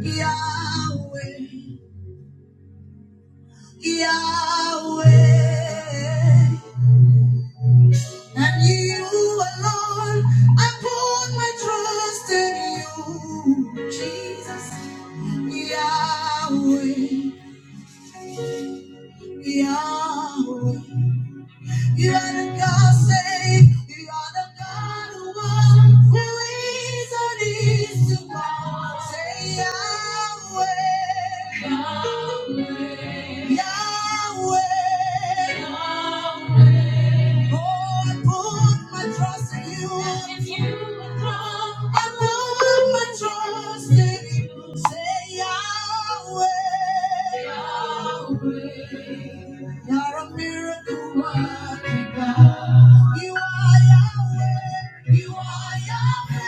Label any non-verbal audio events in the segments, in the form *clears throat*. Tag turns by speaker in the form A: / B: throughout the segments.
A: Yahweh, Yahweh, and you alone. I put my trust in you, Jesus. Yahweh, Yahweh. You are the God save. You are the God who was, who is, and is to come. Say Yahweh. Yahweh. Yahweh. Yahweh. Oh, I put my trust in you. And you alone. I put my trust in you. Say Yahweh. Yahweh. You're a miracle working You are Yahweh. You are Yahweh.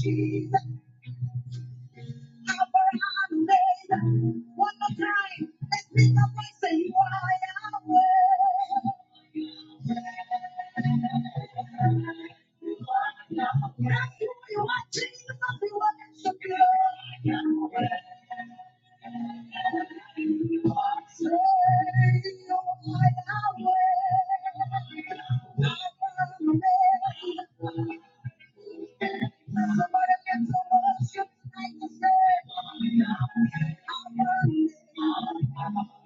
A: Jesus. One more time. Let's lift up and say, You are Yahweh. Thank you.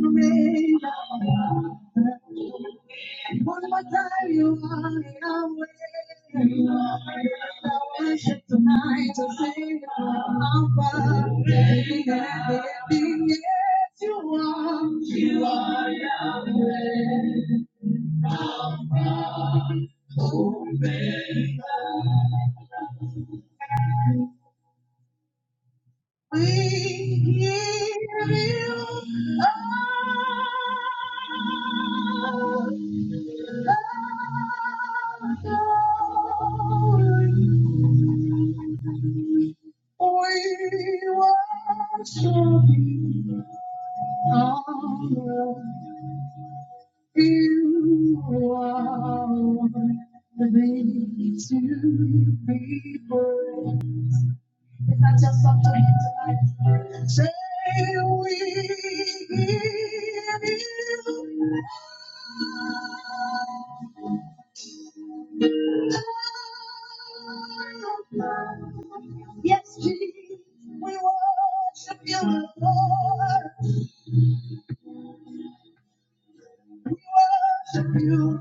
A: Thank you one more time, you are Yahweh. I worship tonight to say, Alpha, Omega, everything yes, you are. You are Yahweh. We give you all the glory. We worship you. All You are worthy to be praised. Is that just up to him tonight? Say we give you. Yes, Jesus, we want you and worship you.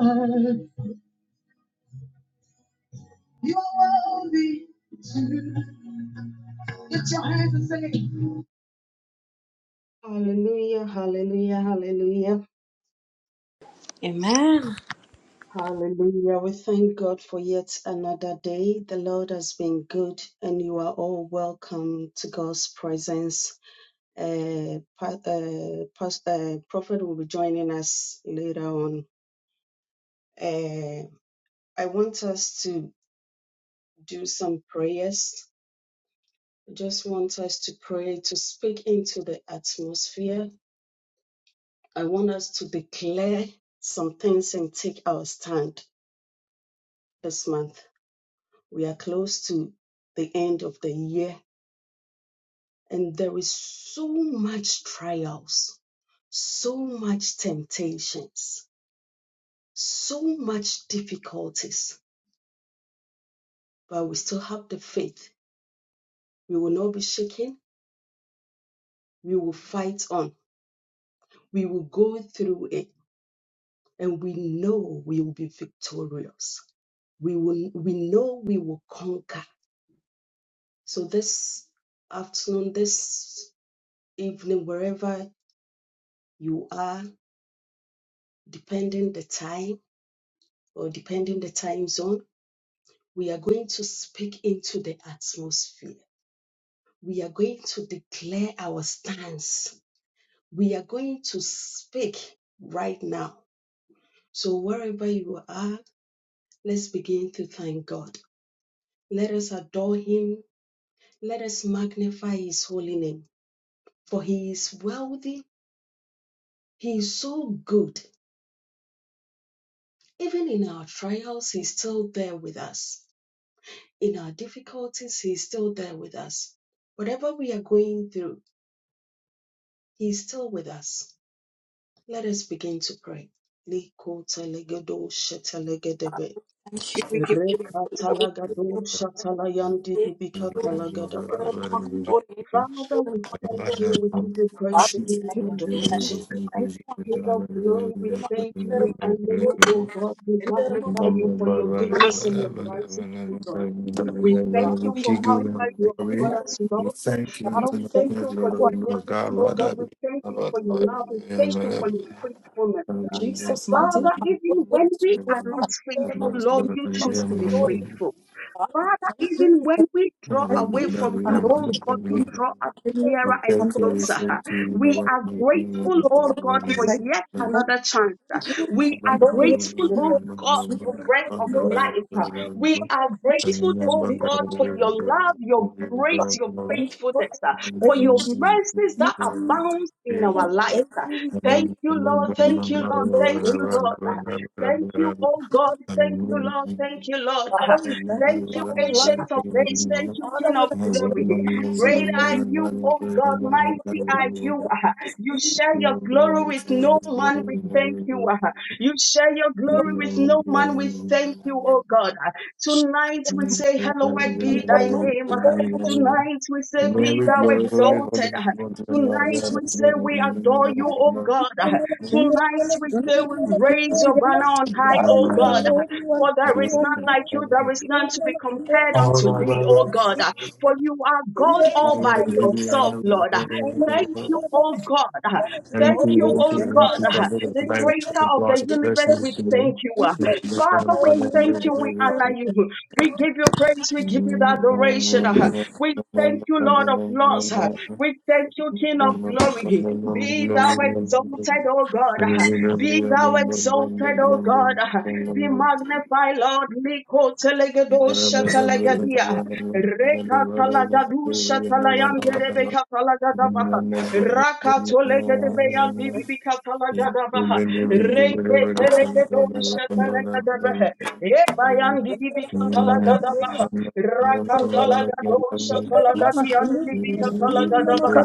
A: Our Lord, you are worthy. Lift your hands. Hallelujah, hallelujah, hallelujah,
B: Amen.
A: Hallelujah. We thank God for yet another day. The Lord has been good, and you are all welcome to God's presence. Uh, pa- uh, pas- uh, Prophet will be joining us later on. Uh, I want us to do some prayers. I just want us to pray to speak into the atmosphere. I want us to declare some things and take our stand this month. We are close to the end of the year and there is so much trials so much temptations so much difficulties but we still have the faith we will not be shaken we will fight on we will go through it and we know we will be victorious we will we know we will conquer so this afternoon this evening wherever you are depending the time or depending the time zone we are going to speak into the atmosphere. We are going to declare our stance. We are going to speak right now. So, wherever you are, let's begin to thank God. Let us adore Him. Let us magnify His holy name. For He is wealthy, He is so good. Even in our trials, He's still there with us. In our difficulties, He's still there with us. Whatever we are going through, He's still with us Let us begin to pray. Liko telegedo shetelegedebe.
B: Thank you. We give you glory. We
A: Rekatalagadom
B: give
C: We
B: you
C: thank you
B: glory.
C: tonight,
A: shatalayandidivikatalagadaba.
B: God,
C: Lord of
A: Father, we thank you. We give you praise. We give you
B: Thank you. Thank
A: adoration.
B: you.
A: King of glory, we thank you. We honor you, O God. We
B: Thank you.
A: magnify you for your goodness and your mercy, O God. We thank
B: Father,
A: you
B: we
A: for how
B: honor
A: far you have brought
B: you.
A: us, Lord. We
B: Father, we
A: thank
B: thank you.
A: you for
B: for
A: your
B: what
C: the Lord
A: goodness,
C: God,
B: you
A: O
C: Lord,
B: do.
A: God. We thank you
C: about
A: for your love. We thank you for your faithfulness.
B: Jesus, mighty
A: Father,
B: name.
A: even when we are not faithful, Lord, you choose to be faithful.
B: Father, we
A: Father,
B: thank you,
A: even when
B: we
A: we draw
B: thank you, thank you.
A: away from you, oh
B: Andorre,
A: God, you
B: Indorama,
C: the
A: draw us
B: Kindarama,
A: nearer and
C: Thank
B: Andorama,
C: you,
A: closer. We
B: Kindarama,
A: are grateful, oh
B: Kindarama,
A: God,
B: we
A: for
B: thank
A: yet
B: you, we thank
A: another chance.
B: you,
A: We are
B: Andor, we
A: grateful,
B: thank you.
A: oh
B: Andorre,
A: God, for
B: Kindarama,
A: breath of
B: Kindarama, Kindarama,
A: life. We
B: Kindarama.
A: are grateful,
B: Jesus,
A: oh
B: Jesus,
A: God, for your love, your grace,
B: Father,
A: your
B: we thank you for
A: faithfulness, for
B: everything. in
A: your
B: Jesus'
A: mercies that
B: Mighty name.
A: abounds in
B: Father,
A: our
B: we
A: lives.
B: thank you, we thank
A: Thank
B: you,
A: you, Lord.
B: thank
A: Thank you, Lord. Thank you,
B: you.
A: Lord. Thank you, oh God. Thank you,
B: Andorre,
A: Lord. Thank you, Lord.
B: Father, we thank you
A: Thank
B: for
A: you,
B: our life.
A: Ancient of Days. Thank you,
B: Father,
A: King
B: we
A: of
B: ask you
A: Glory.
B: for
A: Great
B: absolutely
A: are
B: nothing.
A: you, O
C: thank
A: God.
B: Lord,
A: Mighty
B: we want
A: are
B: to
C: you.
A: you.
B: hear
A: ah.
B: us.
A: You
B: We
A: share your
C: Glory,
B: Lord,
A: glory
C: glory,
A: with
C: holy,
A: no man. We
C: holy, God,
A: thank you. ah. You share your
B: Lord,
A: glory with no man. We thank you, O God. ah.
B: Jesus,
A: Tonight we
B: my
A: say,
B: Lord,
A: Hallowed
B: and
A: be
B: Lord,
A: thy
B: my Lord, my
A: name. ah.
B: Lord,
A: Tonight we say, Be
B: my Lord,
A: thou
B: my Lord,
A: exalted. ah.
C: when
B: Jesus,
C: you are
A: Tonight
C: there,
A: we
C: that
B: Jesus,
A: say we adore you, O God.
B: Kindle, Kindle,
A: Tonight we
B: Kindle,
A: say we
B: Kindle, Kindle,
A: raise your
B: Kindle.
A: banner on high,
B: Father,
A: O
B: you are
A: God.
B: Lord, you are
A: For there is
B: Lord,
A: none
B: you are
A: like
B: Lord.
A: you, there is
B: Kindle,
A: none to be
B: Mama, Kindle,
A: compared
B: Mama,
A: unto
B: Kindle,
A: thee, O
B: Mama,
A: God. Uh, For you are God
B: Kindle,
A: all
B: Mama, Kindle, Mama,
A: by yourself,
B: Kindle.
A: Lord. Uh,
B: Mama,
A: Thank
C: we
A: you, O God. Uh,
B: Mama, Kindle,
C: Thank
A: Thank
C: you,
A: you,
B: Mama,
C: thank
A: O
C: you,
B: Kindle,
C: thank
A: God,
C: you
A: Uh,
C: for
B: Mama,
C: the
A: the
C: life
A: creator
B: Kindle,
C: of
A: of the
C: God. Bless
A: universe.
C: me
A: We
B: Jesus,
A: thank you. Uh,
B: Jesus,
A: Father,
B: Father,
A: we
B: you
A: thank
C: to
B: are
A: you.
B: Lord,
A: We
B: you
C: you.
B: are
A: honor you. We give you praise. We
C: Thank
A: give you the adoration. uh, We thank you, Lord of Lords. uh, We thank you, King of Glory. Be thou exalted, O God. uh, Be thou exalted, O God. uh, Be magnified, Lord. Liko telegedo shatalegadia. Reka talagadu shatalayange rebeka talagadabaha. Raka
C: you.
A: tolegedebeyandibibika talagadabaha. Renke
B: Lord, Mama,
A: telegedo shatalagadabaha.
B: Kindle, Mama, Kindle,
A: Ebayandidibikatalagadabaha.
B: Mama, Kindle, Amen.
A: Rakatalagadoshapalagadiandidibikatalagadabaha.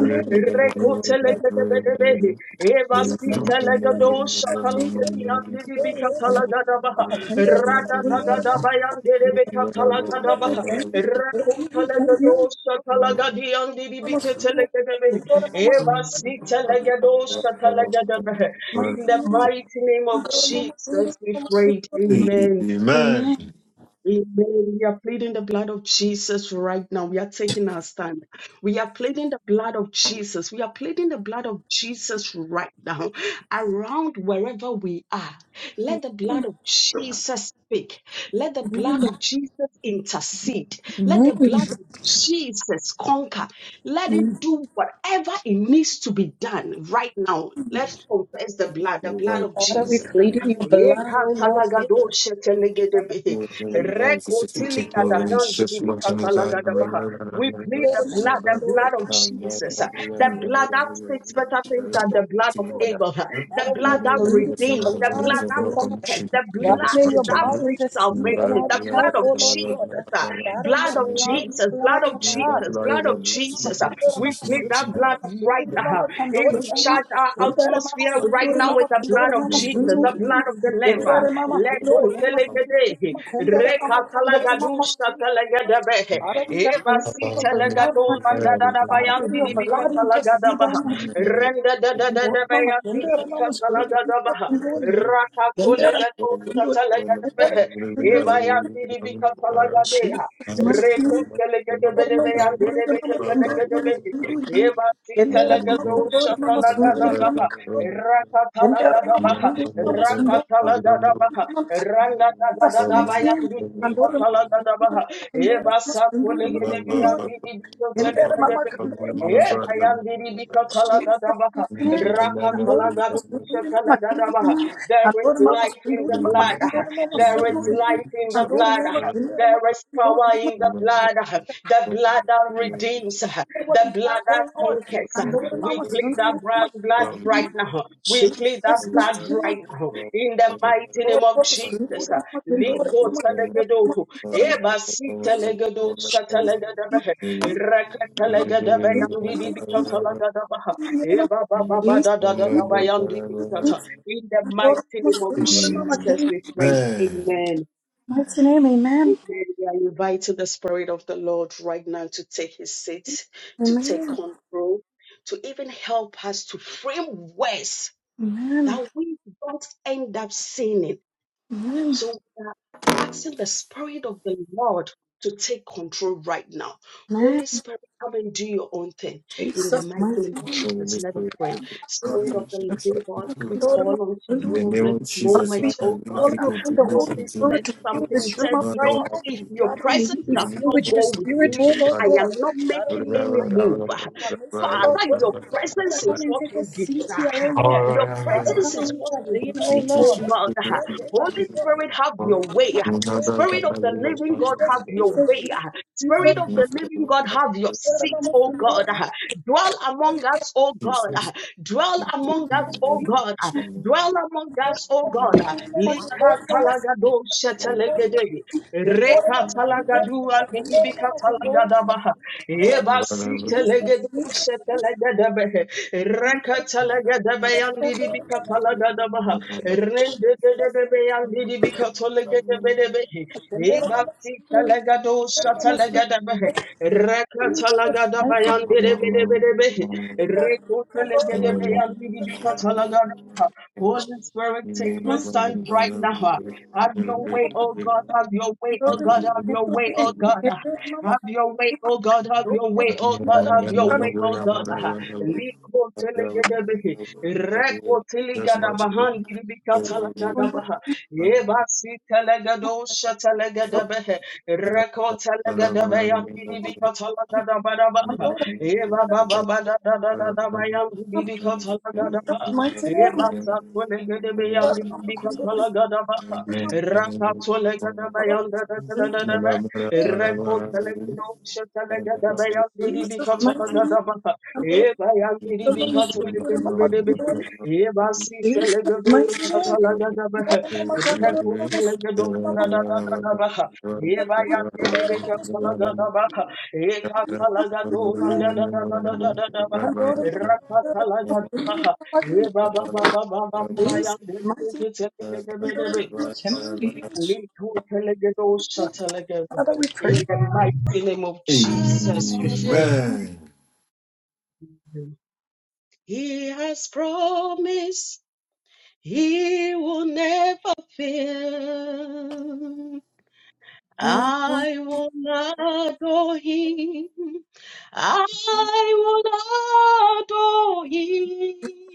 A: Rekotelegedebedebehe. Evasitelegadoshatalagadiandidibikatalagadabaha. Radadadadabayandelebekatalagadabaha. Rekotelegadoshapalagadiandidibiketelegedebehe. Evasitelegadoshapalagadabaha. In the mighty name of Jesus, we prayed. Amen.
B: Amen.
A: Amen. We are pleading the blood of Jesus right now. We are taking our stand. We are pleading the blood of Jesus. We are pleading the blood of Jesus right now. Around wherever we are, let the blood of Jesus speak. Let the blood of Jesus intercede. Let the blood of Jesus conquer. Let it do whatever it needs to be done right now. Let's confess the blood, the blood of
B: Father, we
A: Jesus.
C: Amen.
B: plead in your blood, O Lord, Father.
C: Guys, It's a few people. It's just watching
B: The
A: We plead the
B: blood,
A: blood, the blood of Jesus, uh, the
B: Lord.
A: blood that speaks better things than the blood of
B: Lord.
A: Abel, uh, the
B: Father, we are
A: blood that
B: pleading your
A: redeems,
B: blood,
A: the
B: your
A: blood that
B: blood.
A: conquers, the
B: Father,
A: blood
B: may your
A: that
B: blood
A: brings
B: intercede on
A: salvation,
B: our
A: the
B: behalf,
A: blood
B: O
A: of
B: Lord God.
A: Jesus, uh,
B: Father, your
A: blood of
B: blood, your
A: Jesus, blood
B: blood, your
A: of
B: blood.
A: Jesus, blood of
B: Mama
A: Jesus. uh,
B: Sundari Mama
A: We plead that
B: Sundari
A: blood
B: Mama
A: right
B: Sundari
A: now.
B: Mama
A: And
B: Kandori
A: we
B: Mama
A: charge our
B: Sundari Mama
A: atmosphere right
B: Sundari
A: now
B: Mama
A: with the blood
B: Kandori
A: of
B: Mama
A: Jesus, the
B: Sundari
A: blood of the Lamb. uh,
B: Sundari Mama
A: let go,
B: Kandori Mama Sundari Mama Kandori Mama Kandori Mama
A: Rekatalagadusha
B: Sundari
A: talagadabehe.
C: Thank you.
B: Father, we are
A: Eva
B: thanking
A: si
C: Thank
B: your blood, my
A: talagadol
B: Father,
A: mandadadabayan
B: may your
A: didibika
B: blood intercede
A: talagadabaha.
B: on us.
A: Renda
B: మామ
A: dadadadabayan
B: ఎందరు మామ
A: didibika talagadabaha.
B: సుందూరి ఎందరు
A: Rakatolegadusha
B: సుందూరి
A: talagadabehe.
B: సుందూరి
A: Eva yan didibika talagadeha.
B: మంచి మామ
A: Rekotelegadebedebeyan
B: సుందూరి మామ
A: didibika
B: సుందూరి మామ
A: talagadebehe.
B: సుందూరి
A: Eva si
B: ఎందరు మామ కుందూరి
A: talagadusha
B: మామ సుందూరి మామ
A: talagadabaha.
B: కుందూరి ఎందరు మామ
A: Rakatala
B: కుందూరి మామ సుందూరి మామ
A: Rakatalagadaba,
B: మామ that's my name. Andorra mama
A: Rangatagadabayanditikatalagadaba,
B: kundori, mama kundori, mama kundori. Endera mama
A: Ebasakulegedebeyandididotelekebe,
B: kundori, mama kundori. Jesus,
A: Ebayandidibikatalagadaba,
B: my name. Lord, what was
C: you.
B: doing? My
A: Rakatalagadushatalagadaba. There is
B: Lord, my
A: life
B: Lord,
A: in the blood.
B: Jesus, Jesus,
A: There is
B: Lord,
A: life in the
B: my Lord,
A: blood.
B: my
A: There is power in the blood. The blood that redeems. The blood that conquers. We plead the blood blood right now. We plead that blood right now in the mighty name of Jesus.
C: Amen.
A: Likotalegedo, ebasitalegedo, shatalegedabe, rakatalegedabeyandidibitatalegedabaha, ebabababadadadabayandidibitatah. In the mighty name of
B: Lord, my
A: Jesus,
B: name.
A: we pray. Amen.
B: Amen.
A: Amen. We are inviting the Spirit of the Lord right now to take his seat, to take
B: Amen.
A: control, to even help us to frame words that
B: Amen.
A: we don't end up sinning
B: Amen.
A: so we are asking the Spirit of the Lord to take control right now.
B: Amen.
A: Holy Spirit, come and do your own thing in the
B: Jesus,
A: mighty
B: mighty
A: name of
B: name,
A: Jesus. Let us pray.
B: glory,
A: Spirit of the living God, we
B: glory,
A: call on to
C: In
B: hallelujah.
C: the
A: you
C: name
A: this
C: of
B: Father,
C: Jesus,
B: we
A: moment,
C: Lord,
B: are
C: I
A: oh
C: bring
A: God.
B: calling
A: Uh,
C: people
B: upon
C: to
B: the
C: this
B: Holy
A: Moses
C: meeting.
B: Spirit
A: said
B: to fill
A: something,
B: this
A: he
B: room
A: said,
B: up
C: Lord,
B: right
C: what
A: Lord,
B: now.
A: if
C: happened?
A: your
C: You
B: Father, may we
A: presence
B: be
A: does
C: need
B: filled
A: not
B: with
C: to
B: your
A: go with
B: spirit,
A: me,
B: oh
C: pray
A: I am not
C: to
A: making any move. Father, your presence is
C: God.
A: what we desire.
C: All
A: Your
C: right.
A: presence is what we seek, oh God. Holy Spirit, have your way. Spirit of the living God, have your way. Spirit of the living God, have your seat, oh God. Dwell among us, oh God.
C: Jesus.
A: Dwell among us, oh God. Dwell among us, oh God. Lika talagado shatalegede. Reka talagadu alibika talagadabaha. Eba
B: Jesus.
A: sitelegedo shatalegedebe. Reka talegedebe yandibika talagadabaha. Rende gede bebe yandidi bikatole gede bede behe.
B: And the Lord of
A: Ibakti talagado
B: us, we are
A: shatalagada behe. Rekatalagada bayandide bede bede behe. Rekotele gede be yandidi bikatalagada. Holy Spirit, take your stand right now. Have your way, oh God, have your way,
B: the
A: oh
B: Lord of us, we
A: God,
B: are
A: have your
B: the Lord
A: way,
B: of us,
A: oh God.
B: we are the Lord
A: Have your way, oh God, have
B: of
A: your
B: us,
A: way, oh
B: we are
A: God, have
B: calling
A: your
B: upon the
A: way, oh God. Liko tele gede behe.
C: Just watching it.
A: Rekotiligadabahandi-libikatalagadabaha. Ebasitelegadoshatelegedebehe. Rekotelegedebeyandidilikatalagadabadabaha.
B: Lord of us. Jesus, mighty name,
A: Ebabababadadadadadabayandidilikatalagadaba.
B: glory, glory,
A: Ebasatolegedebeyandidilikatalagadaba.
B: glory, glory.
C: Thank
A: Rakatolegedebeyandidilikatalagadaba.
C: you.
B: Jesus, mighty name,
A: Rekotelegedoshatelegedebeyandidibikatalagadaba.
B: come
A: E
B: Lord.
A: bayandiri
B: The Lord is good,
A: bikatole
B: the Lord is
A: ketebedebeki.
B: good.
A: E basi
B: Jesus,
A: telegado
B: mighty name. Lord,
A: şatalagada
B: the
A: bah.
B: Lord is good, the Lord
A: Reko
B: is good, the
A: telegado
B: Lord
A: da da da da da bah. E
B: is good, the
A: bayandiri
B: Lord is good.
A: bikatolagada bah. E katalagado da. da da da da da da. da bah.
B: Come Lord, the Lord is the
A: Rakatalagada
B: Lord is good,
A: bah.
B: the Lord is
A: E
B: good.
A: Baba, Baba, Baba, baba
B: Jesus,
A: yandiri
B: mighty name, come Lord, the Lord is
A: bikatebedebeki.
B: good, the Lord is good.
A: Liku telegado şatalagada.
B: Father, we pray.
A: In the mighty name of Jesus, we pray. He has promised he will never fail.
B: Come Lord,
A: I will adore him.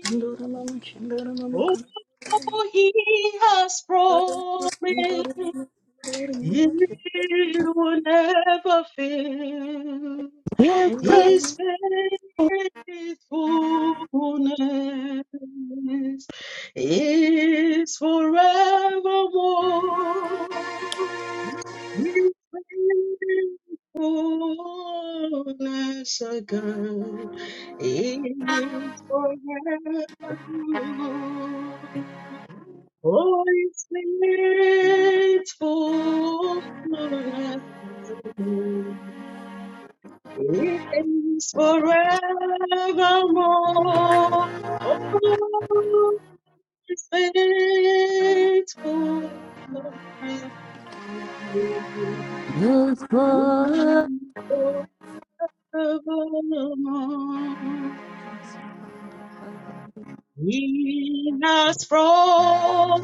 B: come Lord, the Lord is good, the Lord is good, the Lord is
A: Oh, He
B: the Lord is good, the
A: promise
B: Lord is good. Come the Lord is good. I
A: he
B: will
A: will never fail.
D: Yes,
A: He
D: sir.
A: is fullness. Oh, his faithfulness again is forever. Oh, it's faithfulness to me is forevermore. Oh, it's faithfulness
D: Yes, sir. Yes,
A: forevermore.
D: Father.
A: He has promised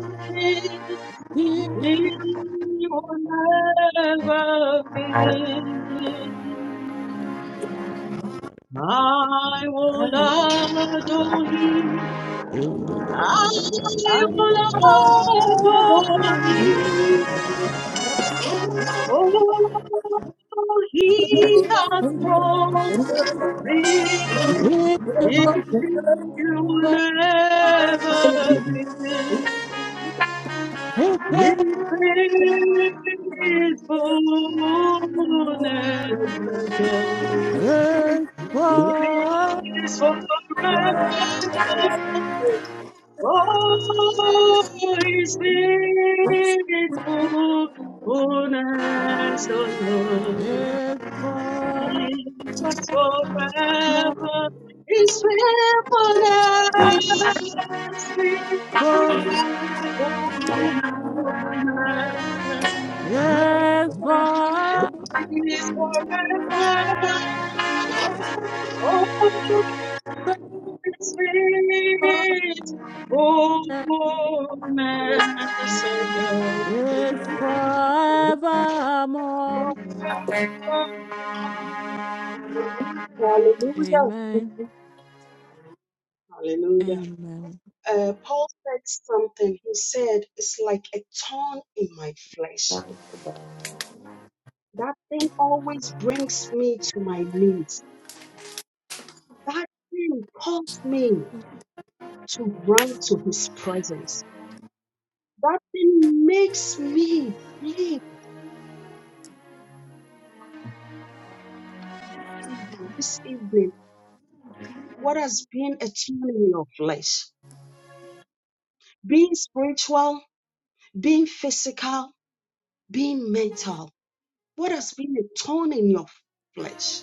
A: we will never fail. I will adore him. I will adore him.
B: the Lord.
A: Oh, he has promised he will never fail. His faithfulness again is forever. Oh, is faithfulness, O Lord, is forever. His faithfulness, faithfulness
D: Yes, Father.
A: is forever. Oh, is faithfulness.
D: It's forevermore.
A: Hallelujah.
D: Amen.
A: Hallelujah.
D: Amen.
A: Uh, Paul said something. He said, It's like a thorn in my flesh. That thing always brings me to my knees. That thing calls me to run to his presence. That thing makes me live this evening. What has been a thorn in your flesh? Being spiritual, being physical, being mental. What has been a thorn in your flesh?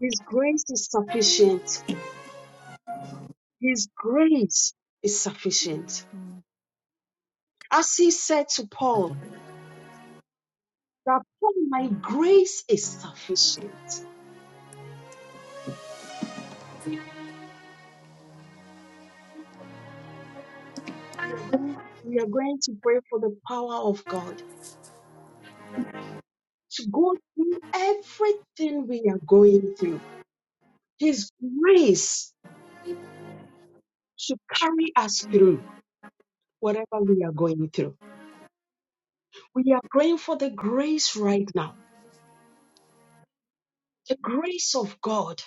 A: His grace is sufficient. His grace is sufficient.
D: Mhm.
A: As he said to Paul, that Paul, my grace is sufficient. We are going to pray for the power of God to go through everything we are going through. His grace should carry us through whatever we are going through. We are praying for the grace right now, the grace of God,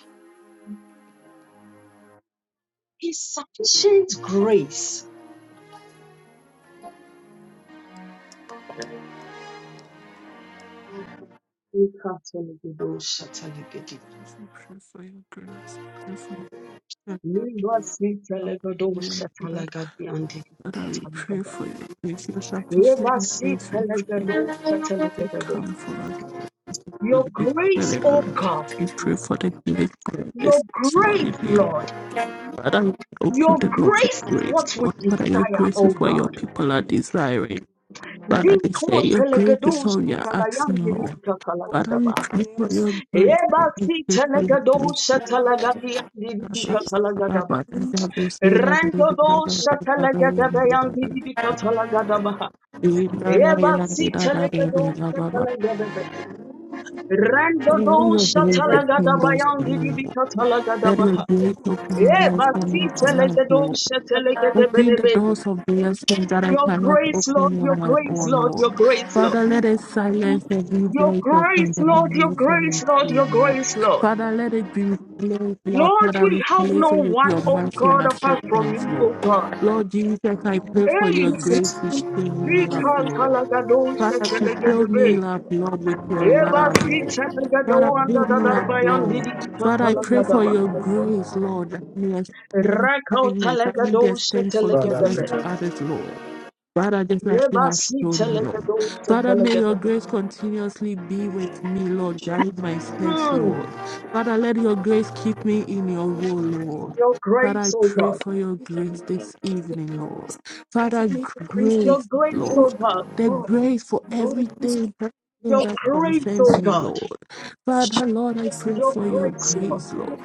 A: His sufficient grace.
D: Jesus, we pray for your grace. We Pray for your grace.
A: Leva sita
D: Abba,
A: legado
D: we are
A: shatalagadi
D: Father,
A: antikita
D: we pray
A: talagada.
D: for your grace. Your
A: Leva
D: sufficient grace,
A: sita
D: we pray. Let
A: legado
D: it
A: shatalagada.
D: come for us.
A: Your
D: Let it, let
A: grace,
D: it
A: O
D: arrest
A: God,
D: us. We pray for the grace to
A: your
D: arrest us, Lord, in
A: grace,
D: you.
A: Lord,
D: Father, we open
A: your
D: the door to
A: grace is
D: grace,
A: what we
D: Lord. Father, your
A: desire,
D: grace is
A: O
D: what your
A: God.
D: people are desiring. Father, they say
A: Liko
D: your grace is all
A: telegados
D: we are asking, Lord. Father, we
A: katalayandirikakalagadaba.
D: pray for your grace, Lord. We
A: Ebasi
D: pray for your grace,
A: telegados
D: Lord. Ba, ba,
B: Jesus,
D: ba, ba, ba,
A: katalagadiyandirikakalagadaba.
D: ba, We have been seen as we do, ba, ba,
A: Rendodos
D: say, I believe in God, God, God, God, I am the God, God, God.
A: katalagadabayandirikakalagadaba.
D: In God, I
A: Your
D: am the
A: grace,
D: God,
A: Lord,
D: God,
A: your
D: blah, blah, blah, blah, blah. Let your
B: the
D: grace
B: grace
D: open doors for me, Lord. Let your grace open doors for me tonight, Lord. Open the doors of blessings that I cannot open on my
A: grace,
D: own,
A: Lord,
D: Lord.
A: your grace, Lord,
D: Father, let it silence every
A: your
D: voice of
A: grace, Lord, your
D: condemnation
A: grace,
D: and
A: Lord,
D: shame,
A: your
D: Lord.
A: grace, Lord.
D: Father, let it be replaced, Lord.
A: Lord,
D: Father,
A: we have
D: replace
A: no
D: it with
A: one,
D: your
A: oh
D: mercy
A: God,
D: and
A: apart from
D: acceptance,
A: you,
D: Lord.
A: oh God.
D: Lord Jesus, I pray for your
A: Hey,
D: grace to fill me up,
A: Lika
D: Lord.
A: Talagado
D: Father, to fill me up, Lord, with your
A: Eba
D: love, Lord.
A: sita legado
D: Father,
A: anda
D: fill
A: da
D: me up,
A: darbayan
D: Lord.
A: didi dika
D: Father, I pray for
A: kalagadaba.
D: your grace, Lord. I may extend
A: Rakau
D: kindness. I may
A: talagado
D: extend
A: sita
D: forgiveness
A: legadabe.
D: to
C: Amen.
D: others, Lord. Father, just like you
A: Eba
D: have shown
A: sita
D: me, Lord.
A: legado sita
D: Father, may your
A: legadabe.
D: grace continuously be with me, Lord. Guide my steps,
A: Hmm.
D: Lord. Father, let your grace keep me in your will, Lord.
A: Your
D: Father, I
A: grace, O
D: pray
A: God.
D: for your grace this evening, Lord.
B: for
D: Father,
B: me, the grace be
A: Your
D: grace,
A: grace,
D: Lord.
A: O
B: unto
A: God.
D: The
B: Lord.
D: grace for
B: Lord, I'm
D: everything. everything
A: Your
D: that
A: grace,
D: concerns
A: O
D: me,
A: God.
D: Lord. Father, Lord, I pray
A: Your
D: for your
A: grace, Lord.
D: grace, Lord.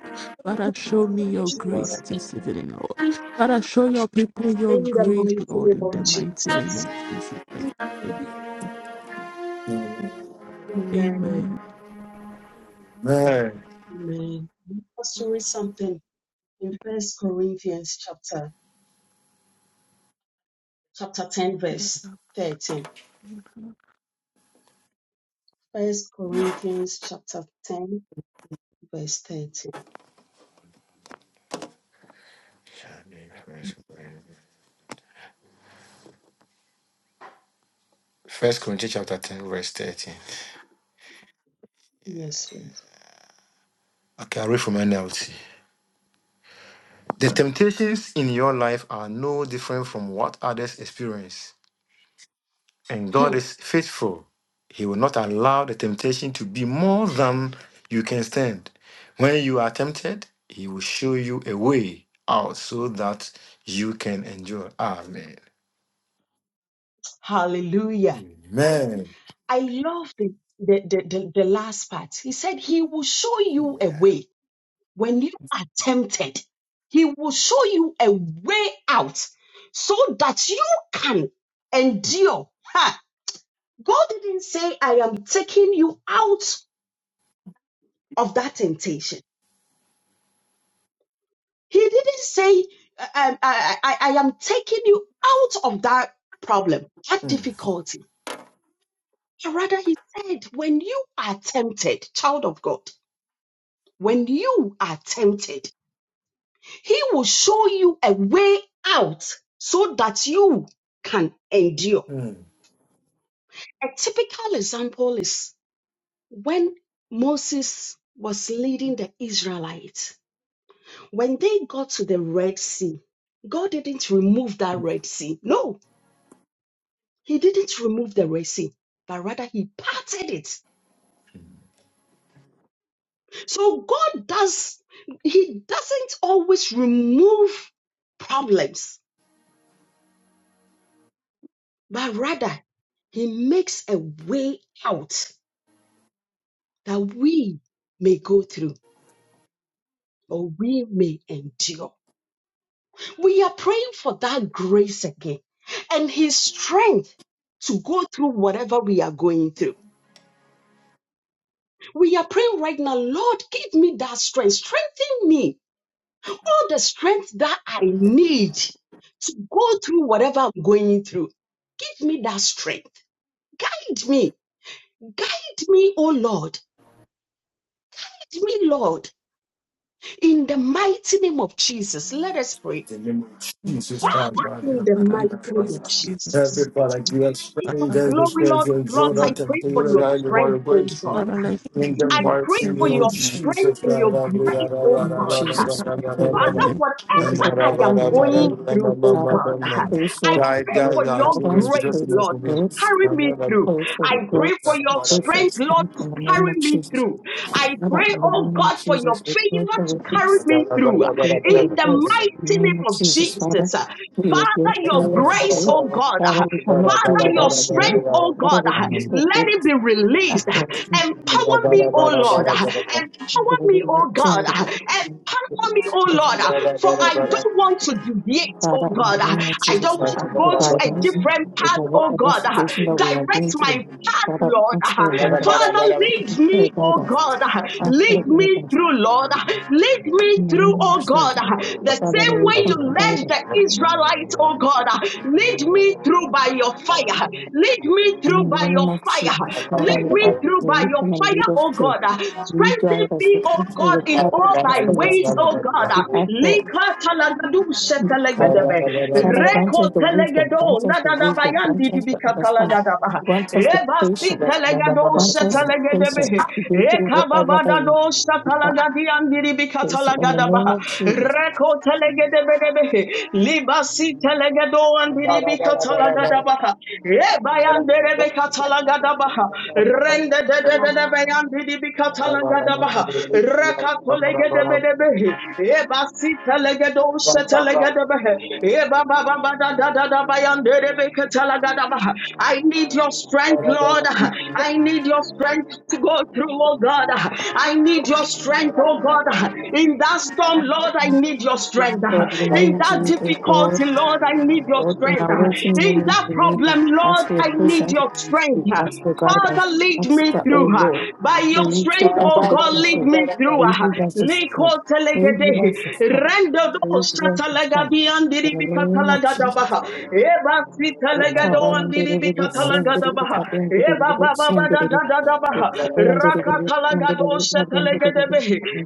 D: Father, show me your grace
A: Jesus.
D: this evening, Lord. Father, show your people your
A: In the
D: grace,
A: mighty
D: Lord,
A: name
D: in
A: of
D: the mighty name
A: Jesus.
D: of Jesus. I
A: Amen.
D: Amen.
C: Amen.
A: Amen. I want to read something in First Corinthians chapter chapter 10
D: Lord,
A: verse
D: I
A: 13 First Corinthians chapter 10, verse 13.
C: First Corinthians chapter 10, verse 13.
A: Yes, Lord.
C: Okay, i read from NLT. The temptations in your life are no different from what others experience. And God is faithful. He will not allow the temptation to be more than you can stand. When you are tempted, He will show you a way out so that you can endure. Amen.
A: *clears throat* Hallelujah.
C: Amen.
A: I love the, the, the, the, the last part. He said, He will show you a way when you are tempted. He will show you a way out so that you can endure. Ha! God didn't say, I am taking you out of that temptation. He didn't say, I, I, I, I am taking you out of that problem, that
C: Mm,
A: difficulty. Rather, he said, when you are tempted, child of God, when you are tempted, he will show you a way out so that you can endure.
C: mm. In
A: A typical example is when Moses was leading the Israelites, when they got to the Red Sea, God didn't remove that Red Sea. No, He didn't remove the resin, but rather he parted it. So God does, he doesn't always remove problems, but rather he makes a way out that we may go through or we may endure. We are praying for that grace again and his strength to go through whatever we are going through. We are praying right now, Lord, give me that strength, strengthen me all the strength that I need to go through whatever I'm going through. Give me that strength. Guide me. Guide me, oh Lord. Guide me, Lord. In the mighty name of Jesus, let us pray.
C: the name of
D: want
C: Jesus
A: Father,
D: all people,
A: in the
D: But I
A: mighty
D: pray
C: Christ.
A: name of
D: this evening,
A: Jesus.
C: Everybody, you have
A: King
D: Father,
A: of
C: spring
D: Lord,
C: days
D: I
A: Glory,
C: where
D: show
A: Lord of
C: you draw
A: Lords, I
C: that this was your
D: your
C: Jordan and
A: pray for
D: grace.
C: figure it
A: your
C: out you want
A: strength,
C: to
A: oh
C: bring
A: God.
C: through.
D: Father, let me
C: In the
A: I
D: see
A: pray
C: mighty
A: for
C: name
D: heaven
A: your
C: of
A: strength
C: Jesus,
A: and
C: God,
A: your
C: I do
A: grace,
C: that, I
A: oh
C: run,
E: name
C: I
E: of
A: God.
C: run, I
E: Jesus,
C: run, I run, I
E: we
D: Lord,
E: pray
C: run,
D: in
E: that
A: Father,
C: I run, I run, I run, I run, I run,
D: your presence.
A: whatever
E: everybody
C: I
A: I
C: run,
E: has
A: am
E: been
A: going
E: through.
C: I
A: through, oh
C: run,
E: Father,
A: God,
E: we
C: I run.
E: pray
A: I
E: for
C: Guide,
A: pray
E: your
C: guide
A: for
C: our
A: your
C: children,
E: guidance, we
C: Jesus,
A: grace,
C: the
E: pray for
C: most
A: Lord,
C: of
A: to
E: grace, we
A: carry me through.
E: pray for
A: I
E: your
A: pray for
E: grace, we
A: your
E: pray for your
A: strength, Lord,
E: strength
A: to
E: in the name
A: carry
E: of
A: me
E: Jesus.
A: through. I
E: Father,
A: pray,
E: in the
A: oh
E: name of
A: God, for your
E: Jesus, we pray
A: favor
E: for
A: to
E: your
A: carry
E: grace,
A: me through.
E: we pray for your
A: In the
E: grace in the
A: mighty
E: name of
A: name of
E: Jesus. Father,
A: Jesus.
E: we are
A: Father, your
E: grateful for
A: grace,
E: you.
A: oh God.
E: Father, we cannot do
A: Father, your
E: without you.
A: strength, oh
E: Father,
A: God,
E: we can still
A: let
E: do
A: it
E: this
A: be released.
E: after us in
A: Empower
E: the
A: me,
E: name
A: oh
E: of
A: Lord.
E: Jesus. we
A: Empower me,
E: will
A: oh God.
E: send
A: Empower me, oh
E: the
A: Lord. For I
C: him.
A: don't want to deviate, oh
E: Father, in
A: God.
E: the name of
A: I
E: Jesus,
A: don't
E: we
A: want to
E: ask for
A: go to a
E: guidance
A: different
E: over
A: path, oh
E: whatever
A: God.
E: situation that we are
A: Direct
E: going
A: my
E: through.
A: path,
E: Father,
A: Lord.
E: we ask for guidance.
A: Father,
E: We
A: lead
E: pray
A: me, oh
E: guidance.
A: God.
E: Ask
A: Lead
E: for
A: me
E: guidance.
A: through, Lord. Lead me
E: In the
A: through,
E: name of
A: oh
E: Jesus.
A: God. The
E: Father,
A: same
E: may you
A: way you
E: come and guide
A: led
E: us.
A: the Israelites tonight, oh God. uh, Lead me through by your fire. Lead me through
E: In the
A: by your
E: name of
A: fire.
E: Jesus, Father,
A: Lead
E: we
A: me
E: ask
A: through
E: for
A: by
E: you
A: your
E: come and
A: fire,
E: lead us
A: oh
E: to.
A: God. uh,
E: You
A: Strengthen
E: guide us
A: me,
E: to
A: oh
E: enter
A: God,
E: the
A: in
E: power,
A: all thy
E: enter the
A: ways,
E: strength.
A: oh God.
E: We
A: uh,
E: ask for
A: Lika talagadu
E: Mm, Father,
A: shetelegedebe.
E: Father, grant
A: Reko
E: us the wisdom,
A: telegedo
E: grant us the wisdom, grant
A: nadadabayandi
E: us the
A: dibika
E: understanding,
A: talagadaba.
E: grant us the
A: Rebasi
E: patience,
A: telegado
E: grant us the
A: shetelegedebe.
E: patience to go through whatever that we
A: Rekababadado
E: we are
A: shetelegadiandi dibika
E: facing. In the name
A: talagadaba.
E: of Jesus,
A: Reko I need your strength, Lord. I need your strength to go through, oh God. I need your strength, oh God. Lord. In that storm, Lord, I need your strength.
E: God, we
A: In
E: need
A: that
E: you, O God.
A: difficulty, Lord, I need your
E: Lord, in
A: strength.
E: our waiting
A: In
E: moment,
A: that
E: we need you.
A: problem,
E: We
A: Lord,
E: Ask for your
A: I need
E: patience.
A: your strength.
E: We ask for guidance.
A: Father,
E: We
A: lead
E: ask
A: me
E: that, oh
A: through her.
E: Lord,
A: By your
E: may you take
A: strength,
E: us
A: oh
E: to the
A: God, lead
E: control.
A: me through
E: May you
A: her.
E: give us the
A: Liko
E: strength. May you give
A: telegede.
E: us the strength.
A: Rendo
E: May
A: do
E: you give us the strength.
A: shatalagabi
E: In
A: andiri
E: the name of Jesus.
A: bikatalagadabaha. Eba
E: we cover
A: sitalegado
E: and
A: andiri
E: deliver the books and deliver the
A: bikatalagadabaha.
E: cover and deliver the
A: Eba
E: books
A: baba
E: and
A: da
E: deliver
A: da
E: the-
A: da da
E: cover and deliver the
A: baha.
E: books and deliver the cover and deliver the- books and deliver the
A: Talagadoshe
E: cover and deliver the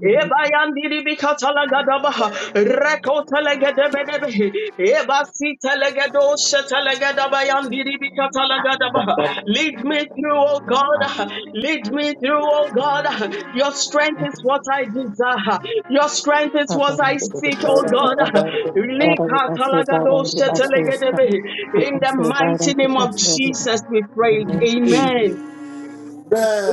A: Ebayandiri Bikatalagadabaha, Reko Telegedebe, Ebasi Telegedoshe Telegedabayandiri Lead me through, O God, lead me through, O God. Your strength is what I desire, your strength is what I seek,
E: books
A: O God.
E: Father, we ask your guidance,
A: Likatalagadosh
E: we ask for your strength,
A: Telegedebe.
E: we
A: In the
E: ask for your
A: mighty
E: guidance, we
A: name of
E: ask for your strength.
A: Jesus, we
E: In the
A: prayed.
E: name of Jesus,
A: Amen.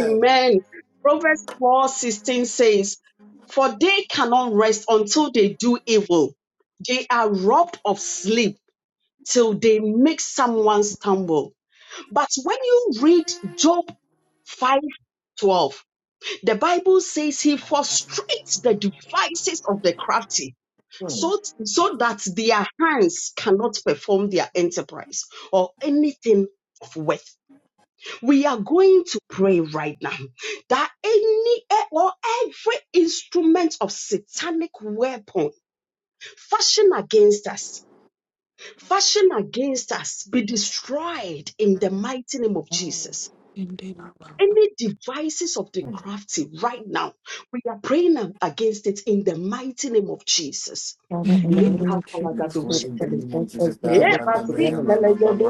A: Amen. Proverbs four sixteen says, For they cannot rest until they do evil. They are robbed of sleep till they make someone stumble. But when you read Job five twelve, the Bible says he frustrates the devices of the crafty
C: Amen.
A: so, so that their hands cannot perform their enterprise or anything of worth. We are going to pray right now that any eh, or every instrument of satanic weapon fashioned against us, fashioned against us, be destroyed in the mighty name of Jesus. Any devices of the crafty right now, we are praying against it in the mighty name of Jesus.
E: Father, in the name of
C: We
E: Jesus, we
C: pray in
E: pray
C: the name of
E: against
C: Jesus.
E: every
A: Father,
C: Baba,
E: desire
C: Baba,
E: of
C: Baba,
E: the
A: in
E: enemy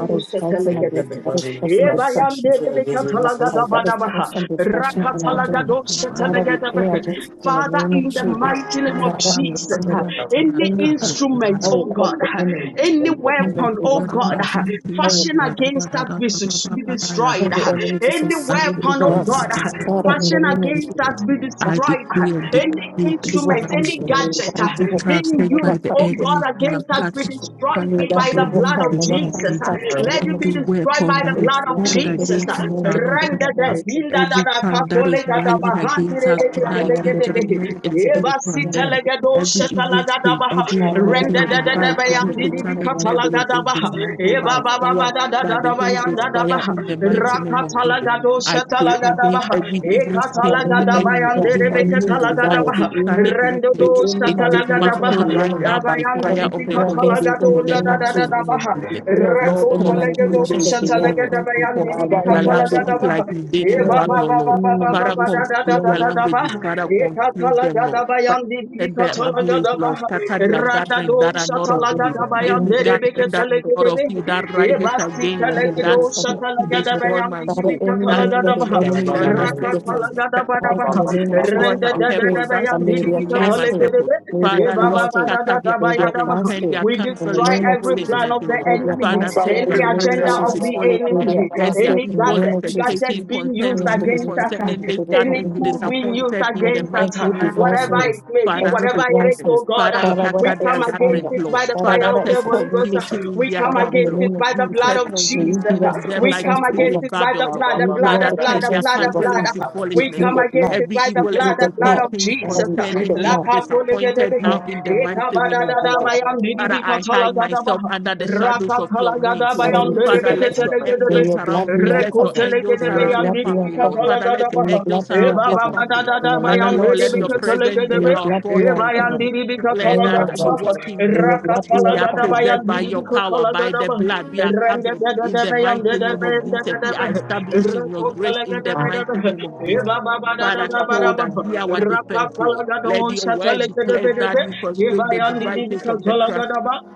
E: that is
C: Baba, Baba.
E: fighting
C: And we
E: against, us, that
C: bless
E: is
C: you, we
E: causing
C: trust you.
E: destruction
C: Pray this in-
E: in our life, that is causing destruction in our journey. Father, we pray against it in the name of
A: the
E: Jesus.
A: mighty name of
E: Father, in the name
A: Jesus,
E: of
A: uh,
E: Jesus,
A: any
E: anything
A: instrument,
E: that
A: oh
E: will
A: God,
E: cause the
A: uh,
E: enemy
A: any
E: to come and
A: weapon, oh
E: overcome
A: God, uh,
D: Thank
E: us.
A: fashioned against us be be destroyed.
E: all the
A: uh,
D: you.
E: enemy to
A: Any
D: God,
E: succeed
D: we
A: weapon,
E: over
A: oh
E: us.
D: praise
A: God,
D: you
A: uh,
E: Father, in the
A: fashioned
D: of
E: name of
A: against
E: Jesus,
D: faith.
A: us be
E: that
D: I decree
A: destroyed. uh,
D: and
A: Any
D: decree this
E: evil
A: instrument,
D: night,
A: any
E: function,
D: Lord.
E: may that
A: gadget,
D: Every
E: evil
D: trap
E: plan
A: being
D: set by
A: used,
E: never
D: the
E: come
A: oh
E: to
A: God,
D: enemy shall
A: against us, be
D: catch
E: execution.
A: destroyed
D: fire
E: May
D: in
E: that
A: by
D: the
A: the
E: evil
A: blood of
E: plan
D: mighty name
E: never
D: of
E: come to
A: Jesus.
E: pass
D: Jesus.
E: in
A: Let it be
D: Every
A: destroyed
D: weapon
A: by the
D: that is
A: blood of
D: formed
A: Jesus.
D: against you shall not
A: Render them.
D: prosper.
A: Hinda da
D: Every
A: da
D: tongue that
A: katole
D: is
A: da da
D: rising
A: bahandi
D: against
A: re
D: us
A: de
D: tonight in judgment is being
A: Eba si tele
D: condemned.
A: ge
D: Every evil
A: da
D: spirit,
A: baha.
D: every monitoring
E: the
A: Render da da da
D: device,
A: bayan
D: every
A: di
D: satanic
E: name of
D: network
A: da
D: is
A: baha.
E: Jesus.
D: dismantled
A: Eba
D: by
A: ba ba ba
D: fire,
A: da da
D: by
A: da da
D: the Holy
A: bayan
D: Ghost
A: da da
D: fire in the mighty name of Jesus.
A: baha.
D: I pray against
A: Talagadoshatalagadabaha,
D: every evil
E: uh,
D: scheme of the
E: any
D: enemy,
E: plan,
D: every
E: any
D: monitoring device,
E: desires,
A: Ekatalagadabayanderebekatalagadabaha,
D: satanic
E: any
D: network.
E: any
D: It's
E: manipulation of
A: Rendodoshatalagadabaha,
D: dismantled
E: the
D: right
E: enemy.
D: now by
E: Father,
D: fire
E: we
D: of the
E: pray
D: Holy
E: against it
D: Ghost
E: in the
D: in the
E: name of
D: mighty
E: Jesus.
D: name of
A: Abayandiribikatalagadoladadadadabaha,
E: We
D: Jesus.
E: pray
D: Lord,
E: against any
D: confuse
E: manipulations
D: those
E: of
D: who
E: the enemy.
D: confuse you,
E: In
D: confuse
E: the
D: their
E: name of Jesus,
D: languages
A: Rekotalagadoshatalagadabayandiribikatalagadabaha,
E: we
D: like you did in
E: pray against
D: Babel, Lord.
E: any
D: Father,
E: manipulations of the
D: confuse their
E: enemy.
D: languages.
A: Ebababababababadadadadadabaha,
D: Father, confuse them, Lord.
A: Ekatalagadaba
D: Father,
A: yandi
D: Set
A: bika
D: them
A: talaga
D: ablaze, Lord. Scatter their gatherings that
A: daba.
D: are not
E: In
D: of you.
E: the
A: Shatalagadabaya
D: Any
E: name of
D: gathering that is
E: Jesus.
D: not of
A: Nerebekatalagadebe.
D: you that rises
A: Ebasi
D: against
E: And
D: me,
A: Talagado
D: that
E: the
D: seeks to
E: Father,
D: destroy
A: Shatalagadabaya
D: my
E: Father,
D: soul.
E: any
D: That
E: name that
D: is to
E: the
A: Nidibikatalagadabaha.
E: enemy
D: destroy
E: will
D: my
E: use to get
D: destiny.
E: us.
D: That
E: Father,
D: is
E: in
A: Rakatalagadabaha.
E: the
D: to
E: name
D: de-
E: of Jesus,
D: destroy my
E: we pray
D: purpose. That
A: Rendadadadabaya
E: that
D: is
E: may
D: to
E: we are
D: delay my
E: fasting,
D: purpose.
A: Nidibikatalagadebe.
E: may we are
D: Father, Lord,
E: fasting,
D: scatter their
E: may we are
D: gatherings,
A: Ebababadadadabayadabaha.
D: turn
E: fasting
D: their
A: We
E: in
D: counsel
E: the
A: destroy
D: into
E: name of
A: every
E: Jesus.
A: plan
D: foolishness,
A: of the
D: Lord.
E: May we are
A: enemy,
D: Father,
E: fasting
D: turn
E: in
D: their
A: any
E: the name of
A: agenda
D: counsel
A: of
D: into
E: Jesus.
A: the
D: foolishness.
E: May we are
A: enemy,
D: Let their
E: fasting
A: any
E: in the
D: evil
E: name
A: gadget
D: expectation
A: being used
D: concerning me,
A: against us
D: concerning this
A: any
D: gathering, be
E: of
A: tool
E: Jesus.
A: being used
D: disappointed in the
E: Lord,
A: against us, uh,
D: mighty
E: every
D: name of
A: whatever
D: Jesus.
E: divisiveness,
A: it may be,
D: Father,
E: every
A: whatever
D: scatter
A: it is,
D: them.
E: divisiveness.
A: oh God,
D: Father,
A: uh,
E: Father,
D: scatter
E: whether
A: we
E: it
D: their
A: come
E: is
A: against
D: gatherings,
E: anger,
A: it
D: Lord.
A: by the
E: Father,
A: fire
D: Father,
E: whether
A: of
E: it
D: set
A: the
E: is
A: Holy Ghost. uh,
E: impatience,
D: confusion in
A: We
D: their
A: come
E: Father, in
D: camp,
E: the
A: against
D: Lord.
A: it
E: name of
A: by the
D: We
A: blood
E: Jesus,
D: set
A: of
E: may you
A: Jesus.
E: give
D: confusion
A: uh,
E: us
D: in
E: the
D: them
A: We
D: like
E: patience
D: you
A: come
E: to
D: did
A: against
D: in
A: it
E: overcome.
A: by the
D: Babylon.
A: blood,
E: May
A: the
E: you give
A: blood,
E: us
D: Father,
A: the
E: the
A: blood,
D: turn
A: the
D: their
E: patience
A: blood,
E: to
A: the
D: counsel
A: blood.
E: overcome.
D: into
A: uh,
E: We
A: We
D: foolishness,
E: plead
A: come
D: Lord.
E: the
A: against
E: blood.
A: it
D: Every
A: by the
E: We
D: evil
A: blood,
E: plead
A: the
E: the
A: blood
E: blood.
A: of
D: expectation
E: Father,
A: Jesus.
E: we
A: uh,
E: plead
D: concerning
E: the
D: me be
E: blood.
D: disappointed
A: Lakatolegedebehi,
D: now in the mighty name of Jesus. Father,
A: Ekabadadadabayandidibi
D: I hide
A: katalagadaba,
D: myself under the shadows of your wings,
A: Rakatalagadaba,
E: Father,
D: Lord.
E: we plead
D: Father,
E: the
D: let
E: blood.
D: your
E: In
A: Yandelebeketelegedebehi,
D: angels
E: your blood
D: surround me.
E: we
A: Rakatala
E: are
D: Let your
E: covered.
D: angels
E: In your
D: surround the
E: blood we are
D: family, Lord.
E: covered.
D: Father, let your
E: In your
D: angels
E: blood we are
D: surround this
E: covered.
D: family.
E: In the
D: Father,
E: name of
D: Lord, let your
E: Jesus.
D: presence be
E: In your
D: our
E: blood we are
D: fortress. We
E: covered. In the
D: declare
E: name
D: that
E: of
D: we walk
E: Jesus.
D: in.
E: In your blood we
D: We
E: are
D: are
E: covered.
D: preserved by your power, by the blood. We are covered in the mighty name of Jesus. We are established in your grace in the mighty name of Jesus. Father, show us, be our defense, Lord. Let your word declare that you frustrate the devices of the crafty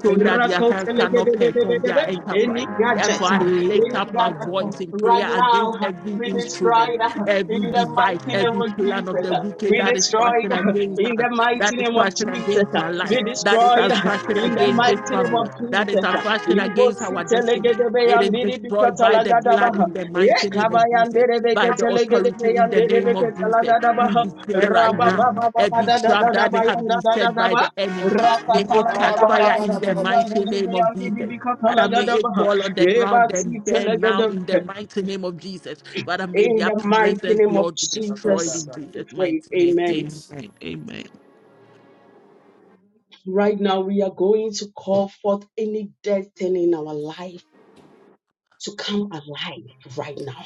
D: so that their hands cannot perform their
A: Rakotelegedebedebedebe. Any
D: enterprise.
A: gadget,
D: Therefore, I lift
A: any
D: up my
A: gadget uh,
D: voice in
A: right
D: prayer
A: now,
D: against
A: uh,
D: every
A: we destroy
D: instrument,
A: it uh, in
D: every
A: the
D: device,
A: mighty name
D: every
A: of
D: plan of
A: Jesus.
D: the
A: uh,
D: wicked
A: We
D: that is
A: destroy it
D: fashioned
A: uh,
D: against
A: in
D: us.
A: the
D: That
A: mighty
D: is
A: name of
D: fashion
A: Jesus.
D: against
A: uh,
D: my life.
A: We
D: That is
A: destroy it
D: a
A: uh,
D: fashion
A: in the
D: against this
A: mighty name of
D: family. That is
A: Jesus.
D: a
A: uh.
D: fashion
A: Libo
D: against our destiny. It is
A: sitelegedebeyandidibi
D: destroyed by the
A: katalagadaba,
D: blood
A: uh,
D: in the mighty name of Jesus,
A: Yekabayandidibi
D: by the authority in the
A: ketelegedebeyandidibi
D: name of Jesus.
A: katalagadaba,
D: We
A: uh,
D: declare right now every trap that they have been set by
A: Rabababababadadadadabayandadadadaba.
D: the enemy. May it catch
A: Rakatalangadabaya,
D: fire in the mighty name of Jesus. Father, may it fall on the ground and burn now in the
A: Ebasitelegedebe.
D: mighty name of Jesus. Father, may
A: In
D: their
A: the mighty
D: presence,
A: name of
D: Lord, be destroyed
A: Jesus,
D: in
A: we
D: Jesus' mighty
A: pray.
D: name.
A: Amen.
D: Amen. Amen.
A: Right now, we are going to call forth any dead thing in our life to come alive right now.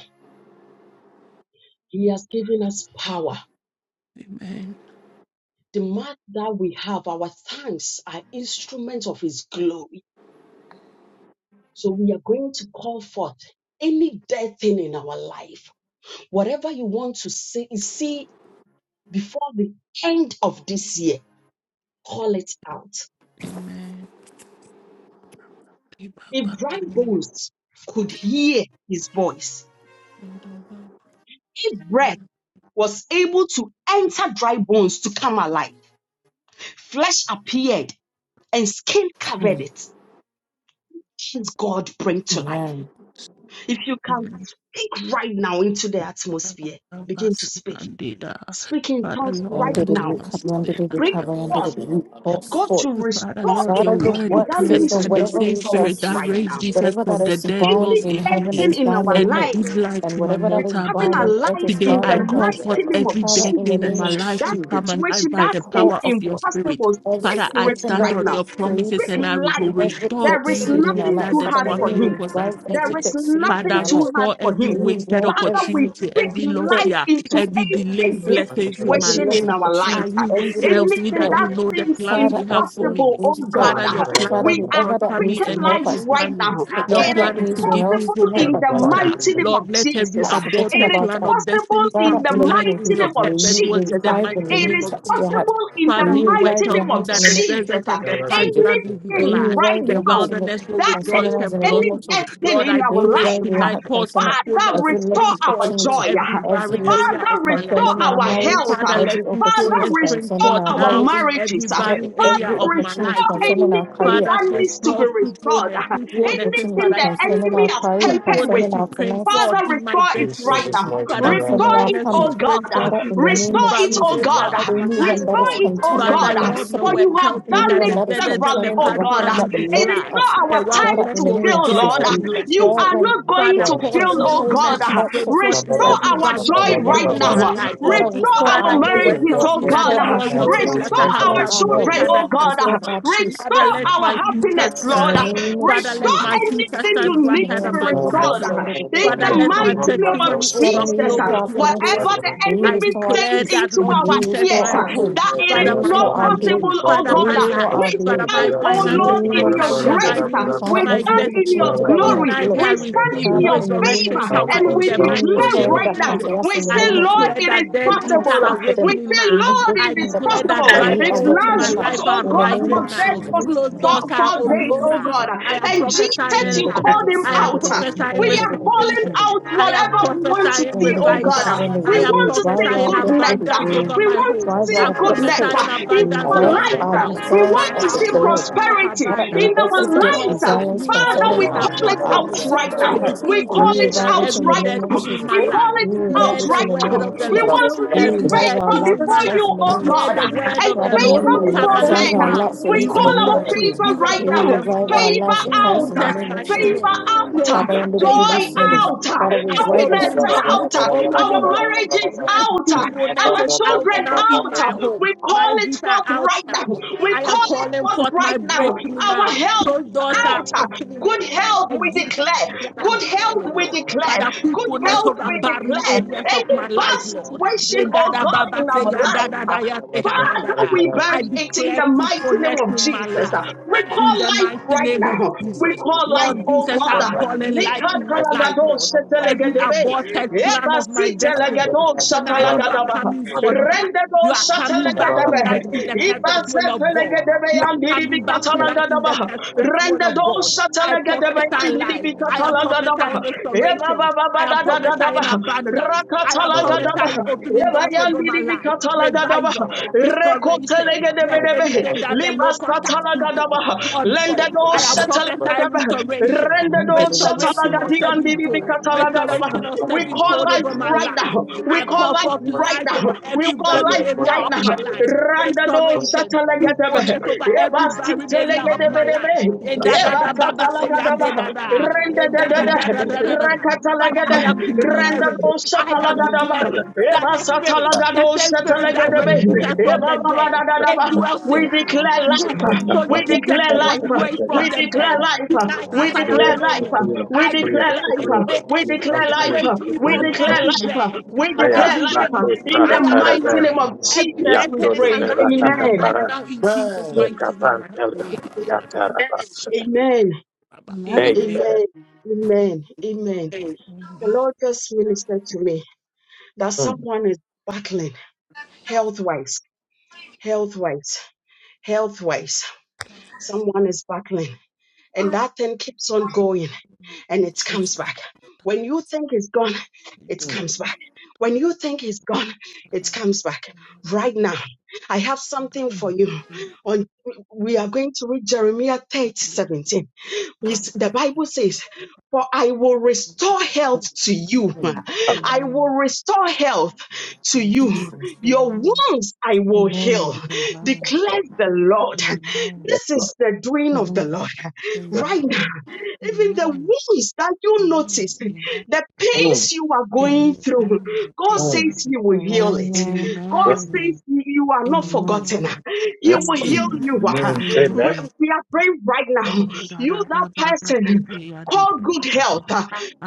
A: He has given us power.
D: Amen.
A: The mark that we have, our thanks, are instruments of His glory. So we are going to call forth any dead thing in our life, whatever you want to see, see before the end of this year, call it out.
D: Amen.
A: If dry
D: Ibabakanye.
A: bones could hear his voice, if breath was able to enter dry bones to come alive, flesh appeared and skin covered
E: Mm,
A: it. Can God bring to life.
E: Amen.
A: If you can speak right now into the atmosphere, begin to speak. Speak in
D: Father
A: tongues
D: Lord,
A: right
E: Render
D: I
E: the
A: now.
D: come
E: recover, render the
A: Break
D: today.
E: recover, render the
A: forth.
E: root call
A: God
E: forth.
A: to
D: Father,
A: restore
D: Lord,
E: So out
D: your
E: of your
D: word
A: anything
E: what
A: that
D: declares
E: says
A: needs
E: that
A: to
D: that
A: be
D: the
E: whatever
D: same
E: we shall,
A: restored
D: spirit that
A: right
D: raised
A: now.
D: Jesus
E: whatever that
D: from the
E: is
D: dead
E: bound
A: Any
D: dwells
E: in
D: in
E: heaven
D: me
A: blessing
E: is
A: in
E: bound
A: our
E: on
D: and you
E: earth,
A: life
D: give life
E: and
D: to my
E: whatever that
A: is
E: is
D: mortal
A: coming
E: bound
D: body.
E: on earth
A: alive
E: is
D: Today,
A: in
E: bound
A: the
D: I
E: in
D: call
E: heaven.
D: forth
A: mighty name of
D: every
E: Father,
D: dead
E: in the
D: thing in
E: name
A: Jesus.
D: my
E: of
D: life
A: That
D: to
E: Jesus,
D: come alive
A: situation
D: by
E: we
A: that
D: the
E: call
A: seems
D: power of your
E: forth
D: spirit.
A: impossible, speak
D: Father,
A: to
D: I
A: it
E: everything that
D: stand
A: right
E: we
D: on
A: now
E: have
D: your
E: prayed
D: promises
A: speak
D: and
E: for,
D: I will
A: life.
E: every
D: restore
E: dead
A: There
D: to
A: is
D: you the
E: seed in
D: years
E: our
A: nothing
E: life.
D: that
A: too
D: the
E: Father,
A: hard
E: may
A: for
E: we
D: swarming
A: him.
D: locusts are
E: revive
A: There
E: every
D: eating.
A: is
E: dead seed in
A: nothing
D: Father,
E: our
A: too
E: life.
A: hard
D: restore
A: for
D: every
E: May
A: him.
E: we
D: wasted
E: revive
A: Father,
E: every
A: we
D: opportunity,
A: speak
D: every lost
E: dead
A: life
D: year,
A: into
E: person,
D: every
A: every
D: delayed
E: every
D: blessings in my
E: every
A: situation
D: life.
E: lost
A: in our
D: I
A: lives.
E: opportunity,
D: you
E: every
D: yourself
E: lost
D: you
A: Anything
D: that
E: help.
D: you
A: that
D: know the
A: seems
D: plans
E: Father,
D: you have for
E: every
A: impossible,
D: me.
A: oh
E: lost help.
D: Father, your
A: God,
D: plan
E: Father,
D: is
A: we
D: to
A: are
E: whoever that
D: prosper
E: needs
D: me
A: speaking
E: to
D: and not
E: help
A: life
D: to
E: us,
A: right
D: harm me.
A: now.
D: Your
A: It
E: whoever that
A: is
D: plan is to
E: needs to
D: give
E: help,
D: me
A: possible
D: hope and
E: help
A: in
E: us,
A: the
E: but
D: future.
A: mighty name of
D: Lord, let every
A: Jesus.
E: have forgotten
A: It
D: aborted
A: is
E: about
D: plan
E: us.
D: of
A: possible
D: destiny
A: in
E: Father,
D: come
A: the
E: in
D: to
E: the
D: life
E: name of
A: mighty
D: in your
A: name
E: Jesus, may
A: of
D: perfect
E: you
D: will in
A: Jesus.
D: the
E: revive them,
D: mighty
E: may
A: It
E: you
D: name
A: is
D: of
E: touch their
D: Jesus.
E: hearts,
A: possible in
E: may
A: the
D: Father,
E: you
D: your word
E: revive
A: mighty
D: tells
E: their
A: name
D: me
A: of
E: hearts in
D: that
E: the
D: the
E: name
A: Jesus.
D: desert and the
E: of Jesus.
D: parkland will be
E: May you
A: Anything
D: glad.
A: right
E: revive
D: The
E: their hearts
A: now
E: in the
D: wilderness will
A: that
E: concerning
D: rejoice
A: any,
E: us
D: and
E: in the name
A: any
D: blossom.
E: of Jesus.
D: Lord,
A: destiny in
D: I
A: our
E: We
D: pray
E: write your
A: life.
D: tonight,
E: heart
D: cause
E: concerning
A: Father,
D: fruitfulness to
E: every lost
A: restore
D: change
A: our
D: forth in
E: opportunity,
A: joy.
D: every
E: every
D: barren
E: lost
D: area
A: Father,
D: of my life,
A: restore
E: concerning
D: Lord.
E: our
A: our
E: marriage,
A: health.
D: Father, let
E: every
A: Father,
D: fruitfulness
E: opportunity
D: spring
E: concerning
A: restore
D: forth
E: our
A: our
D: now
E: marriages,
D: in
A: marriages.
D: every
E: Father,
D: barren
A: Father,
D: area
E: every
D: of my
E: opportunity
D: life,
A: restore
D: Lord.
E: concerning our
A: anything
E: career,
D: Father,
A: that
C: Jesus.
A: needs to be
D: restore
A: restored.
D: fruitfulness,
E: every
D: fruitfulness is what
A: Anything
E: opportunity
D: I
A: the
D: pray
E: concerning
A: enemy
D: for.
E: our
A: has
E: career,
A: tempered
D: Fruitfulness
A: with
E: concerning
D: to
E: our
D: spring
E: finances.
D: forth
A: Father,
D: in my
A: restore it
C: Jesus
A: right
D: destiny.
C: is
A: now.
C: mighty
D: Father,
C: name.
E: concerning
A: Restore
E: our
C: Of
A: it,
D: fruitfulness to
A: oh
E: family.
D: spring
A: God.
D: forth
E: Father,
D: in
E: in the
D: every
A: Restore
E: name of
A: it,
D: barren
A: oh
E: Jesus,
D: area
A: God.
D: of my life,
E: anyone that
A: Restore
E: is
D: Lord.
A: it, oh
E: contending
D: Father,
A: God.
E: with our
D: Lord, your
A: For
E: siblings,
A: you
D: word
A: have
D: tells me
A: done
D: that
E: anyone
A: it
D: the
E: that is
D: deserts and
A: severally,
D: the
E: contending
A: oh
E: over
A: God.
E: things
D: parkland will
E: that
D: be
A: It
E: belong
A: is
D: glad.
E: to
A: not
E: us,
A: our
D: The
A: time
E: Father,
D: wilderness
E: in
A: to
E: the
D: will
E: name of
A: fail,
D: rejoice
E: Jesus,
A: Lord.
D: and
E: we
A: You
D: blossom,
E: call
D: Lord.
A: are
E: them
A: not going
E: to
D: Father,
E: our
A: to
D: cause
A: fail,
E: possession.
A: oh
E: We
D: fruitfulness
A: God.
D: to
E: call
D: spring
E: forth
D: forth in
E: to our
A: Restore
D: every
A: our
E: possession
D: barren
E: in
A: joy
E: the name
D: areas
A: right
E: of
D: of
A: now.
D: my
E: Jesus.
D: life,
E: Father,
D: Lord.
A: Restore
E: restore
D: Father,
A: our
E: our
D: your word
E: healing,
A: marriages,
D: tells
A: oh
D: me that
A: God.
D: the
E: restore our
D: glory of
E: strength,
D: this latter
A: Restore
D: house
E: restore
A: our
D: shall be
E: our health,
A: children,
D: greater than
A: oh
D: the
A: God.
E: restore our
D: former.
E: peace.
D: Father,
A: Restore
D: let
A: our our
D: my
F: I'm
D: future
A: happiness,
E: In
A: Lord.
E: the
D: shine.
E: name of
D: Father, let
A: Restore
E: Jesus.
D: my future
A: anything you
D: shine
F: gonna
A: need
D: brighter
A: to
D: than
A: be
D: my past,
A: restored.
D: Lord.
A: In
D: Father,
A: the
D: let my
A: mighty name of
D: testimony
E: Para you
A: Jesus,
D: overflow with
E: restore our
D: your
E: finances.
A: whatever
D: glory.
A: the
E: May you
D: I
A: enemy
E: restore our
D: declare
A: sends
E: peace.
D: that,
A: into
D: Lord
E: May
A: our
E: you
D: Jesus,
E: restore
A: ears,
D: my
E: our
D: home,
E: home.
A: that it
E: May
A: is
D: Father,
E: you
D: my
E: restore
A: not
E: our
D: family,
A: possible,
E: glory.
A: oh
D: Father,
E: May you
A: God.
D: my
E: restore
D: life,
A: We
E: our
D: Father,
E: glory.
D: my
A: stand,
E: In
A: oh
E: the
D: finances,
A: Lord,
E: name
D: my
A: in
E: of
A: your
D: career, my
E: Jesus.
A: grace.
D: ministry,
A: We
E: Father,
D: my
E: every
A: stand in your
D: destiny.
E: opportunity that we have
A: glory.
D: Tonight they
A: We
E: lost,
D: are
A: stand in
D: receiving
E: Father,
A: your
E: in the name of
D: resurrection
A: favor.
E: Jesus,
D: power
A: And
D: in
C: course,
A: we
D: the
E: may you
D: mighty
A: declare
E: restore
D: name
E: us
D: of
A: right
E: back
A: now,
E: unto
D: Jesus.
E: us
A: we
E: in the
D: I
A: say,
E: name of
A: Lord,
E: Jesus.
D: declare
A: it is
D: that
E: We
D: dead
E: call
D: dreams are
A: possible.
E: forth for
A: We
E: them.
D: awakening
A: say,
E: May
D: now.
E: you
A: Lord,
D: I
A: it
E: waken
A: is
E: them
D: declare
E: up.
D: that
A: possible.
E: May
D: dry
E: you
A: If
D: bones in
E: awaken
D: my
E: them up
A: Lazarus,
D: life
A: oh
D: are
E: in the
A: God,
E: name of
D: rising
A: was dead
D: now.
E: Jesus.
A: for
D: Closed
A: for,
D: doors are
A: for days,
D: opening
A: oh
D: now.
A: God.
D: I am
A: And Jesus,
D: prophesying
A: you called
D: life.
A: him
D: I am
A: out.
D: prophesying
A: We are calling
D: restoration.
A: out
D: I am
A: whatever we want to
D: prophesying
A: see,
E: And the
A: oh
E: river
A: God.
D: revival.
E: covering the
D: I
A: We
D: am
A: want
E: roof,
A: to
E: drive
A: see
D: prophesying
E: out that for the
D: abundance
A: goodness.
E: roof,
D: over
A: We
D: my
A: want to
D: home.
E: drive
A: see
D: I'm
E: out that
A: goodness
E: spirit,
D: prophesying
A: in
E: and
D: abundance
A: our
D: over
E: drive
D: my
E: our
A: lives.
D: house.
A: We
E: desires
A: want
D: My
E: of
A: to see
E: the
D: household is
E: Lord.
D: full of
A: prosperity
E: Not
A: in
E: only
D: abundance.
A: our
E: every
B: just nice.
E: de-
D: Because with
A: lives.
E: desires
D: you
B: Amen. Thank you, Jesus. Amen.
D: all
A: Father,
E: concerning
A: we
D: things are
E: our,
A: call it
E: our
A: out
D: possible.
A: right
E: service
C: yeah.
E: to
D: I
A: now.
E: Christ.
A: We
D: decree
E: Will
A: call
E: you
D: today
A: it
D: that
E: revive
A: out
E: it in
D: every
E: the
A: right
E: name
D: dead
E: of
A: now.
D: thing in
E: Jesus?
A: We
D: my life.
A: call it
E: Will you
A: out
E: revive
D: Hear
E: it
D: the
E: in
A: right
E: the
A: now.
D: word
E: name
D: of
E: of
C: Amen.
D: the
A: We
E: Jesus?
D: Lord.
A: want to
C: Mm,
A: see
E: Will you
D: Every
E: revive
D: dead
E: our
A: favor
D: thing
E: love
D: in my
A: before
E: for
D: life.
A: you,
E: us in the
A: oh
E: name of
D: Hear
A: God,
D: the
E: Jesus?
D: word
A: and
D: of the
E: Father, may
D: Lord.
A: favor
E: you
D: Come
A: before
E: revive
A: men.
D: alive
E: our
D: now.
E: love for
A: We
D: Be
E: you in the
A: call our
E: name of
D: restored.
E: Jesus.
A: favor
D: Be
A: right
E: May you
D: restored
A: now.
D: and
E: revive our
D: flourish.
A: Favor
E: love for
D: In
E: Christ
A: out,
E: in the
D: Jesus'
E: name of
D: mighty
E: Jesus.
A: favor
D: name.
A: out,
E: Father, I
D: Favor,
E: am the
A: joy
E: devil
D: favor,
E: send us.
D: favor.
A: out,
E: Father,
D: Yes,
E: revive us
A: happiness
D: opening doors,
A: out, our
D: opening doors.
A: marriages
D: Yes,
A: out,
D: fruitfulness
A: our
D: is out
A: children
D: now in my
A: out.
D: home.
A: We
D: My
A: call it
D: gifts are
A: forth
D: out
A: right now.
D: now.
A: We
D: I am
A: call it
D: calling
A: forth
D: forth my
A: right now.
D: breakthrough
A: Our
D: now.
A: health
D: Those doors are
A: out.
D: opening, Lord.
A: Good health, we
D: And you know
A: declare.
D: what I'm
A: Good health,
D: declaring,
A: we
D: Lord.
A: declare.
D: Father,
A: Good
D: fruitfulness
A: health,
D: over
A: we
D: barren
A: declare.
D: areas of my
A: Any bad
D: life, Lord.
A: situation, oh
D: Yendada
A: God,
D: baba
A: in
D: se
A: our life,
D: yandada
A: uh,
D: da
A: Father,
D: yandada.
A: we bury
D: I
A: it in
D: declare
A: the mighty name
D: fruitfulness
A: of
D: in my
A: Jesus. uh.
D: life.
A: We
D: In
A: call
D: the
A: life
D: mighty
A: right
D: name of
A: now. We
D: Jesus.
A: call life,
D: Lord
A: oh
D: Jesus,
A: God.
D: I'm
A: uh.
D: calling life in my life, Lord. Every
A: Nikatalagadosetelegedebe.
D: aborted plan of my destiny. Tonight you are
A: Ebasitelegedosatalagadabaha.
D: coming forth back.
A: Rendego
D: You are coming back to
A: Shatalagadebe,
D: life in the perfect will of God.
A: Ibasefelegedebe
D: You are
A: and Didibi
D: coming back to life in the
A: Catalagadabaha,
D: perfect will of
A: Rendego
D: God. I
A: Shatalagadebe
D: prophesy
A: and
D: life.
A: Didibi
D: I am
A: Catalagadabaha,
D: prophesying
A: Eva
D: restoration. I
A: Baba
D: am prophesying
A: Dadadabaha,
D: abundance. I am prophesying
A: Rakatalagadabaha,
D: opening
A: Eva
D: doors over my
A: Yandidibi
D: life,
A: Catalagadabaha,
D: revival, restoration. Yes,
A: Rekotelegedebedebe.
D: anything that the locust has eaten,
A: Libasatalagadabaha.
D: Lord God.
A: Lendedo
D: I am prophesying
A: setelegadebe.
D: restoration.
A: Rendedo
D: Restoration of sevenfold,
A: setalagadiandidibikatalagadabaha.
D: restoration of
A: We call
D: sevenfold
A: life
D: over my
A: right
D: life.
A: now. We
D: I
A: call
D: call
A: life
D: forth
A: right
D: life over
A: now. We
D: every
A: call
D: barren
A: life
D: area
A: right
D: of
A: now.
D: my life.
A: Rendedo
D: Restoration,
G: Yes,
A: setelegadebe.
D: fruitfulness
G: Lord.
D: over
A: Eba
D: every barren area of my life.
A: sitelegadebedebe.
D: And da
G: Yes,
D: da
A: Eba
G: Lord.
D: da ba ba say ya de
A: satalagadaba.
D: da da. And da da da
A: Rendedede.
D: da da da da. da. Father, I
A: Rakatalagada,
D: am
A: Randabo
F: be
D: declaring, I am
A: Satalagadaba,
D: declaring that
A: Eva
D: the spirit, the
A: Satalagado
D: same spirit that raised
A: Satalagadebe,
D: Jesus from
A: Eva
D: the dead, it
A: Babadadadaba.
D: dwells in
A: We
D: me.
A: declare
D: Yes,
A: life,
D: so
A: we
D: Jesus
A: declare
D: was
A: life,
D: raised
A: we
D: from the dead.
A: declare life,
D: Tonight,
A: we
D: as I am
A: declare
D: praying,
A: life, we
D: I
A: declare
D: declare, may
A: life,
D: the
A: we declare
D: Spirit
A: life,
D: raise me
A: we
D: from
A: declare
D: every
A: life,
D: dead.
A: we
D: But as
A: declare
D: you
A: life.
D: raised,
A: In the
D: I am
A: mighty name
D: alive.
A: of
D: Every
A: Jesus,
D: dead
A: we
D: thing is
A: prayed.
D: alive in my
A: Amen.
D: life now, in Jesus' mighty name. I pray.
A: Amen.
D: Amen.
A: Amen. Amen. Amen. The
D: Amen.
A: Lord just ministered to me. that someone is battling health wise, health wise, health wise. Someone is battling, and that thing keeps on going and it
E: Jesus.
A: comes back. When you think it's gone, it comes back. When you think it's gone, it comes back. Right now, I have something for
E: Amen.
A: you. On we are going to read Jeremiah 30:17. We s- The Bible says, for I will restore health to you.
C: mm,
A: I will
D: Amen.
A: restore health to you. Your
D: Amen.
A: wounds I will heal,
E: Amen.
D: Amen.
A: declares the Lord.
D: Amen. Amen.
A: This is the doing of the
E: Amen.
A: Lord.
D: Amen. Amen.
G: Yes,
A: Right now,
G: Lord.
D: Amen. Amen.
A: even the wounds that you
D: Amen.
A: notice, the
G: Mm,
A: pains you are going through,
D: Amen.
A: God says
G: mm.
A: He will heal it.
E: Amen.
A: God
G: Yes, Lord.
A: says you are not
D: Amen.
E: Amen.
A: forgotten. He
G: Yes,
A: will heal
D: Amen.
A: you.
D: Amen.
G: Amen.
D: Amen.
A: We are praying right now. You, that
D: Thank
A: person, call good health.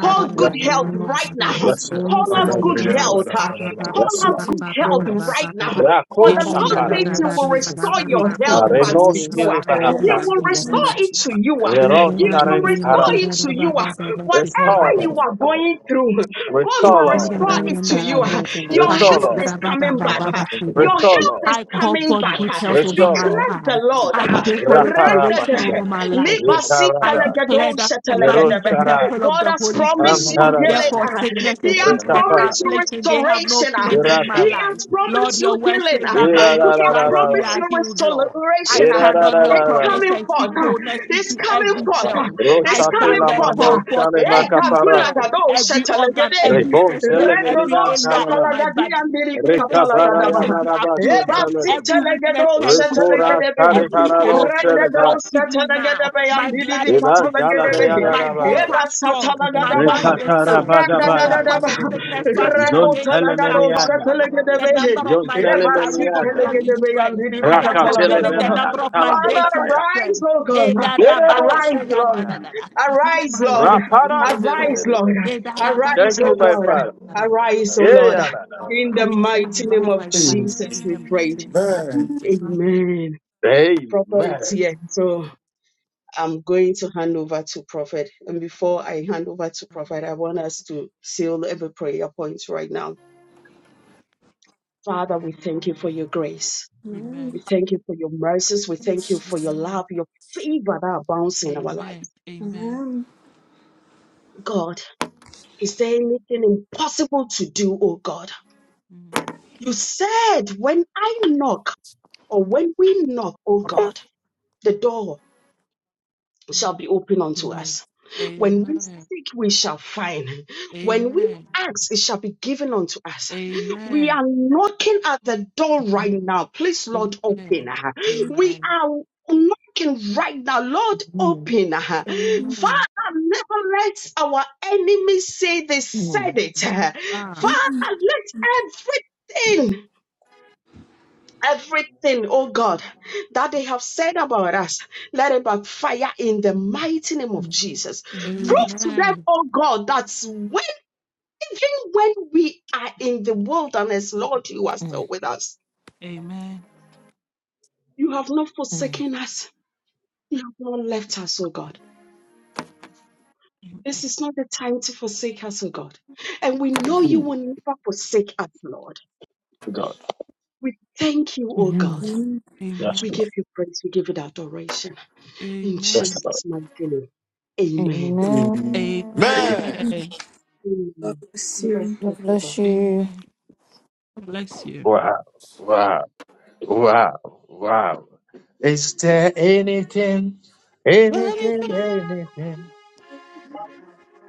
A: Call
E: in
G: Yes,
A: good
E: the
A: health
E: name of
A: right now.
E: Jesus,
G: yes, Lord.
E: any
A: Call
E: form
A: us
E: of
A: good
E: of
A: health.
C: Amen.
G: Yes,
A: Call us
G: Lord.
E: repetitive
A: good health
E: illness,
A: right now.
E: eh,
A: For
G: Rako
A: the
E: Father, in
A: Lord
E: the
A: says
E: name
A: He
E: of
G: shaparata.
A: will
E: Jesus,
A: restore
E: we
A: your
E: pray
A: health
E: that may
A: back to
E: you
G: Marenosh
A: you.
E: restore
A: He
G: kilibahapa.
E: it
A: will
E: in the
A: restore
E: name of
A: it to
E: Jesus.
A: you.
G: Zero
E: May
A: He
E: God may you
A: will
E: restore
A: restore
G: tarentara.
E: my
A: it to you. ah, Whatever
D: you.
A: you
G: Restolo.
E: Jesus.
A: are going through, God
D: I
A: will
G: Restolo.
E: Father,
A: restore it to
E: restore
A: you.
E: my
A: ah.
E: health in the
A: Your
E: name of
A: health
G: Restolo.
E: Jesus.
A: is coming back. ah.
E: Father,
A: Your
G: Restolo.
A: health is
E: in
D: call
E: the
A: coming
D: for
E: name
A: back.
E: of
D: good
A: ah.
D: health
E: Jesus.
D: over my
G: Restolo.
A: Declare the
D: life.
A: Lord.
D: I
A: ah.
D: pray for
G: Raparaba.
A: Render
D: restoration over
A: the
D: my life, Lord. I
G: Rikaraba.
D: declare that
A: Libasi
D: my body is the
G: Yeroshara.
D: temple of
A: God
D: the
A: has
D: Holy
E: In
A: promised
E: the
D: Spirit.
A: you
E: name of
G: Amtaraba.
A: healing.
D: Therefore,
A: ah.
E: Jesus.
D: sickness
A: He
D: is
A: has
D: weakness,
G: Rikapara.
A: promised you
C: Amen.
D: affliction, they have no
A: restoration. ah.
D: place in my
A: He
G: Irataba.
A: has
D: life. Lord,
A: promised you
D: your word
A: healing.
D: says
A: ah.
D: that by
A: He
D: your
A: has
D: stripes we
A: promised
G: Irararararara.
D: are
A: you
D: healed, Lord. I
A: restoration.
G: Irararararara.
A: ah.
D: stand on
G: la
D: your
A: It's
G: la la la. Ira la la la la la.
D: promise
A: coming
D: and speak
A: forth. ah.
D: wholeness
A: It's
D: into
A: coming
D: every
A: forth. ah.
D: cell.
A: It's
D: I
G: Rochate
A: coming
D: stand
G: la
D: and
A: forth.
G: mano
A: ah.
D: call forth
G: shale
A: Eh,
D: every cell,
G: makaparato.
A: katulagado
D: every organ, every
G: Rebon zele
D: system, every
A: Rendodo
G: melian
D: area of
G: talaba.
D: my
A: satalagadi
D: body.
A: andiri
D: Satan
A: katalagadaba.
D: sicknesses be
A: Eba
D: uprooted.
G: Rekabarayadarabasotelede.
D: Every weakness
A: sitelegedo
D: turn to strength.
A: setalegedebe.
D: Every health spring
G: Rekoratarihararocheleta.
D: forth
A: Rendezvous
D: speedily now.
A: satalagadabe
D: My
A: and
D: blood
A: Didi
D: is purified.
A: Catalagadabe,
D: My bones
G: Ivandalabeyadarabadaba.
D: are
A: Eba
D: strong.
E: I don't
D: My
E: want to go
A: Satalagadaba,
E: to
D: mind is
E: the sea
D: sound.
E: with a
D: No
G: Rekatarabadabayan.
D: weapon
E: problem to
A: Randadadaba,
D: of
E: go to the
D: sickness
E: sea.
D: fashioned against me shall
A: Rakotalagado
G: Zontelemenianda.
D: prosper. The
A: Satalagadabe,
D: number of my days
A: Eba
D: I will
G: Zontelemenianda.
D: fulfill in
A: Sitalegadebe and
D: strength.
A: Didi
D: I am fulfilling the
A: Catalagadabaha.
D: number of my days
A: Father,
D: in
G: Rakateleberayantalaborabaya.
D: strength.
A: arise, O God.
D: They da da ba ba say
A: Arise,
D: ya da
A: Lord.
G: Yerebosakabaya.
D: da da da. Let
A: Arise,
D: my
A: Lord.
D: life has been
A: Arise,
D: restored.
A: Lord.
G: Raparantelebelebeya.
D: They da da ba ba
A: Arise,
G: Thank
D: ba
G: you,
A: O
D: ba
G: my
D: say ya
A: God.
G: Father.
D: da da da.
A: Arise, O
D: They
G: yeah.
D: da
A: Lord.
D: da.
G: yeah,
A: In
D: I
A: the
D: receive
A: mighty name
D: divine
A: of
D: vitality
A: Jesus,
D: in
A: we
D: the
A: prayed.
D: mighty name of Jesus. Amen.
A: Amen.
G: yeah.
A: Prophet is
G: Amen.
A: here, so I'm going to hand over to Prophet. And before I hand over to Prophet, I want us to seal every prayer point right now. Father, we thank you for your grace.
D: Amen.
A: We thank you for your mercies. We thank you for your
D: Amen.
A: love, your favor that abounds in our
D: Amen.
A: lives.
D: Amen.
B: Amen.
A: God, is there anything impossible to do, oh God?
D: Mm.
A: You said, when I knock or when we knock, oh
H: Thank you.
A: God, the door.
D: Mm.
A: shall be open unto
E: No,
A: us. When we
D: Amen.
A: seek, we shall find. When we
D: Amen.
A: ask, it shall be given unto us. We
D: Amen.
A: are knocking at the door right now. Please, Lord,
D: Amen.
A: open. We
D: Amen.
A: are knocking right now. Lord,
E: no,
A: open. Father,
D: Amen.
A: never let our enemies say they
E: no.
A: said it.
D: Ah.
A: Father, let everything. Everything, oh God, that they have said about us, let it backfire in the mighty name of
E: Mm,
A: Jesus.
B: Amen.
A: Prove to them,
D: Amen.
A: oh God, that when even when we are in the wilderness, Lord, you are still
E: mm,
A: with us.
D: Amen.
A: You have not forsaken us. You have not left us, oh God. This is not the time to forsake us, oh God. And we know you
G: Hmm,
A: will never forsake us, Lord.
G: God.
A: We thank you, oh
E: mm.
A: God.
G: Yes,
A: We
D: Amen.
G: Lord.
A: give you praise. We give it adoration. In
G: Yes,
D: Amen.
G: Lord.
A: Jesus' mighty name. Amen.
G: Amen.
E: Amen.
D: Amen.
C: Amen.
A: Anything is too much
E: God bless
D: Amen. God Bless you.
G: Wow. Wow. Wow, wow. Is there anything, anything,
D: Anything
G: anything?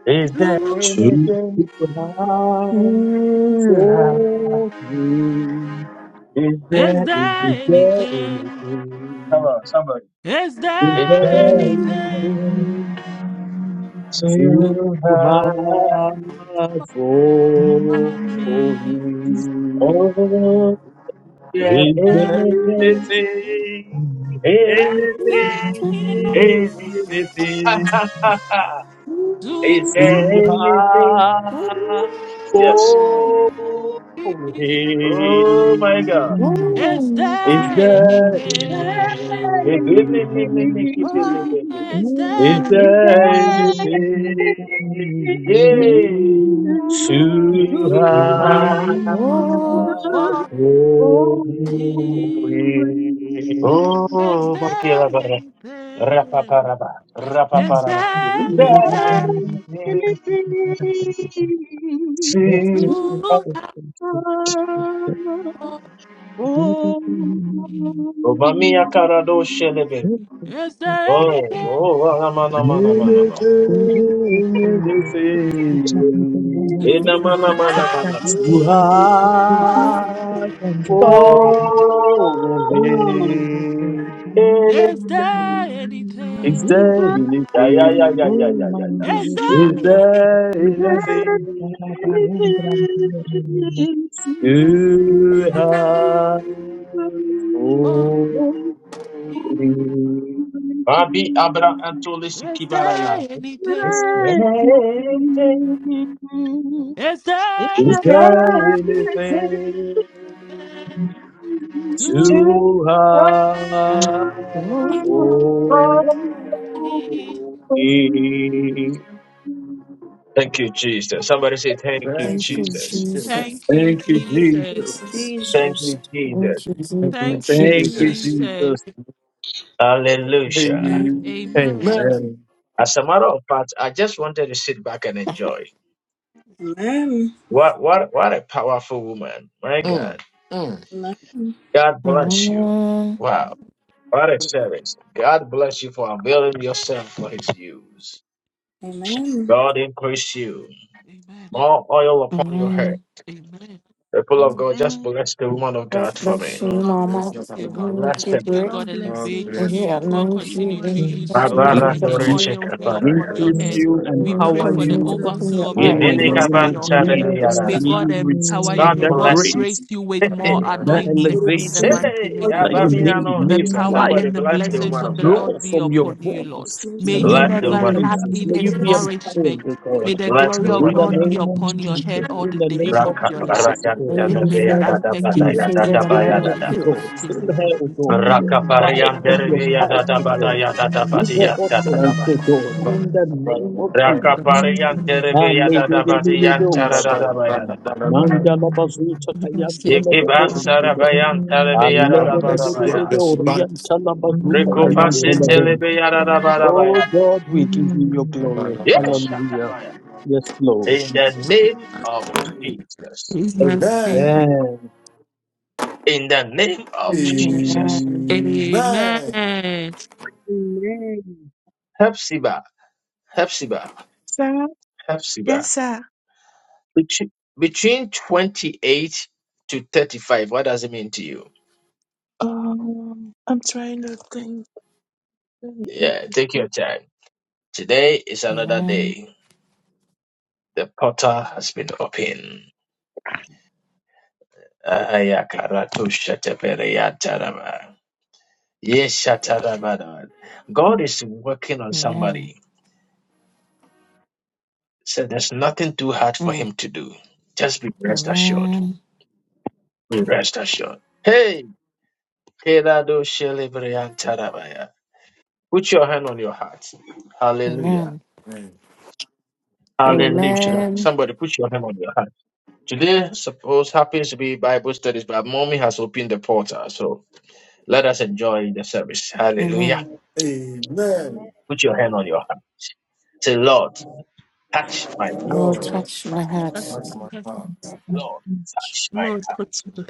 G: Is there
D: new?
I: Too
G: anything
I: high
G: you have?
I: for me.
G: Is
D: Is
G: there
D: there
I: Is
G: anything?
I: there
D: anything?
G: Come
I: anything?
G: on, somebody.
D: Is
I: Is
G: Is
D: there
I: there
G: there
D: anything
G: anything
I: anything
D: you
G: you
I: too
G: have?
I: high
D: for
I: for
D: me?
I: me?
G: Oh, is
D: Is
G: there
I: Is there
D: there
G: anything,
D: anything?
I: anything?
G: anything,
I: Anything?
D: Anything
G: anything? *laughs* Ha
I: Anything?
G: ha ha ha! Is there
I: too
D: to
G: anything?
I: hard
D: for
G: Yes.
I: for
D: me?
G: Oh my
I: him.
G: God.
D: Is
I: Is
D: there
I: there
D: anything?
F: your
I: anything?
F: man.
D: Oh,
F: Thank
D: is
G: Yay!
I: Is
D: there
F: you.
I: there anything
D: to
I: too
G: Ipa.
I: hard
D: for
I: for
D: him?
I: him?
D: Is
G: Oh,
D: there
G: bakirabara.
D: anything?
G: Rapaparaba.
D: Is there
G: Rapaparaba.
D: anything
G: Benzi.
D: you have for me?
G: Oh, mamia karado shelebe.
D: Is there
G: Oh,
D: anything
G: oh, ah, mana, mana, mana, mana.
I: Anything, anything.
G: Ena,
D: you
G: mana, mana,
D: have
G: mana, mana.
I: too
D: for
E: you.
I: hard
D: me?
I: for
G: Oh,
F: oh, you.
I: him.
G: eh.
D: Is there
I: Is there
D: anything?
G: Ya, ya, ya, ya, ya, ya, ya.
I: anything?
G: ya.
D: Is there
I: Is
D: anything
I: there anything you have
D: for
I: for
D: me?
I: me?
G: Abi Abra Antolesi
D: Is there
G: Kibaraya. Is there
D: anything?
G: anything,
D: Is there
G: is
I: Is
G: there
I: there
D: anything
G: anything
I: anything?
D: to
G: to
I: zu hat
E: Glory,
I: holy.
G: report?
E: Lord.
D: give?
G: Thank you, Jesus. Somebody say, Thank you,
C: Thank
E: Thank
C: you,
E: you,
G: Jesus.
C: Jesus.
E: Jesus.
D: Thank you,
I: Thank you, Jesus.
D: Jesus.
G: Thank
J: Jesus,
G: you, Jesus.
E: Thank you,
C: Thank
E: Jesus.
C: you,
D: Thank you,
I: Thank you,
C: Jesus.
D: Jesus.
I: Jesus.
G: Hallelujah.
E: Amen.
C: Amen.
D: Amen.
C: Mm,
I: Amen.
G: As a matter of fact, I just wanted to sit back and enjoy. What, what, what a powerful woman. My
C: mm,
G: God.
C: mm.
G: God bless you.
E: Amen.
G: Wow. What a service. God bless you for availing yourself for his use. God increase you.
D: Amen.
G: More oil upon your head.
E: Amen.
D: Amen.
G: People of God, just
A: Amen,
G: bless the woman of
E: God
G: God for me.
E: bless you,
C: God
D: God
C: bless
E: Mama.
D: bless
C: you,
E: May
D: you.
C: Papa
D: God
E: He
C: Mama.
G: Bless
E: make
D: bless
E: you
G: them.
D: you.
E: great.
D: God
K: God bless
C: God
K: you,
D: elevate
E: May
K: woman
C: bless
E: He
C: you.
D: you.
K: of
C: God
D: God
K: God.
E: anoint
C: bless you.
E: you.
D: continue
K: More
D: to
E: May He
D: use
L: Oh,
D: you.
C: God
K: anointing.
E: continue
C: bless
D: And
E: to
G: Barbara
D: may
C: you.
L: bless
D: the
E: bless
L: the
E: you.
G: Doriche
D: oil be
C: God bless you. God
D: upon
L: Lord.
G: Kabarayana.
D: your
I: Increase
D: head.
I: you,
D: We
E: May He
D: pray
I: empower
D: for the
K: God
E: continue
I: you
E: to open
K: bless
D: overflow
E: your
D: of the
I: in
K: you.
E: eyes.
I: the
G: Yemini
D: oil
I: name
D: over
I: of
D: your
G: Kabanta
D: head.
G: Dege
I: Jesus.
D: May
G: Yararara.
I: May
D: God
I: you
D: empower you.
G: God
I: receive
D: May
I: that
D: God
G: bless.
A: amen,
I: grace,
D: grace you with
G: *laughs*
D: more
I: that
D: anointing in the
B: Blessing
G: Hey,
I: elevation
D: mighty
G: hey,
B: all
D: name
B: your
D: of
I: that you
B: life
D: Jesus.
G: Abamina
I: need.
G: no
B: in
D: The
I: May
G: Skiba.
D: power
I: fire
D: and
G: Somebody
D: the
G: bless the
C: bless
D: blessings
G: woman
D: of
G: of
D: the
G: God.
I: draw
D: Lord be
I: from your
C: you.
D: upon you, Lord.
B: Jesus'
I: bones in
B: mighty
D: May
I: the
B: name.
D: you
G: Bless
I: name
G: the
I: of
D: never
G: woman of
D: lack
G: God.
I: Jesus.
D: in
B: We
I: May you
D: his
I: be
B: bless
D: nourishment.
I: empowered, oh
B: you, God.
I: God.
D: May the
G: Bless
D: glory
G: the
D: of
I: In
G: woman
I: the
G: of
D: God
G: God.
D: be
I: name of
D: upon your head
I: Jesus,
D: all
I: in
D: the
I: the name
D: days of
I: of
G: Raka
D: your life.
I: Jesus
G: Barayan
E: May you
I: again.
D: and
E: be
D: may it
G: Delebeya
E: favored,
G: Dada
D: affect your
G: Badaya
I: Mm.
E: favored
G: Dada
D: things or
I: Fill
G: Baya
E: among
D: more
I: her,
E: your
D: in
G: Dada.
I: O
D: the
I: God,
E: peers.
D: mighty
I: fill
D: name
I: her,
D: of
I: O God,
D: Jesus.
I: with your
G: Raka
D: In
F: Mm,
I: fire
G: Barayan
D: the
I: and your
F: mm,
G: Delebeya
I: power,
F: mm,
G: Dada
I: O
D: mighty
I: God.
F: mm,
G: Badaya Dada
I: Give
G: bada.
I: her
F: mm,
G: yadada
I: utterance,
G: bada.
I: O
F: mm, mm,
I: God, in
F: mm,
I: the name of Jesus.
G: Rakapariyan
D: name
G: terebeya
I: Alleluia.
D: of Jesus.
G: dadabadiyan charadadabaya dadaba.
I: Mandala bazuta
D: We
I: kayantala
G: Yekibas
I: babo.
G: sarabayan terebeya
F: mm,
G: dadabadabaya.
I: Alleluia.
F: mm,
I: bazuta
G: Rikupasin
I: kayantala babo.
G: telebeya
I: Oh
G: dadabadabaya.
I: God, we give you your
C: God
F: mm.
I: glory.
C: bless you.
G: Yes,
I: Hallelujah.
G: shatabaya.
I: Yes, Lord.
G: In the name of Jesus.
C: Amen.
I: Amen.
G: In the name of Jesus.
E: Amen.
D: Amen.
C: Amen.
G: Hepzibah, Hepzibah,
F: Sir, yes,
G: Hepzibah.
F: sir.
G: Between between 28 to 35, what does it mean to you?
F: Um, I'm trying to
G: Yeah, take your time. Today is another
E: Amen.
G: day. The potter has been opened. Ayakaratushatepereyatarabar. Yeshatarabar. God is working on
E: Amen.
G: somebody. So there's nothing too hard for
E: Mm.
G: him to do. Just be rest assured.
E: Amen.
G: Be rest assured. Hey, Keradoshelebreyantarabaya. put your hand on your heart. Hallelujah.
E: Amen.
C: Amen.
G: Hallelujah.
E: Amen.
G: Somebody put your hand on your heart. Today, suppose happens to be Bible studies, but mommy has opened the portal. So let us enjoy the service.
E: Amen.
G: Hallelujah.
C: Amen.
G: Put your hand on your heart. Say, Lord. touch my heart.
E: Lord,
C: Lord,
E: touch my heart.
C: touch my heart.
G: Lord, touch my
D: Lord,
G: heart.
D: touch me.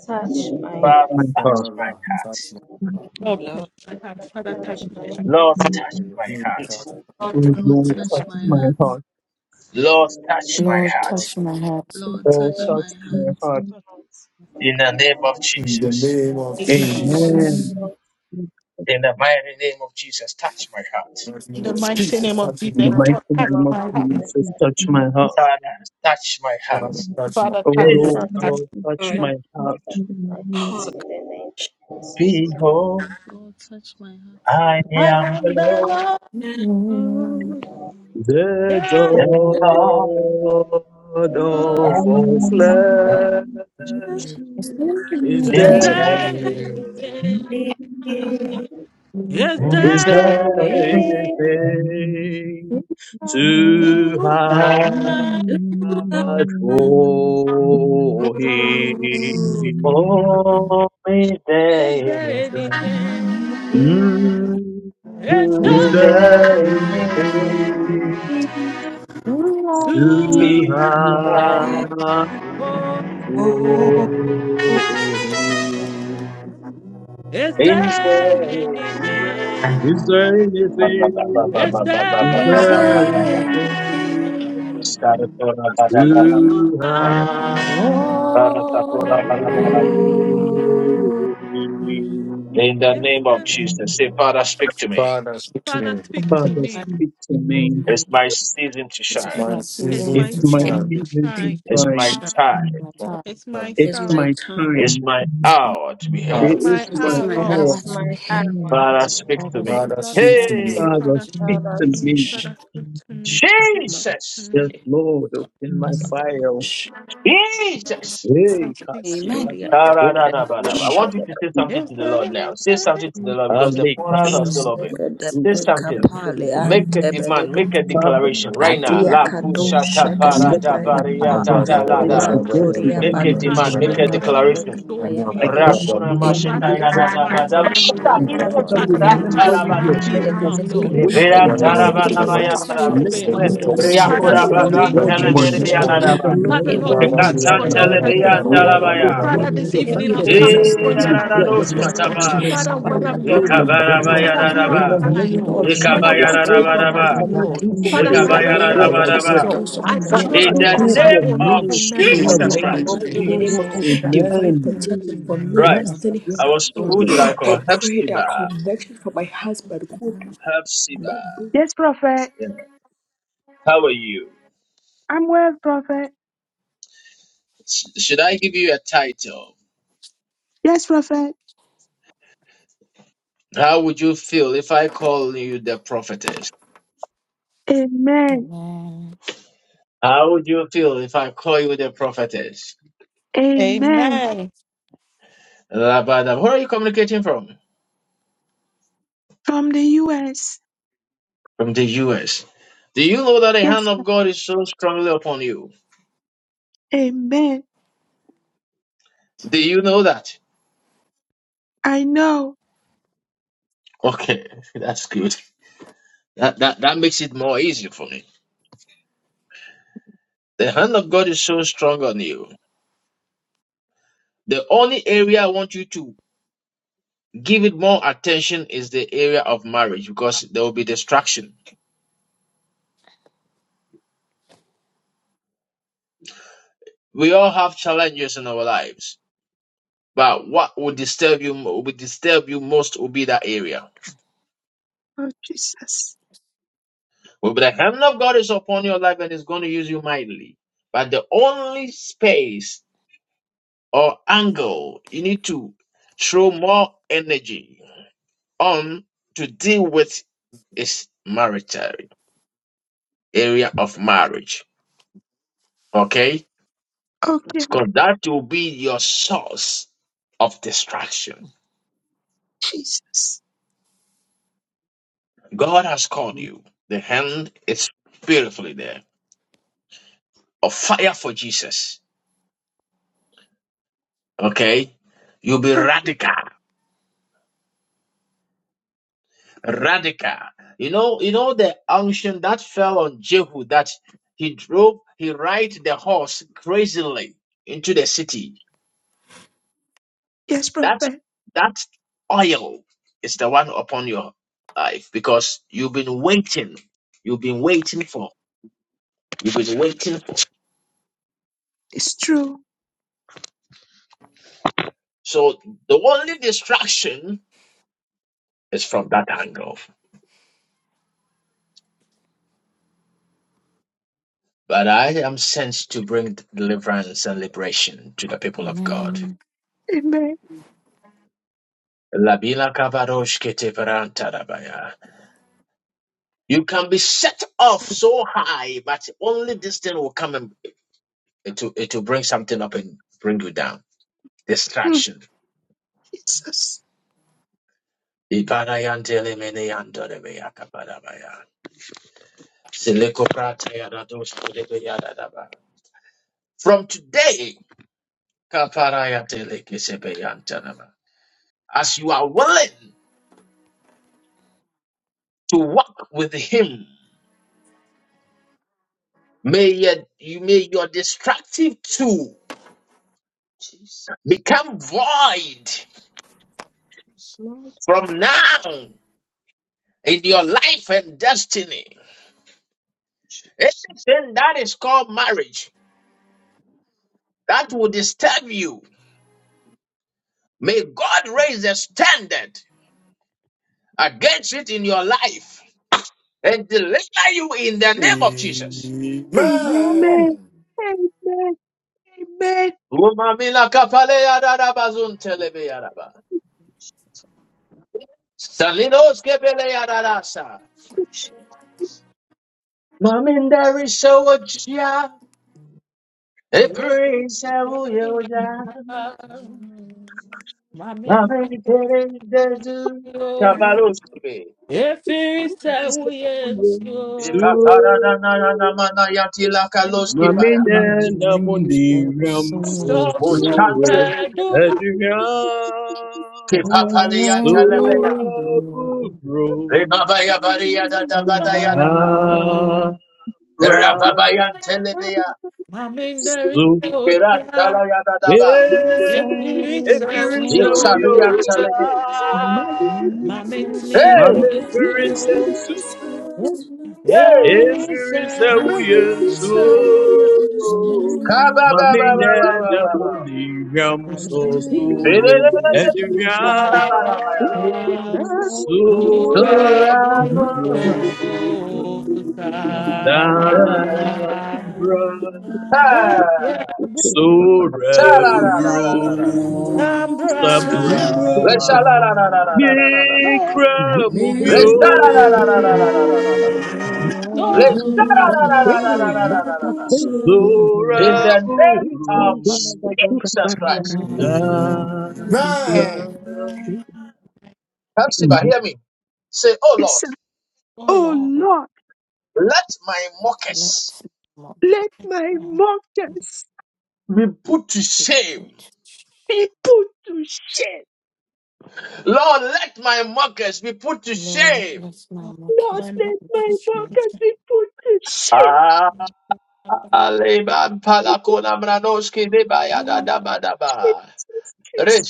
L: touch
I: Lord,
L: my
I: touch
G: Father,
I: my
L: hands,
I: heart.
G: touch my
C: Father,
G: heart.
C: touch my heart.
D: Lord,
J: Lord,
D: touch my heart.
L: but
D: Father, touch
L: Touch
D: my
L: my
D: heart.
L: health.
G: Lord, touch my
C: Elohim,
G: heart.
C: touch
D: Lord,
C: my
D: touch
I: Oh,
K: Lord,
I: Lord, touch
K: touch my
I: my
K: heart.
I: heart.
G: Lord, touch my
E: Lord,
G: heart.
C: heart.
E: touch my heart.
K: Lord,
I: Oh,
K: touch
I: touch
K: my
I: my
K: heart.
I: heart.
G: In the name of
C: In the
G: Jesus.
C: name of
D: my
L: In the name
I: Amen.
C: Jesus.
L: of Jesus,
G: In the mighty name of Jesus, touch my heart.
C: In the
D: In
C: name
D: the
L: and
C: of
D: mighty
C: Jesus,
D: name of
C: touch
I: In
C: my
D: Jesus,
I: the
C: heart.
I: mighty
L: the
D: Lord, touch
L: name
I: name
L: of
I: of
D: my heart.
L: Jesus,
I: Jesus, touch
F: think.
I: my heart.
G: Father, touch my heart.
C: Father, touch my
D: Father,
I: Oh,
D: touch
F: the
G: Hey.
C: heart.
D: my
J: let
I: Lord,
F: fun of
L: touch,
F: my
I: Lord, touch
J: my
L: touch,
I: my
F: feet
I: heart.
L: touch
F: and my
L: my
F: mouth.
L: hands,
J: heart
L: in the name of Jesus.
G: Behold,
K: Lord, touch my heart.
G: I
D: I
G: am
D: am the
G: alone
D: Lord.
J: go down
I: The
D: Yes,
G: and alone.
I: God
J: for
I: of all
G: And
I: flesh
J: us.
E: It's
K: And
E: leaving
I: is
K: carry
L: Is there
D: yes,
K: me
G: it's
I: there
J: It
E: again.
K: in
I: in
K: your
G: very,
L: is
D: yes,
I: his
J: is
D: yes, yes,
G: it's
I: Is
L: there
I: there
G: very,
I: anything too
D: to
I: hard
D: hide
J: to God.
D: for
I: for
J: Oh, it is to
I: him?
G: oh, only
D: is there
G: there.
D: anything?
J: God.
I: Mm,
G: Is
D: Yes,
I: Is
G: Is
D: there
I: there
G: anything
I: anything
J: Oh,
D: too
I: too
E: Glory.
D: high
G: to have?
I: hard
D: for
I: for him?
D: is
G: Is
D: there
G: there anything?
D: anything?
I: Is there
G: Ba, ba, ba, ba,
I: anything?
G: ba,
D: Is
G: ba, ba, ba,
I: Is
D: there
G: ba,
J: is
G: ba, ba,
J: there
I: there
G: ba, ba,
D: anything
G: ba.
I: anything?
J: anything
G: Sarasora, ba, ba, ba, ba, ba.
J: to
D: too
I: You are
D: high
J: God?
D: for?
G: Sarasora, ba, ba, ba, ba,
I: holy.
G: ba.
J: Oh, I
G: In the
D: Is
G: name of
D: there?
G: Jesus, say, Father, speak to me.
C: Father, speak to
D: Father,
C: me.
D: speak to
F: Father,
I: Father,
D: me.
F: please,
I: speak to
F: the Lord
I: me.
G: It's
J: me.
G: my season to
C: It's
E: It's
G: shine.
C: my
E: my
D: It's
C: season
E: seasons
I: It's
D: my
E: to
F: is
C: to
I: my
J: It's
D: season
E: shine.
C: shine.
J: my
D: to
I: season to
D: shine.
G: It's my
I: shine.
J: season
G: time.
E: My
C: My
E: time.
D: It's my
C: son,
J: It's
I: It's
D: star.
J: my
I: my
J: time.
G: It's
I: time.
G: my
C: it's my
G: hour to be
F: good.
D: It's
G: here.
I: It
C: heart.
D: my
I: is
J: It's
I: my
M: It's
D: ah,
M: my
J: my
D: Lord.
J: time.
I: hour.
M: hour
L: just my
M: to behave.
L: hour.
G: Father, speak
E: All
G: to
E: those
G: me.
C: Father,
E: speaks
D: Lord,
C: speak
D: speak
C: to
D: to
G: Hey,
D: me,
C: me.
I: Father,
D: Father, speak
I: speak
L: Father,
D: to
I: to
D: me,
L: speak
I: me.
L: to
D: Father, speak to me, Lord,
J: My
D: speak to
G: Jesus,
I: Yes,
D: me,
I: Lord, open my fire.
J: Shh.
G: Jesus.
D: Father,
I: Hey,
D: speak to
I: Kasi
M: Amen.
D: me.
J: Mandoria
I: Katakabo,
J: terede.
G: Da-da-da-da-da-da. I
J: Shh.
I: Yanda
G: want you to say something
D: If
G: to the
I: Katika,
D: there
G: Lord
D: is
G: now. Say something to the Lord because the
I: Ale
G: portals are
J: Dum
G: still
I: Kasanda,
G: open.
J: sega de
G: Say
I: Kasuka
J: peka
G: something.
J: pale
I: Yanda,
G: Make a demand.
J: ante
G: Make a
I: Father,
G: declaration
D: anything,
G: right
D: Lord,
G: now.
J: Adia
D: speak
G: La
D: to me.
J: kado
I: pray
G: kushata
J: shakete
D: I
G: para
C: Worship
I: Let
G: da
D: cannot
I: my
D: do
I: heart
G: baria
J: prekapa
D: on
G: ta
D: my
I: be
G: ta la
D: own.
I: joyous
G: da.
D: Father,
I: to
D: I
I: God be
J: manturia
D: bring
G: Make a
D: my
I: honored
J: bado
D: heart,
I: in
F: Thank
I: the
G: demand.
D: my
G: Make a
I: name of
J: shakete
D: body, my
I: Jesus.
G: declaration.
J: prekapa
D: soul
J: ya
D: to
I: I
D: you,
J: bado
D: Lord.
J: sh-
I: come
G: Rakuna
I: before
J: I
D: Father,
G: mashita
I: you, O
G: ya
D: this
G: na
I: God,
D: is
J: declare
G: da
D: my
G: ba da ba.
J: upon
D: time,
J: my
G: Sa
D: Lord.
I: and
J: life that
I: Father,
J: I
E: and
G: kireshi
J: will
D: Father,
G: ta
D: let
G: ta
D: my
I: remember
E: delivers
G: ra
J: deliver
E: and
I: you,
G: ba
D: star
I: your
D: be
J: declare
E: delivers.
I: God
J: the
G: dushi.
I: that
D: now,
J: goodness of
I: still
J: God.
D: Lord.
I: wait
J: My
G: Ibera
I: on
E: It
G: ta
D: Father,
I: you,
J: people
E: is
I: O
G: ra
J: will
E: my
J: be
G: ba
D: open
I: God.
G: da
D: the
G: ba
J: delivered
E: season
G: ya
D: doors
G: ba
E: to
D: of
G: da
E: shine.
J: safe
G: ba.
J: and
I: Let
E: So
D: heaven,
E: It
I: my
E: is
J: sound
D: Lord.
E: my
A: amen.
I: heart
J: and
I: be
G: Ria
E: season
J: safe
E: to
D: Father,
J: in
G: kura
J: the
G: ba
I: joyous
E: shine.
D: show
I: to
D: me
J: name
G: zan
D: your
J: of
I: God
G: tele
I: be
A: Jesus,
D: greatness,
G: bere
J: Jesus.
G: ya
I: met
G: da
C: on
D: Lord.
G: da
C: me.
I: in the
G: ba.
J: No
D: Father,
I: name
C: Amen.
I: of
D: Lord,
J: evil will
D: use
G: Ika
D: me
J: try
I: Jesus.
D: for
G: san
D: your
J: to
G: tele
J: no
G: be
D: perfect
G: ya
J: evil
D: will,
G: ta
J: will
G: la
D: Lord.
G: ba
I: O
J: harm
G: ya.
J: my
I: God,
D: Father,
J: baby.
D: this
I: your
J: No
D: evening
I: hand
D: I've
I: of
J: evil will
D: come
I: mercy,
D: before
J: succeed
D: you and
I: O
D: I'm
J: my
I: God,
G: Yarararo
D: asking,
J: unborn
D: Lord.
I: beseech
J: baby.
G: shataba.
I: my
D: Father, what
I: spirit,
J: Father,
F: you.
D: am
J: Lord,
I: soul,
J: my
D: I?
I: and body.
G: Ikabaraba
F: Yes,
J: finances
D: Father,
J: is
F: yes,
D: who
F: yes,
D: am
J: great.
I: In the
F: yes.
G: yararaba.
D: I,
F: Zandi
I: name
F: de
I: of
D: Lord?
J: Lord, right
D: Father,
F: Brandi,
I: Jesus,
J: now,
D: what
F: Zaka,
I: all
D: did
J: today
D: I
I: that
F: Zara,
I: I
J: and
D: do,
G: Ikabayararabaraba.
F: Raja,
I: cannot
F: Zara,
D: Lord?
J: today,
I: do for
F: Tindi,
D: Father,
J: in
F: di, di,
J: the
I: myself,
F: di,
I: O
D: direct
F: di,
D: my
J: name
F: di,
J: of
I: God, I
F: sa.
D: steps,
J: Jesus,
G: Ikabayararabaraba.
I: pray.
D: Lord.
J: doors of
F: Ah,
D: I
F: yes,
D: cannot
J: opportunity,
G: In
I: Father,
D: do
L: me.
G: the
F: Lord,
D: on
I: do
J: peace
D: my
J: and
F: my
I: for
G: name
D: own,
F: yes,
G: of
D: Lord.
I: me
F: yes,
J: prosperity
F: yes.
I: in
D: Remember
F: Di,
I: the
D: me
F: di,
G: Jesus
J: upon
F: ba,
J: my
I: name
D: and
G: Christ.
D: do
I: of
J: life,
F: si,
D: for
J: in the
F: ko,
D: me,
J: name
F: ro,
J: of
I: Jesus.
D: Lord.
F: ko, cha, sa.
J: divine
D: Jesus' name,
I: Amen.
J: protection for
D: amen.
J: me,
G: Right.
F: Amen.
J: destiny.
G: I
F: Yes,
G: was,
J: So
F: Lord.
G: who did I call?
J: I pray that
G: Hepzibah.
J: connection for my husband, good, my
G: Hepzibah.
F: Yes, Prophet.
G: Yeah. How are you?
F: I'm well, Prophet.
G: Sh- Should I give you a title?
F: Yes, Prophet.
G: How would you feel if I call you the prophetess?
F: Amen.
E: Amen.
G: How would you feel if I call you the prophetess?
F: Amen.
D: Amen.
G: Labada. Where are you communicating from?
F: From the US.
G: from the US. Do you know that the hand
F: Yes,
G: of God is so strongly upon you?
F: Amen.
G: Do you know that?
F: I know.
G: Okay, *laughs* that's good. That, that that makes it more easy for me. The hand of God is so strong on you. The only area I want you to give it more attention is the area of marriage because there will be distraction. We all have challenges in our lives, but what would disturb you would disturb you most will be that area.
F: Oh, Jesus.
G: Will be the hand of God is upon your life and is going to use you mightily. But the only space or angle. You need to throw more energy on to deal with is marital area of marriage. Okay?
F: Okay,
G: Because that will be your source of distraction.
F: Jesus.
G: God has called you. The hand is beautifully there. A fire for Jesus. Okay? You'll be
F: Oh,
G: radical. Radical. You know, you know the unction that fell on Jehu that he drove, he ride the horse crazily into the city.
F: yes,
G: That
F: Prophet.
G: that oil is the one upon your life because you've been waiting. You've been waiting for. You've been waiting for.
F: It's true.
G: So the only distraction is from that angle. But I am sent to bring deliverance and liberation to the people of God.
E: Amen.
F: Amen.
G: Labila kabarosh kete You can be set off so high, but only this thing will come and it will, it will bring something up and bring you down.
F: Mm,
G: Distraction.
F: Jesus.
G: Ibadayantelemene Silekopratayadadoskodebeyadadaba. From today, kaparayatelekesebeyantanaba. as you are willing to walk with Him, may your, you may your destructive tool become void
A: yes, Lord
G: from now in your life and destiny.
A: Jesus,
G: Anything that is called marriage that will disturb you, may God raise a standard against it in your life and deliver you in the name of Jesus.
A: Amen.
F: Amen. Amen. Amen.
G: Umamila kapale yarara bazun telebe yaraba.
A: Jesus,
G: Salinos kebele yarara
A: Jesus.
G: Mamindari sewochia,
D: Yes,
G: ebri sewuyoja.
D: Mami,
G: Maminteri dedu. Kabalos kebe.
D: efirisa
I: Praise the Lord
G: Hey, hey,
D: uyenso,
I: to Mamine
E: Mm, So,
I: namuniram
E: so,
D: so so
I: sosuro
D: radu hapa,
I: edriam
E: forever.
I: surabubro
E: Remember,
I: dara
D: mami ndari
I: suke
D: yota,
E: you so
D: efirisa
I: efirise
E: gentle,
D: uyoda,
I: uyoja
E: you
D: mami ntini
I: mame firise
D: efirisa,
E: so
I: Efiri sɛ
D: efirisa,
I: woyɛ
F: Mighty
I: nsuo,
G: kaba
I: ma
G: ba ba ba
I: menyɛ
G: ba ba
I: na
G: ba
I: mo
G: ba.
I: nihwam
D: times go through
I: sosoro
D: these
J: baby.
I: aduhwam
D: times
E: Remember,
J: Yes,
I: sora
D: already
I: bubro
D: goes
I: da
D: I'm blind.
I: bra.
D: Yeah, yeah, but
I: Sorebu bro
G: Ha!
D: I'm
I: sabra
D: blind.
G: In the
I: ye
D: But
I: kramubio
A: Amen.
D: God, my
G: name
I: Sorebu
A: Please,
G: of
I: bro
A: Father God, also,
G: Jesus
A: Father
G: Christ.
A: God,
I: sabra
C: Amen.
G: Come, Siba, hear me. Say, Oh Lord,
F: Yes,
D: oh
F: oh
D: Lord,
F: Lord,
G: let my
E: let
G: mockers
E: my
F: let my
D: my
F: mockers
G: be put to shame.
E: people,
F: be put to shame.
G: Lord, let my mockers be put to
E: Lord,
G: shame.
E: let my
D: God,
F: Lord,
D: my
E: mockers
D: Lord,
F: let
E: be put
D: you
F: my
E: to
D: put
E: shame.
D: it
F: mockers be put to shame.
G: Ah,
D: down. Abandon it.
G: Aleban palakona mranoski debaya da
D: You,
G: da ba da ba.
F: Jesus,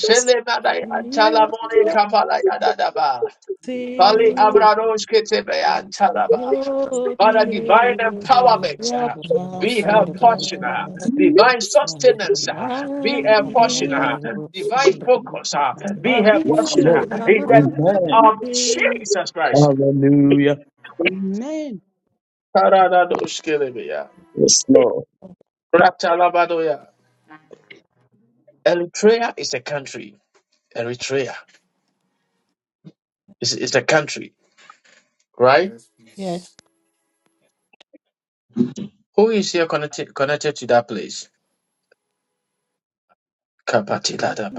F: Jesus.
G: madaya
D: you,
G: talamone
D: you,
G: kapala ya da da ba.
D: you,
G: Kali
D: you,
G: Abrados Ketebean Talaba.
D: Hold me
G: Father, divine
E: I
D: in
E: am
G: empowerment
D: your
G: uh,
E: part of the
D: arms.
G: be her
D: I'm here.
G: portion. uh, Divine sustenance uh, be her portion. uh, Divine
A: Jesus.
G: focus uh, be
D: I'm
G: her
I: Yes,
G: portion.
D: here.
G: uh,
I: Lord.
G: In the
D: I'm
G: name of
I: Amen.
D: here.
G: Jesus Christ.
I: Hallelujah.
A: Amen.
G: Taradados Kelebea.
I: Yes, Lord.
G: Ratalabadoya. Eritrea is a country. Eritrea is, is a country, right?
C: Yes,
D: Yes.
C: please.
G: Who is here connected, connected to that place? Kapatilada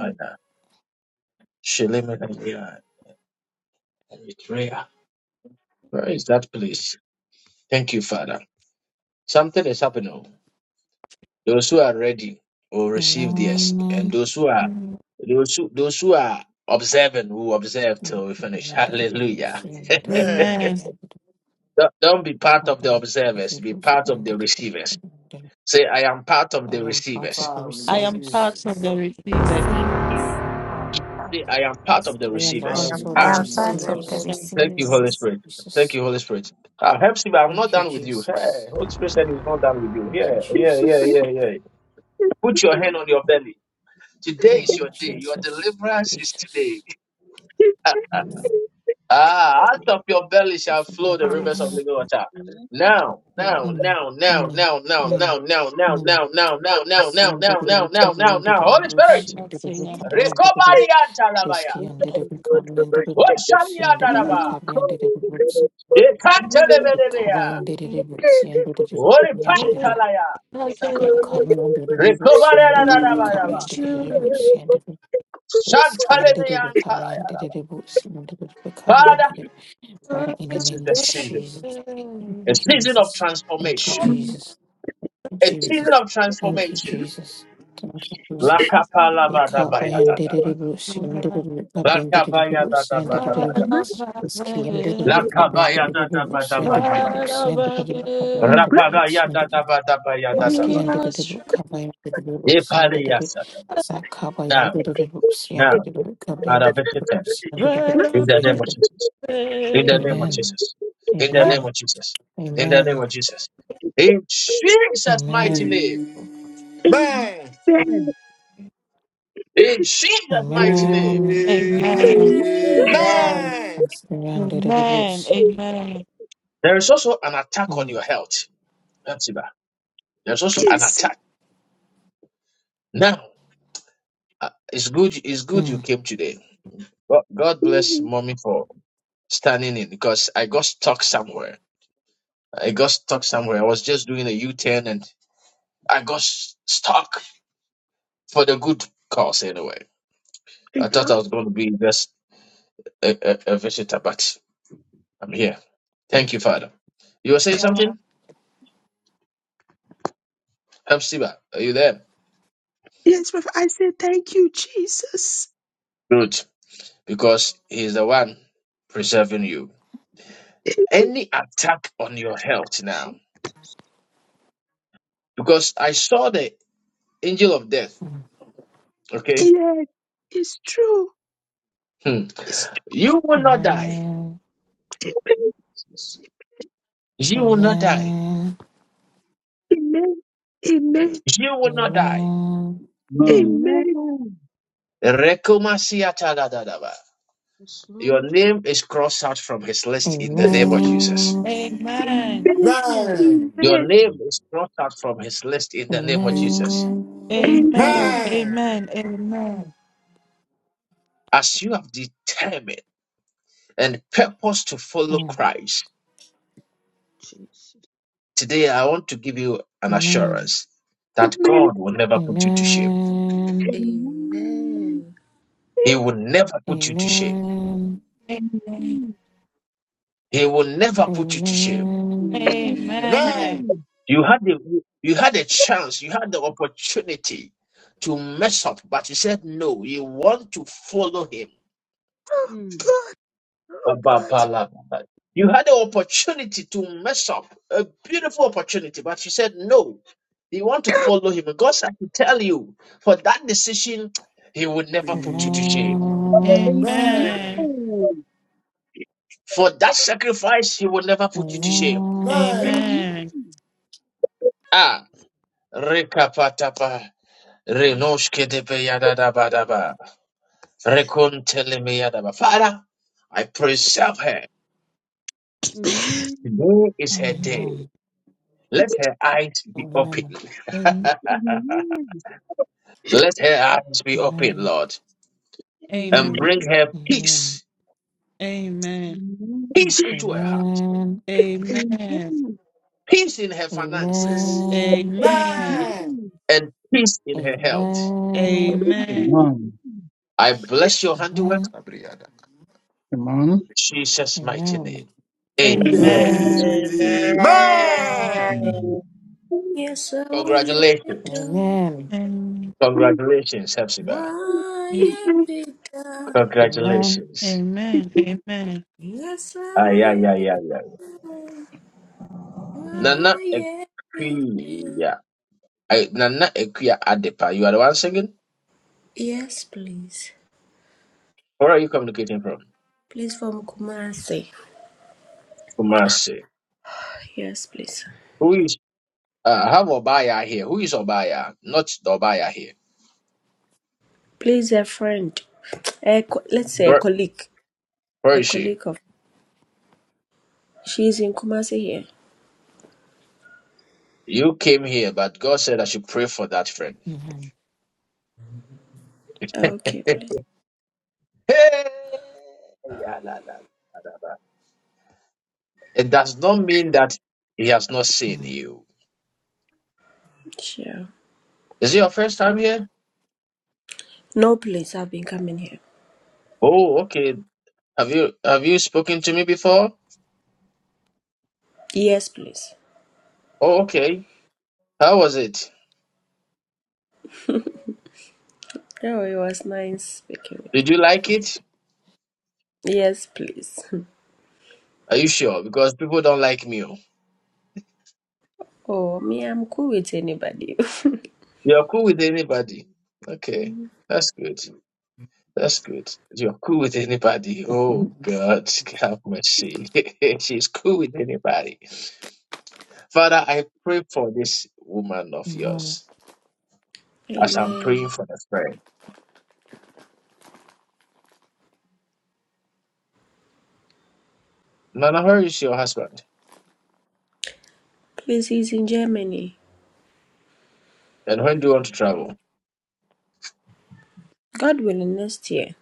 G: Eritrea. Where is that place? Thank you, Father. Something is happening. oh. Those who are ready will receive this, and those who are those who, those who are observing will observe till we finish. Hallelujah.
C: Amen.
D: Amen.
G: Don't, don't be part of the observers. Be part of the receivers. Say, I am part of the receivers.
C: Power
D: I
C: and
D: am
E: receivers.
D: part of
C: serious.
D: the receivers.
M: I
G: Say, I am part of the
E: I am
L: I
C: Power
G: receivers.
E: part
L: am
E: of
C: and
E: the
G: Ah,
M: am
L: part of
C: serious.
M: part of
L: the
M: the
D: Of
E: receivers.
D: the
G: thank you,
L: this.
G: Holy
M: receivers.
G: Spirit. Thank
E: Jesus.
G: you, Holy Spirit. Ah, help me. I'm not
E: Thank you,
G: done with you. Hey,
E: Jesus.
G: Holy Spirit said he's not done with you.
E: Thank you,
G: Yeah, yeah, yeah,
E: Jesus.
G: yeah, yeah. Put your hand on your belly. Today
E: Thank
G: is
E: you,
G: your day. Your
E: Jesus.
G: deliverance is today.
E: Jesus.
G: Ah, out of your belly shall
E: That's a
G: flow the rivers of
D: receivers.
E: yes.
G: living water.
A: Amen.
G: Now, now,
E: Mm,
G: now, now,
E: mm,
G: now, now, now,
E: mm,
G: now, now, now, now, now,
E: mm.
G: now,
E: I
G: now,
E: see
G: now,
E: and
G: now,
E: did the
G: now,
E: recovery
G: now,
E: and did
G: now.
E: the
G: Holy
E: bush
D: And
G: Spirit,
E: and did
D: that's
E: the
D: the
A: Jesus.
D: end of
E: recovery and did the
G: recovery and talabaya.
E: risky
A: Oh,
E: and did the
A: Father God.
E: recovery and did the
G: What shall
E: bush
G: we
E: and did the
G: adaraba?
E: recovery and
F: Call
E: did the bush.
F: me
G: They can't tell him
E: Recover and did the bush and did the
G: Holy
E: recovery and did
F: the
E: the
G: Patalaya.
E: recovery and did the bush
G: Recovery
E: and did
G: and
E: the recovery
G: adaraba.
E: and did the bush and did the risky and did
G: Shantalemi
E: the
G: and
E: recovery and
G: talaya.
E: did the bush and did the recovery and
G: Father,
E: did it. Father, in the
G: this is
E: name
G: the
E: of
G: season,
E: Jesus, thank
G: a
E: you,
G: season of
E: Jesus. Thank you,
G: transformation
E: Jesus. you,
G: A
E: Jesus.
G: season of
D: it.
E: Thank you,
G: transformation.
E: Jesus. Thank you,
D: Amen. Amen. Amen.
E: Jesus.
D: Amen.
E: We cut by and did it,
G: Lakapalabadabayadadabada.
E: Bruce. You and did it, up and did it, Bruce. You and did it,
G: Lakabayadadabadabada.
E: Bruce. You and did it, up and did it, Bruce. You and did it,
G: Lakabayadadabadabadaba.
E: Bruce. You and did it, up and did it, Bruce. You and did it,
G: Rapadayadadabadabayadadaba.
E: Maski and did it, Kaba and did it, Bruce. You and did it,
G: Epaleyasata.
E: Sakaba and
G: Now,
E: did it, Bruce. You and
G: now,
E: did it, Kaba and
G: Father,
E: did
G: visit
E: it,
G: them.
E: Bruce. You and did it,
G: in
E: Kaba
G: the
E: and
G: name
E: did
G: of
E: it.
G: Jesus, in the name of
E: Amen.
G: Jesus, in the name
E: Amen.
G: of Jesus, in the name
E: Amen.
G: of Jesus, in Jesus' mighty
E: Amen.
G: name,
C: Amen.
A: Amen.
G: in Jesus'
C: Amen. Amen.
G: mighty
C: Amen.
G: name.
E: Amen.
A: Amen.
L: Amen.
E: Amen.
G: There is also an attack on
E: Mm,
G: your health. That's it. man. There's also an
F: Jesus.
G: attack. Now. Uh, It's good. It's good you
E: mm,
G: came today. Well, God bless
F: Oh
G: mommy for standing in because I got stuck somewhere. I got stuck somewhere. I was just doing a U-turn and I got s- stuck for the good cause anyway.
F: my
G: I thought
F: God.
G: I was going to be just a, a, a visitor, but I'm here.
E: mm,
G: Thank you, Father. You were saying something? Hepzibah, are you there?
F: Yes, Papa. I said thank you, Jesus.
G: Good, because he's the one preserving you. Any attack on your health now, because I saw the angel of death,
E: mm.
G: okay?
F: Yes, it's true.
G: Hmm.
F: It's
G: You will not die.
E: Amen.
F: true.
A: Jesus.
G: You will not die.
E: Amen.
F: Amen. Amen.
G: You will not die.
E: Amen.
N: Amen.
F: Amen.
A: Amen.
G: Rekomasiatagadadaba.
A: Yes,
G: Your
A: Lord.
G: name is crossed out from his list in the name of Jesus.
E: Amen.
F: Amen.
C: Amen.
A: Amen.
G: Your
F: Amen.
G: name is crossed out from his list in the name of
C: Amen.
G: Jesus.
E: Amen.
D: Amen. Amen. Amen.
F: Amen.
C: Amen.
A: Amen.
D: Amen.
G: As you have determined and purpose to follow
E: Mm,
G: Christ,
A: Jesus.
G: today I want to give you an
E: Amen.
G: assurance that
F: Amen.
G: God will never put you to shame.
E: Amen.
A: Amen.
K: Amen.
G: He will never put you to
E: Amen.
G: shame.
A: Amen.
G: He will never put you to shame.
E: Amen.
C: Amen.
A: Amen.
G: You had the you had a chance, you had the opportunity to mess up, but you said no, you want to follow him.
F: Oh
A: Mm.
F: God. Oh God.
G: Ababalaba. You had the opportunity to mess up, a beautiful opportunity, but you said no. You want to follow him. And God said to tell you, for that decision, he will never put you to shame.
A: Amen. Amen.
G: For that sacrifice, he will never put you to shame.
A: Thank
G: Ah, rekapatapa,
A: you.
G: renoshkedebeyadadabadaba. Rekuntelemiadaba. Father, I preserve her.
A: Amen.
G: Today is her day. Let her eyes be open. *laughs*
A: Amen.
G: Let her eyes be open, Lord,
D: Amen. Amen. Amen.
G: and
A: Amen.
G: bring
D: Amen.
G: her
E: Amen.
G: peace.
D: Amen.
A: Amen.
G: Peace into her heart,
E: Amen. Amen. Amen. Amen. Amen.
A: Amen.
D: Amen.
A: Amen.
G: peace in her finances,
E: Amen.
D: Amen.
G: and peace
E: Amen.
G: in her health.
E: Amen.
D: Amen.
F: Amen.
A: Amen.
N: Amen.
G: I bless
C: Jesus.
G: your handiwork
E: Amen.
N: Amen.
G: in Jesus' mighty name.
E: Amen.
N: Thank you,
G: Amen.
N: for
D: Amen.
N: Jesus.
E: Amen.
C: Amen.
A: Amen.
L: Amen.
N: Amen.
J: I will get
G: Congratulations.
J: better.
E: Amen.
D: Amen.
F: Amen.
G: Congratulations, Hepzibah.
J: Why
D: Amen.
F: Amen.
J: better?
E: Amen.
G: Congratulations.
D: Amen.
J: Yes, I
G: Ay, ay,
J: will
G: ay,
J: get
G: ay, ay,
J: better.
D: Amen.
G: Nana
J: Why better?
G: Ekuya. I, Nana Ekuya Adepa. You are the one singing?
J: Yes, please.
G: Where are you communicating from?
J: Please from Kumasi.
G: Kumasi.
J: Yes, please.
G: Who is, uh, I have Obaya here. Who is Obaya? Not the Obaya here.
J: Please, a friend. A co- let's say a
G: Where,
J: colleague.
G: where
J: A
G: is she?
J: colleague of. She's in Kumasi here.
G: You came here, but God said I should pray for that friend. *laughs*
E: Amen.
J: Okay, please.
G: Hey! Yeah, la, la, la, la, la. It does not mean that he has not seen you.
J: Sure.
G: Is it your first time here?
J: No, please. I've been coming here.
G: Oh, okay. Have you have you spoken to me before?
J: Yes, please.
G: Oh, okay. How was it?
J: Oh, it was nice speaking with
G: Did you like it?
J: you. Yes, please. *laughs*
G: Are you sure? Because people don't like me. oh.
J: Oh, me, I'm cool with anybody. *laughs*
G: You're cool with anybody. Okay,
J: Mhm.
G: that's good. That's good. You're cool with anybody.
E: Amen.
G: Oh God, have mercy. *laughs* She's cool with anybody. Father, I pray for this woman of
E: Amen.
G: yours as I'm
J: Amen.
G: praying for the friend. Nana, where is your husband?
J: Please, he's in Germany.
G: And when do you want to travel?
J: God willing, next year.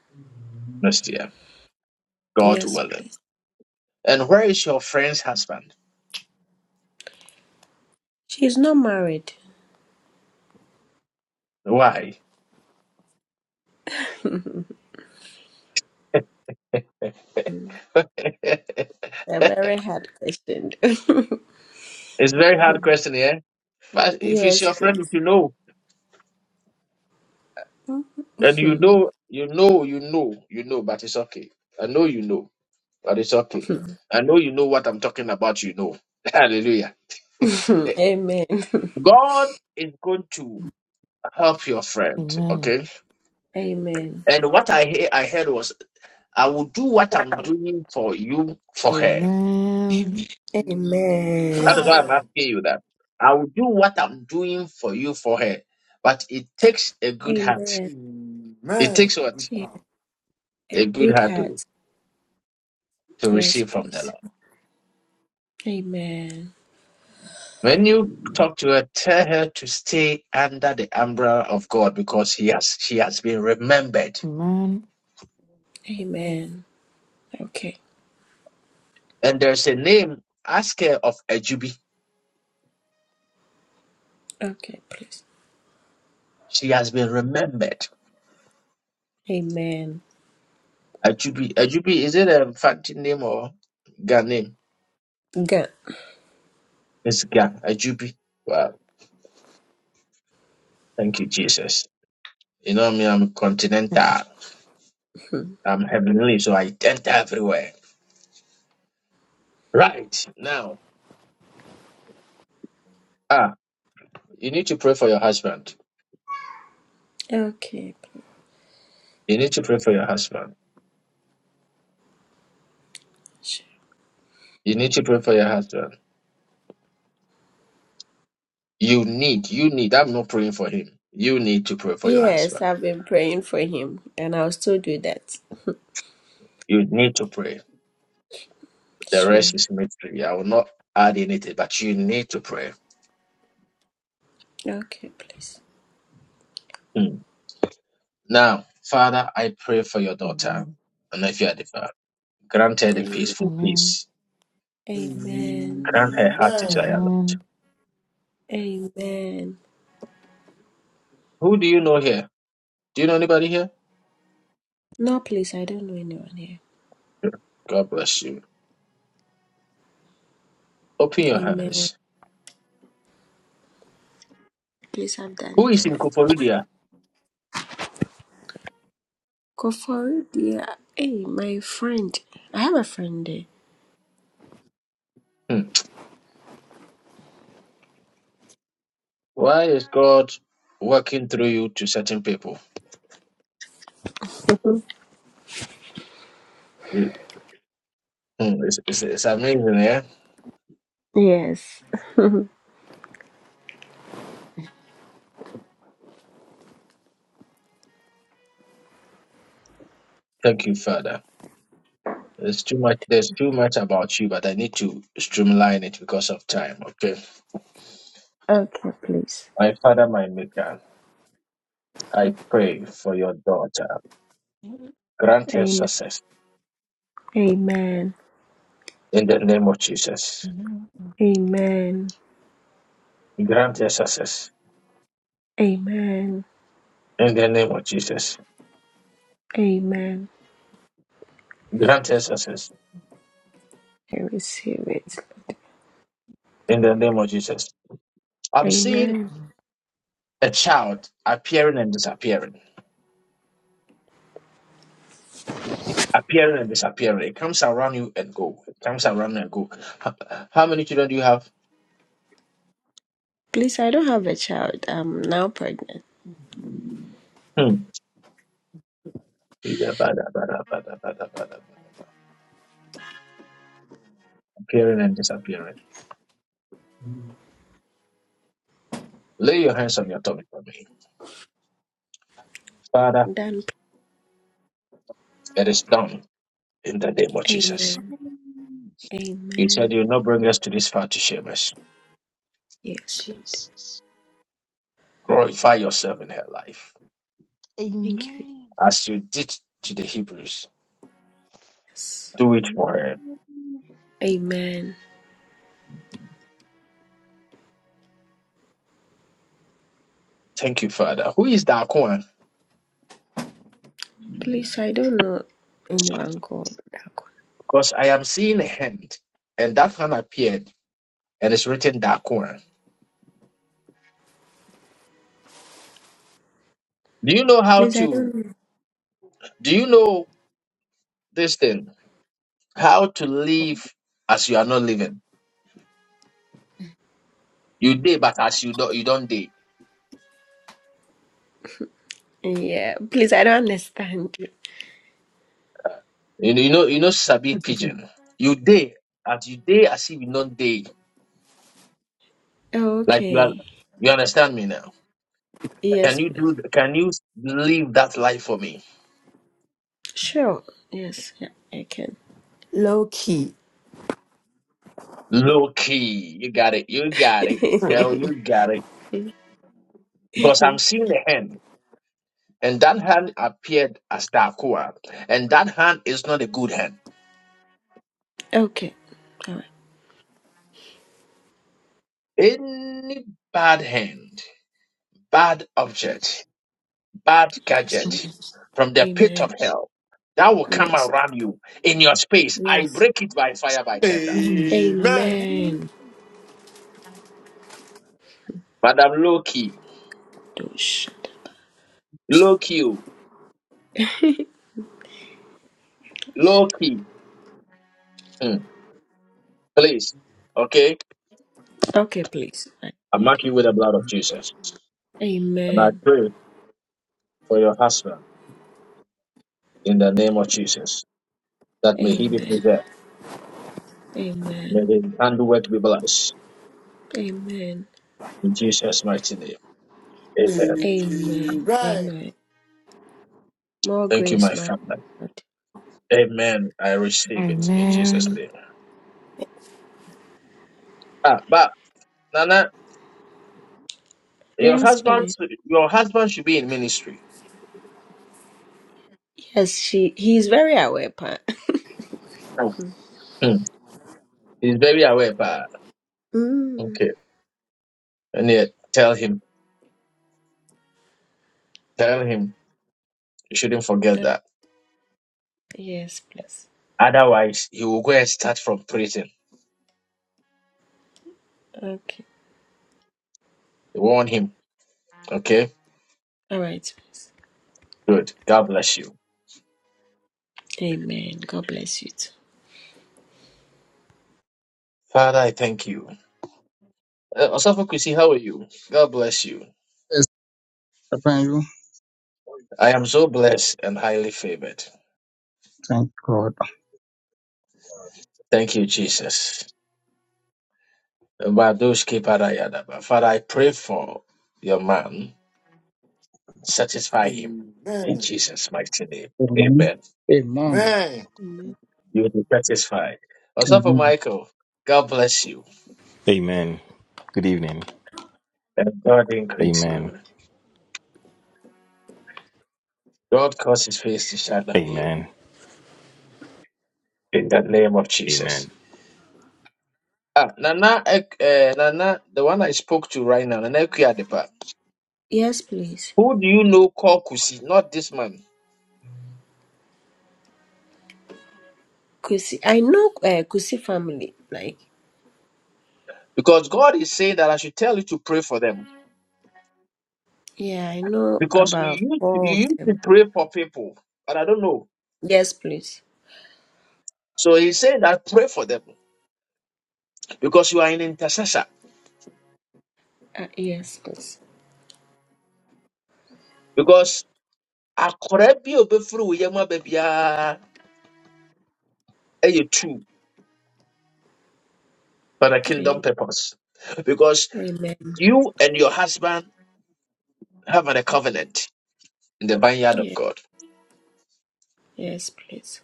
G: Next year, God
J: Yes,
G: willing.
J: please.
G: And where is your friend's husband?
J: She's not married.
G: Why? *laughs*
J: *laughs* A
G: it's
J: very hard question.
G: a very hard question, yeah?
J: *laughs*
G: But if it's
J: yes,
G: your friend, if
J: please.
G: you know, and you
J: *laughs*
G: know, you know, you know, you know, but it's okay. I know you know, but it's okay. I know you know what I'm talking about, you know. *laughs* Hallelujah. Hey,
J: Amen.
G: God is going to help your friend,
E: Amen.
G: okay?
J: Amen.
G: And what I hear, I heard was, I will do what I'm doing for you for her.
E: Amen.
D: Amen.
G: That is
J: Amen.
G: why I'm
C: Amen.
G: asking you that. I will do what I'm doing for you for her. But it takes a good heart.
J: Amen.
G: It
C: Amen.
G: takes
C: A
G: what?
C: good
J: Yeah.
C: power.
J: A
G: A good
J: good
G: heart to,
J: heart.
G: to
J: Yes,
G: receive from the
J: please.
G: Lord.
J: Amen.
G: When you talk to her, tell her to stay under the umbrella of God because he has she has been remembered.
E: Amen.
J: Amen. Okay.
G: And there's a name, ask her of Ajubi.
J: Okay, please.
G: She has been remembered.
J: Amen.
G: Ajubi. Ajubi, is it a fancy name or Ga name?
J: Good.
G: It's Ga Ajubi. Wow. Thank you, Jesus. You know me, I'm continental.
J: *laughs*
G: I'm heavenly, so I enter everywhere. Right now. Ah, you need to pray for your husband.
J: Okay, please.
G: You need to pray for your husband.
J: Sure.
G: You need to pray for your husband. You need, you need, I'm not praying for him. You need to pray for your
J: Yes,
G: husband.
J: I've been praying for him and I'll still do that.
G: You need to pray. The
J: Sure.
G: rest is mystery. I will not add anything, but you need to pray.
J: Okay, please.
G: Mm. Now, Father, I pray for your daughter. And if you are the father, grant her the
J: Amen.
G: peaceful
E: Amen.
G: peace.
J: Amen.
G: Grant her
C: Amen.
G: heart desire.
C: Amen.
G: Lord.
E: Amen.
J: Amen.
G: Who do you know here? Do you know anybody here?
J: No, please, I don't know anyone here.
G: God bless you. Open your
J: Amen.
G: hands.
J: Please, I've
G: Who
J: done
G: is
J: it.
G: in Koforidia?
J: Kofor, dear. Hey, my friend. I have a friend there.
G: Hmm. Why is God working through you to certain people? Mm. Hmm. It's, it's, it's amazing, yeah?
J: Yes.
G: Thank you, Father. There's too much. There's too much about you, but I need to streamline it because of time. Okay.
J: Okay, please.
G: My Father, my Maker, I pray for your daughter. Grant her
J: Amen.
G: success
J: Amen.
G: in the name of Jesus.
D: Mhm.
J: Amen.
G: Grant her success
J: Amen.
G: in the name of Jesus.
J: Amen.
G: Grant her success
J: I receive it.
G: in the name of Jesus. I'm seeing
J: Amen.
G: a child appearing and disappearing, appearing and disappearing. It comes around you and go. It comes around and go. How how many children do you have?
J: Please, I don't have a child. I'm now pregnant.
G: Hmm. appearing and disappearing. Lay your hands on your tummy for me. Father,
J: Done.
G: it is done in the name of Jesus.
J: amen.
A: Amen.
G: You said
J: Amen.
G: you will not bring us to this far to shame us.
J: Yes, Lord.
A: Jesus.
G: Glorify yourself in her life
J: Thank you.
A: Amen.
G: as you did to the Hebrews.
J: Yes.
G: Do it
A: Amen.
G: for her.
J: Amen.
G: Thank you, Father. Who is Daquan?
J: Please, I don't know anyone called Dagon.
G: Because I am seeing a hand, and that hand appeared, and it's written Daquan. Do you know how
J: Please, I
G: to?
J: don't know.
G: Do you know this thing? How to live as you are not living? You day, but as you don't, you don't day.
J: Yeah, please, I don't understand.
G: You know, you know, you know, Sabi Pigeon. You day as you day as if you not day. Like you are
J: Okay.
G: you understand me now.
J: Yes,
G: Can you do
J: please.
G: can you live that life for me?
J: Sure. Yes, yeah, I can.
E: Low key.
G: Low key. You got it. You got it. Girl, you got it. Because I'm
J: *laughs*
G: seeing a hand. And that hand appeared as Dakua. And that hand is not a good hand.
J: okay. All right.
G: Any bad hand, bad object.
A: Jesus.
G: bad
J: Yes.
G: gadget
A: Jesus.
G: from the pit
J: Amen.
G: of hell that will come
J: Yes.
G: around you in your space. I
J: Yes.
G: break it by fire,
A: Jesus.
G: by tender.
E: Amen.
A: Amen.
J: Amen.
G: Madam low key,
J: Do shut
G: low key, oh,
J: up. *laughs*
G: low key. Mm, please, okay?
J: Okay, please. I'm
G: I
J: ready.
G: mark you with the blood of Jesus. And I
J: Amen.
G: pray for your husband in the name of Jesus that may he be
J: Amen.
G: preserved. May
J: Amen.
G: the handiwork be blessed.
J: Amen.
G: In Jesus' mighty name. Amen.
C: Amen.
J: Amen. Amen. More
G: Thank you,
J: grace,
G: my
J: man.
G: family.
J: of
G: Amen. I receive it in Jesus'
A: Amen.
E: Amen.
G: name.
J: God.
G: Ah, but Nana. Your
J: Yes,
G: husband,
J: please.
G: your husband should be in ministry.
J: Yes, she. He is very aware, pa. *laughs*
G: Hmm. He's very aware, but
J: Mm.
G: okay. And yet, tell him, tell him, you shouldn't forget
J: Uh,
G: that.
J: yes, please.
G: Otherwise, he will go and start from prison.
J: Okay.
G: Warn him. Okay.
J: All right, please.
G: Good. God bless you,
J: Amen. God bless you too.
G: Father. I thank you. Uh, Osafo Kwesi, how are you? God bless you.
N: Yes, thank you.
G: I am so blessed and highly favored.
N: Thank God.
G: Thank you, Jesus. Badoshke Parayadaba. Father, I pray for your man. Satisfy him in
C: Amen.
G: Jesus' mighty name.
N: Amen.
G: Amen.
N: Amen.
C: Amen.
G: You will be satisfied. Osafo
N: Amen.
G: Michael, God bless you.
O: Amen. Good evening.
G: And God increase
O: Amen.
G: you. God cause his face to shine on you.
O: Amen.
G: In the name of Jesus.
O: Amen.
G: Ah, Nana, Ek- eh, Nana, the one I spoke to right now, Nana Ekuyadepa.
J: Yes, please.
G: Who do you know call Kusi? Not this man.
J: Kusi, I know uh, Kusi family. Like,
G: Because God is saying that I should tell you to pray for them.
J: yeah, I know
G: Because you
J: about
G: used to,
J: four
G: you
J: of
G: used to
J: them.
G: pray for people, but I don't know.
J: Yes, please.
G: So He said that pray for them because you are an intercessor.
J: Uh, yes, please.
G: Because akɔrɛ bi a obefiri wo yam aba biara ɛyɛ two for the kingdom
J: Amen.
G: purpose. Because
J: Amen.
G: you and your husband have a covenant in the vineyard of
J: Yeah.
G: God.
J: Yes, please.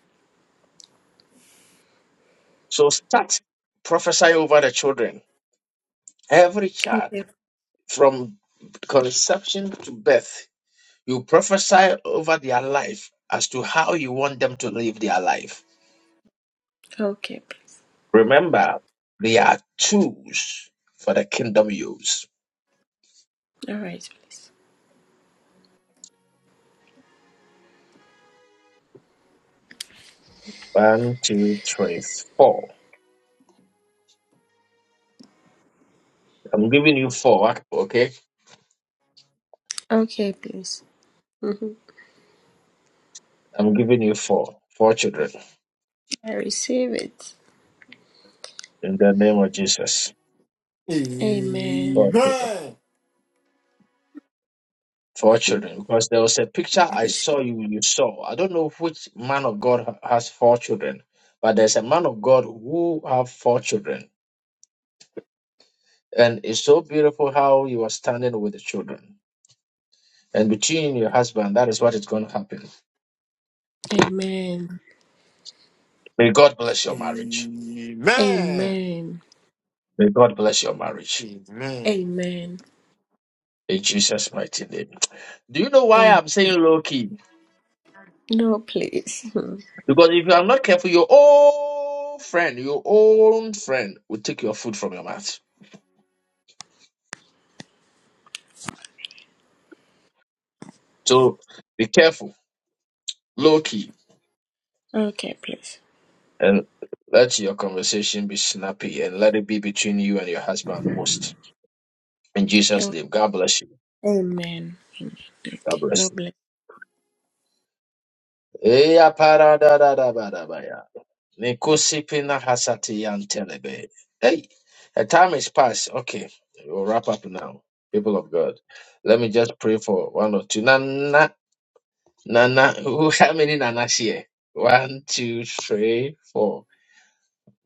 G: So start prophesy over the children. Every child
J: Okay.
G: from conception to birth, you prophesy over their life as to how you want them to live their life.
J: Okay, please.
G: Remember, they are tools for the kingdom use.
J: All right, please.
G: One, two, three, four. I'm giving you four, okay?
J: Okay, please. hmm
G: I'm giving you four. Four children.
J: I receive it.
G: in the name of Jesus.
J: Amen.
G: For
C: Amen.
G: our children. For our children. Because there was a picture I
J: Yes.
G: saw you, you saw. I don't know which man of God ha- has four children, but there's a man of God who have four children. And it's so beautiful how you are standing with the children. And between you and your husband, that is what is going to happen.
J: Amen.
G: May God bless your marriage.
C: Amen.
J: Amen.
G: May God bless your
C: Amen.
G: marriage.
C: Amen.
J: Amen.
G: In Jesus' mighty name. Do you know why
J: Amen.
G: I'm saying low key?
J: No, please.
G: Because if you are not careful, your own friend, your own friend will take your food from your mouth. So be careful, low key,
J: *laughs* okay, please.
G: and let your conversation be snappy and let it be between you and your husband most. In Jesus'
J: Okay.
G: name, God bless you.
J: Amen. Okay.
G: God bless
J: God
G: you.
J: bless.
G: Eya para da da da ba da ba ya. Nikosi pina hasati yan telebe. Hey, the time is past. Okay, we'll wrap up now. People of God, let me just pray for one or two. Nana, Nana, who- *laughs* how many Nanas here? One, two, three, four.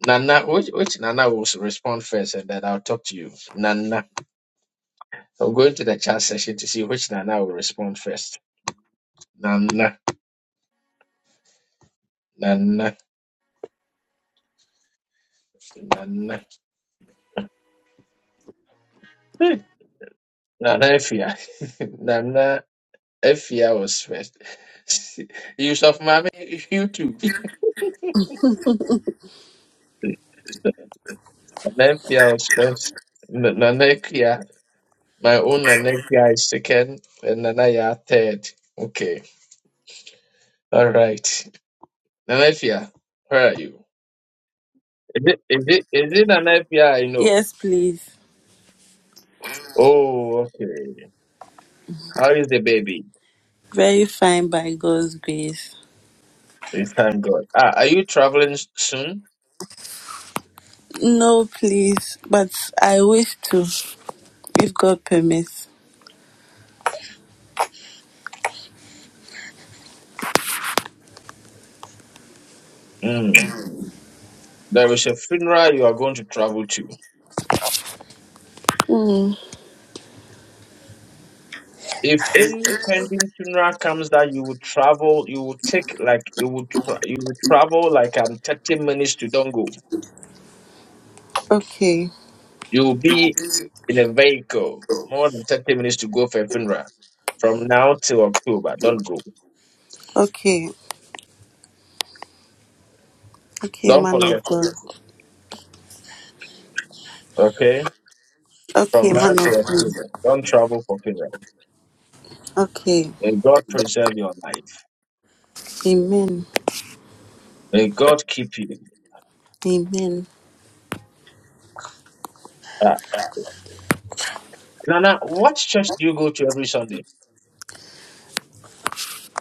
G: Nana, which, which Nana will respond first, and then I'll talk to you. Nana, So I'm going to the chat session to see which Nana will respond first. Nana, Nana, Nana, Hey. Nana Efia, *laughs* Nana Efia was first. *laughs* Yusuf Mami, you too. *laughs* Nana Efia was first. N- Nana Ekia, my own Nana Ekia is second, and Nana Ya third. Okay, all right. Nana Efia, where are you? Is it is it is it Nana Efia I know?
K: Yes, please.
G: Oh, okay. How is the baby?
K: Very fine by God's grace.
G: We thank God. Ah, are you traveling s- soon?
K: No, please, but I wish to, if God permits.
G: Mm. There is a funeral you are going to travel to.
K: Mm,
G: If any pending funeral comes that you would travel, you would take like you would tra- you would travel like um thirty minutes to Dongo.
K: okay,
G: You will be in a vehicle more than thirty minutes to go for a funeral. From now till October, don't go.
K: okay, okay,
G: Don't
K: man
G: forget
K: of
G: it.
K: God.
G: Okay. From
K: Okay, man
G: now till
K: of God.
G: October, don't travel for funeral.
K: Okay.
G: May God preserve your life.
K: Amen.
G: May God keep you.
K: Amen.
G: Uh, Nana, what church do you go to every Sunday?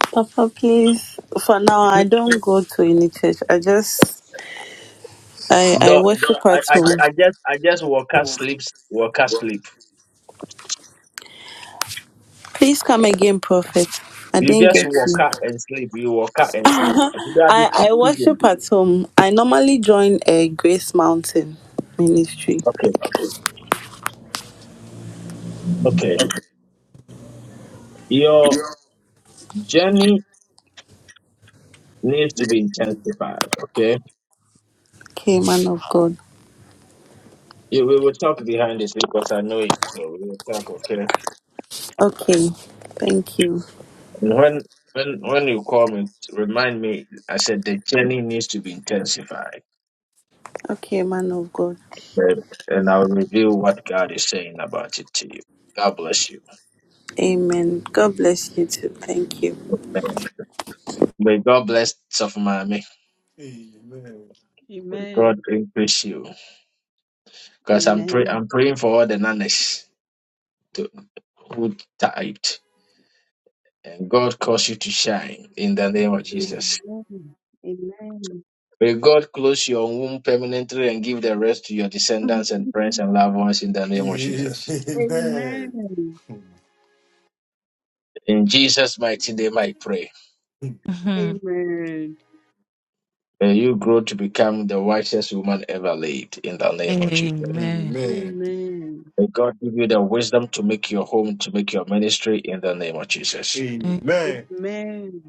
K: Papa, please. For now, I don't go to any church. I just I I
G: The,
K: worship
G: I,
K: at
G: I,
K: home.
G: I just I just walk out, sleep, walk out, sleep.
K: Please come again, prophet. I
G: You
K: didn't
G: just
K: get
G: walk
K: you.
G: out and sleep. You walk out
K: *laughs*
G: and sleep.
K: I
G: You are the sick
K: I
G: people.
K: worship at home. I normally join a Grace Mountain ministry.
G: Okay, okay. Your journey needs to be intensified. Okay,
K: Okay, man of God.
G: You- we will talk behind this because I know you, so we will talk. Okay,
K: Okay. Thank you.
G: and when when when you call me, remind me. I said the journey needs to be intensified.
K: Okay, man of God.
G: and and I'll reveal what God is saying about it to you. God bless you.
K: Amen. God bless you too. Thank you.
G: Amen. May God bless Sofumami.
C: Amen.
G: May
A: Amen.
G: God increase you. Because I'm pray
A: Amen.
G: I'm praying for all the nannies to, who typed. And God cause you to shine in the name of
C: Amen.
G: Jesus.
A: Amen. Amen. Amen.
G: May God close your womb permanently and give the rest to your descendants
A: *laughs*
G: and friends and loved ones in the name of
C: Amen.
G: Jesus.
A: Amen.
G: In Jesus' mighty name I pray.
D: Mhm.
A: Amen.
G: May you grow to become the wisest woman ever lived in the name of Jesus.
D: Amen.
C: Amen.
G: May God give you the wisdom to make your home, to make your ministry in the name of Jesus.
D: Eh,
A: Amen.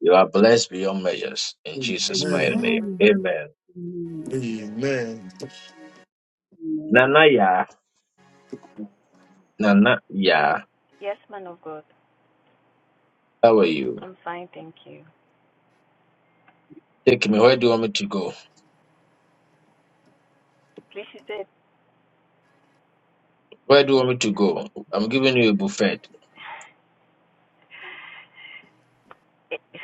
G: You are blessed beyond measures in Jesus' mighty name.
C: Amen.
A: Amen.
G: Amen.
L: Amen.
C: Amen.
A: Amen.
G: Nana ya, Nana ya,
P: Yes, man of God.
G: how are you?
P: I'm fine, thank you.
G: Take me. Where do you want me to go?
P: Please, you said
G: Where do you want me to go? I'm giving you a buffet.
P: e-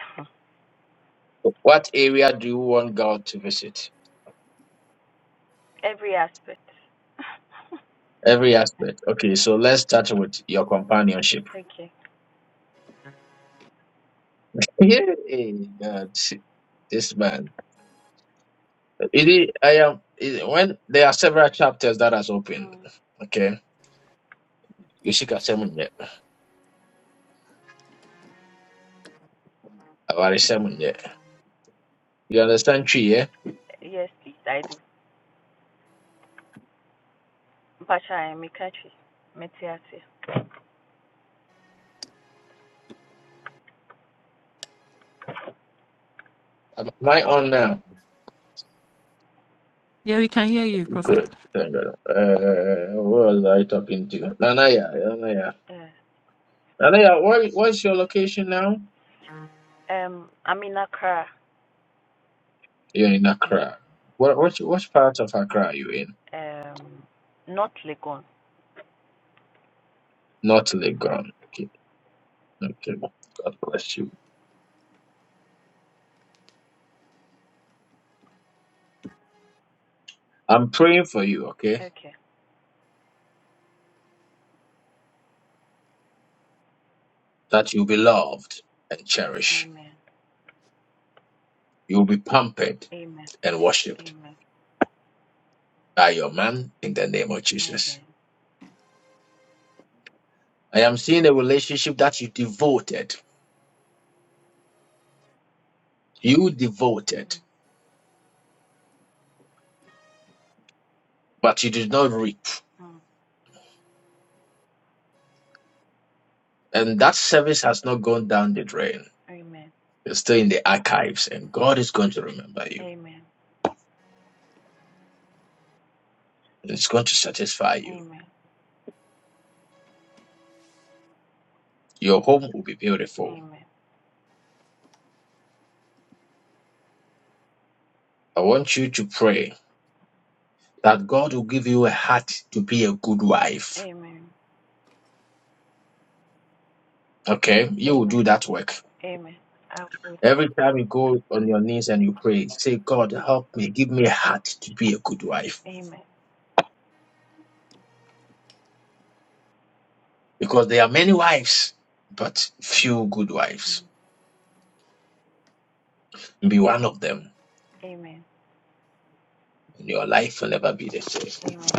G: What area do you want God to visit?
P: every aspect.
G: Every aspect. Okay, so let's start with your companionship.
P: Thank you.
G: Yeah, God, this man. It is, I am. It, when there are several chapters that has opened.
P: Mm.
G: Okay. You Yeshika seven yet. About seven yet. You understand tree yeah?
P: Yes, please, I do. Mpacha, I'm a country. Metiasi.
G: Am I on now?
D: Yeah, we can hear you,
P: Yeah.
D: Prophet.
G: Good. Thank God. Uh, what was I talking to? Nanaya, Nanaya.
P: yeah.
G: Nanaya, what, what's your location now?
P: Um, I'm in Accra.
G: You're in Accra. What, what what part of Accra are you in?
P: Yeah. Um, not Legon.
G: Not Legon. Okay. okay. God bless you. I'm praying for you, okay?
P: Okay.
G: That you'll be loved and cherished.
P: Amen.
G: You'll be pampered
P: Amen.
G: and worshipped
P: Amen.
G: by your man in the name of Jesus.
P: Amen.
G: I am seeing a relationship that you devoted You devoted, but you did not reap.
P: Mm.
G: And that service has not gone down the drain.
P: Amen.
G: It's still in the archives, and God is going to remember you.
P: Amen.
G: And it's going to satisfy you.
P: Amen.
G: Your home will be beautiful.
P: Amen.
G: I want you to pray that God will give you a heart to be a good wife.
P: Amen.
G: Okay? You will do
P: Amen.
G: that work.
P: Amen. I will.
G: Every time you go on your knees and you pray, say, God, help me, give me a heart to be a good wife.
P: Amen.
G: Because there are many wives, but few good wives. Be one of them.
P: Amen.
G: and your life will never be the same.
P: Amen.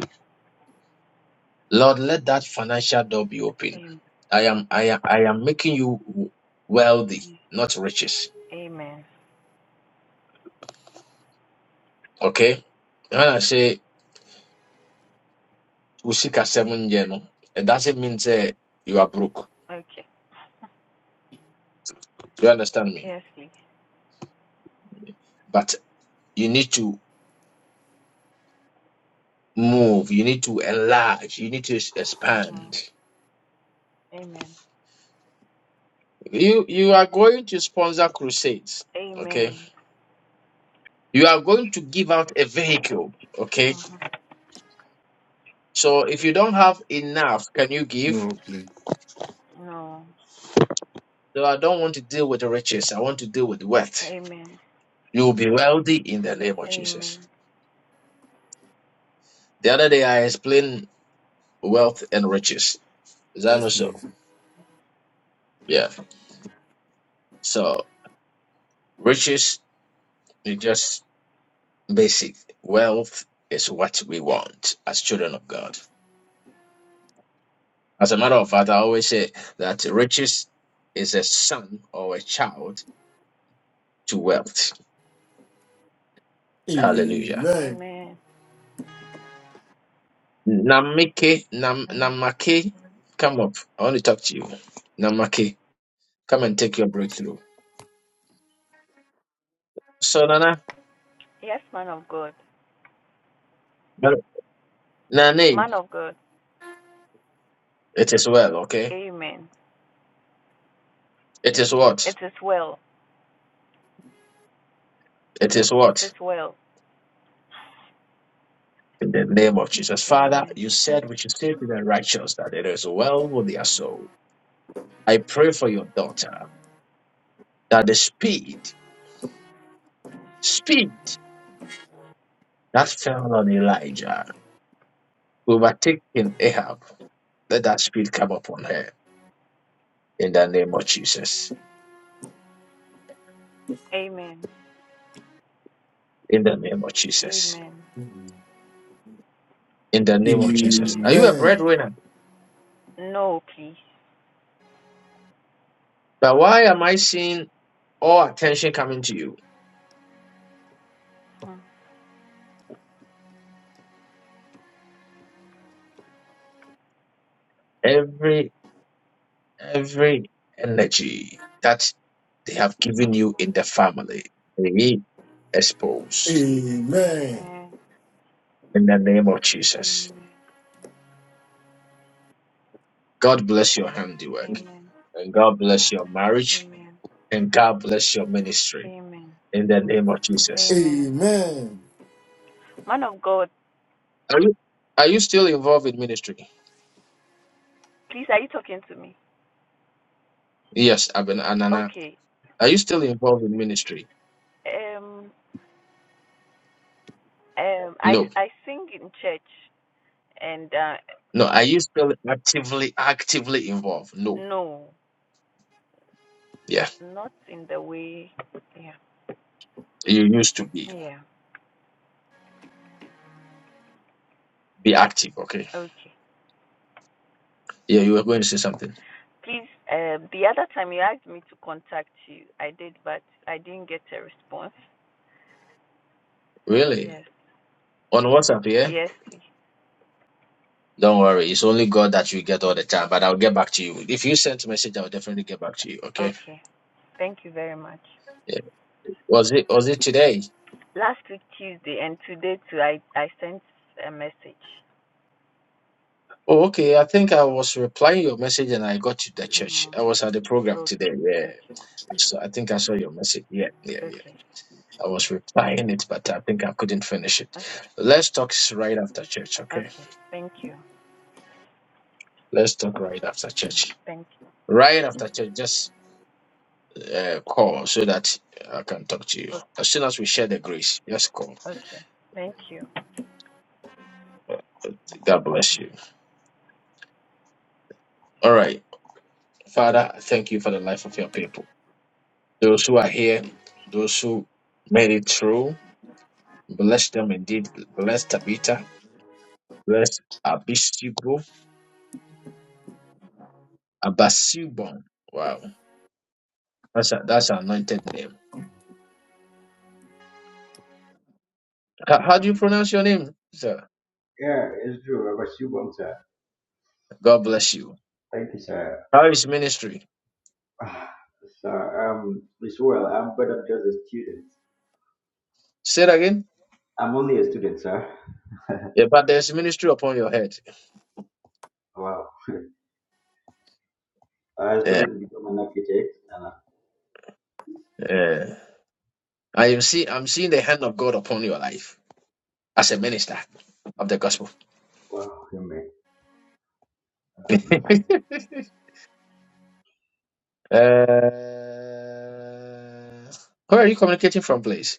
G: Lord, let that financial door be open.
P: Amen.
G: I am I am I am making you wealthy, not riches.
P: Amen.
G: Okay? When I say usika seven no, it doesn't mean say you are broke.
P: Okay.
G: Do you understand me?
P: Yes, please.
G: But you need to move, you need to enlarge, you need to
P: hmm
G: expand.
P: Amen.
G: You you are going to sponsor crusades, okay?
P: Amen.
G: You are going to give out a vehicle, okay?
P: hmm
G: So if you don't have enough, can you give?
C: No, please.
P: No.
G: So I don't want to deal with the riches. I want to deal with wealth.
P: Amen.
G: You will be wealthy in the name of
P: Amen.
G: Jesus. The other day I explained wealth and riches. Is that
C: Yes,
G: not so?
C: please.
G: Yeah. So riches is just basic. Wealth is what we want as children of God. As a matter of fact, I always say that riches is a son or a child to wealth. Hallelujah.
C: Amen.
P: Amen.
G: Namake, nam, namake, come up. I want to talk to you. Namake. Come and take your breakthrough. So, Nana,
P: Yes, man of God.
G: Nani,
P: Man of God.
G: it is well, okay?
P: Amen.
G: It is
P: It
G: what?
P: is well.
G: It is
P: It is
G: what?
P: well.
G: In the name of Jesus. Father,
P: Amen.
G: you said we should say to the righteous that it is well with their soul. I pray for your daughter that the speed, speed that fell on Elijah overtaking Ahab, let that speed come upon her in the name of Jesus.
P: Amen.
G: In the name of Jesus.
P: Amen.
G: In the name of Jesus.
P: Amen.
G: Are you a
C: Amen.
G: breadwinner?
P: No, please.
G: But why am I seeing all attention coming to you?
P: Mhm.
G: Every every energy that they have given you in the family, be exposed
C: Amen.
P: Amen.
G: in the name of Jesus.
P: Amen.
G: God bless your handiwork,
P: Amen.
G: and God bless your marriage,
P: Amen.
G: and God bless your ministry
P: Amen.
G: in the name of Jesus.
P: Amen.
C: Amen.
P: Man of God,
G: Are you are you still involved in ministry?
P: please, are you talking to me?
G: Yes, Aben Anana.
P: Okay.
G: Are you still involved in ministry?
P: Um. Um, I
G: No.
P: I sing in church, and uh,
G: No. Are you still actively actively involved? No.
P: no,
G: yeah.
P: not in the way. Yeah,
G: You used to be.
P: yeah.
G: Be active, okay?
P: Okay.
G: Yeah, you were going to say something.
P: Please, um, the other time you asked me to contact you, I did, but I didn't get a response.
G: Really?
P: Yes,
G: On WhatsApp, yeah?
P: yes, please.
G: Don't worry. It's only God that you get all the time, but I'll get back to you. If you sent a message, I'll definitely get back to you, okay?
P: Okay. Thank you very much.
G: Yeah. Was it was it today?
P: Last week Tuesday and today too, I I sent a message.
G: Oh, okay. I think I was replying your message and I got to the church.
P: Mm.
G: I was at the program
P: Okay.
G: today, yeah.
P: okay,
G: So I think I saw your message. Yeah, yeah, yeah.
P: okay,
G: I was replying it, but I think I couldn't finish it. Let's talk s- right after church, okay?
P: okay. Thank you.
G: Let's talk right after
P: Mm,
G: church.
P: Thank.
G: Right after church, just uh, call so that I can talk to you. As soon as we share the grace, yes, call.
P: Okay. Thank you.
G: God bless you. All right. Father, I thank you for the life of your people. Those who are here, those who made it through, bless them indeed. Bless Tabitha. Bless Abisibo. Abasibon. Wow. That's a, that's an anointed name. How, how do you pronounce your name, sir?
Q: Yeah, it's true. I was you once, sir.
G: God bless you.
Q: Thank you, sir. *sighs*
G: How is ministry?
Q: Ah, sir, um, it's well. I'm, but I'm just a student.
G: Say it again.
Q: I'm only a student, sir.
G: Yeah, but there's ministry upon your head.
Q: Wow. I
G: Yeah.
Q: studied to become an architect, and uh,
G: yeah. I am see I'm seeing the hand of God upon your life as a minister of the gospel.
Q: wow, you may.
G: *laughs* Uh, where are you communicating from, please?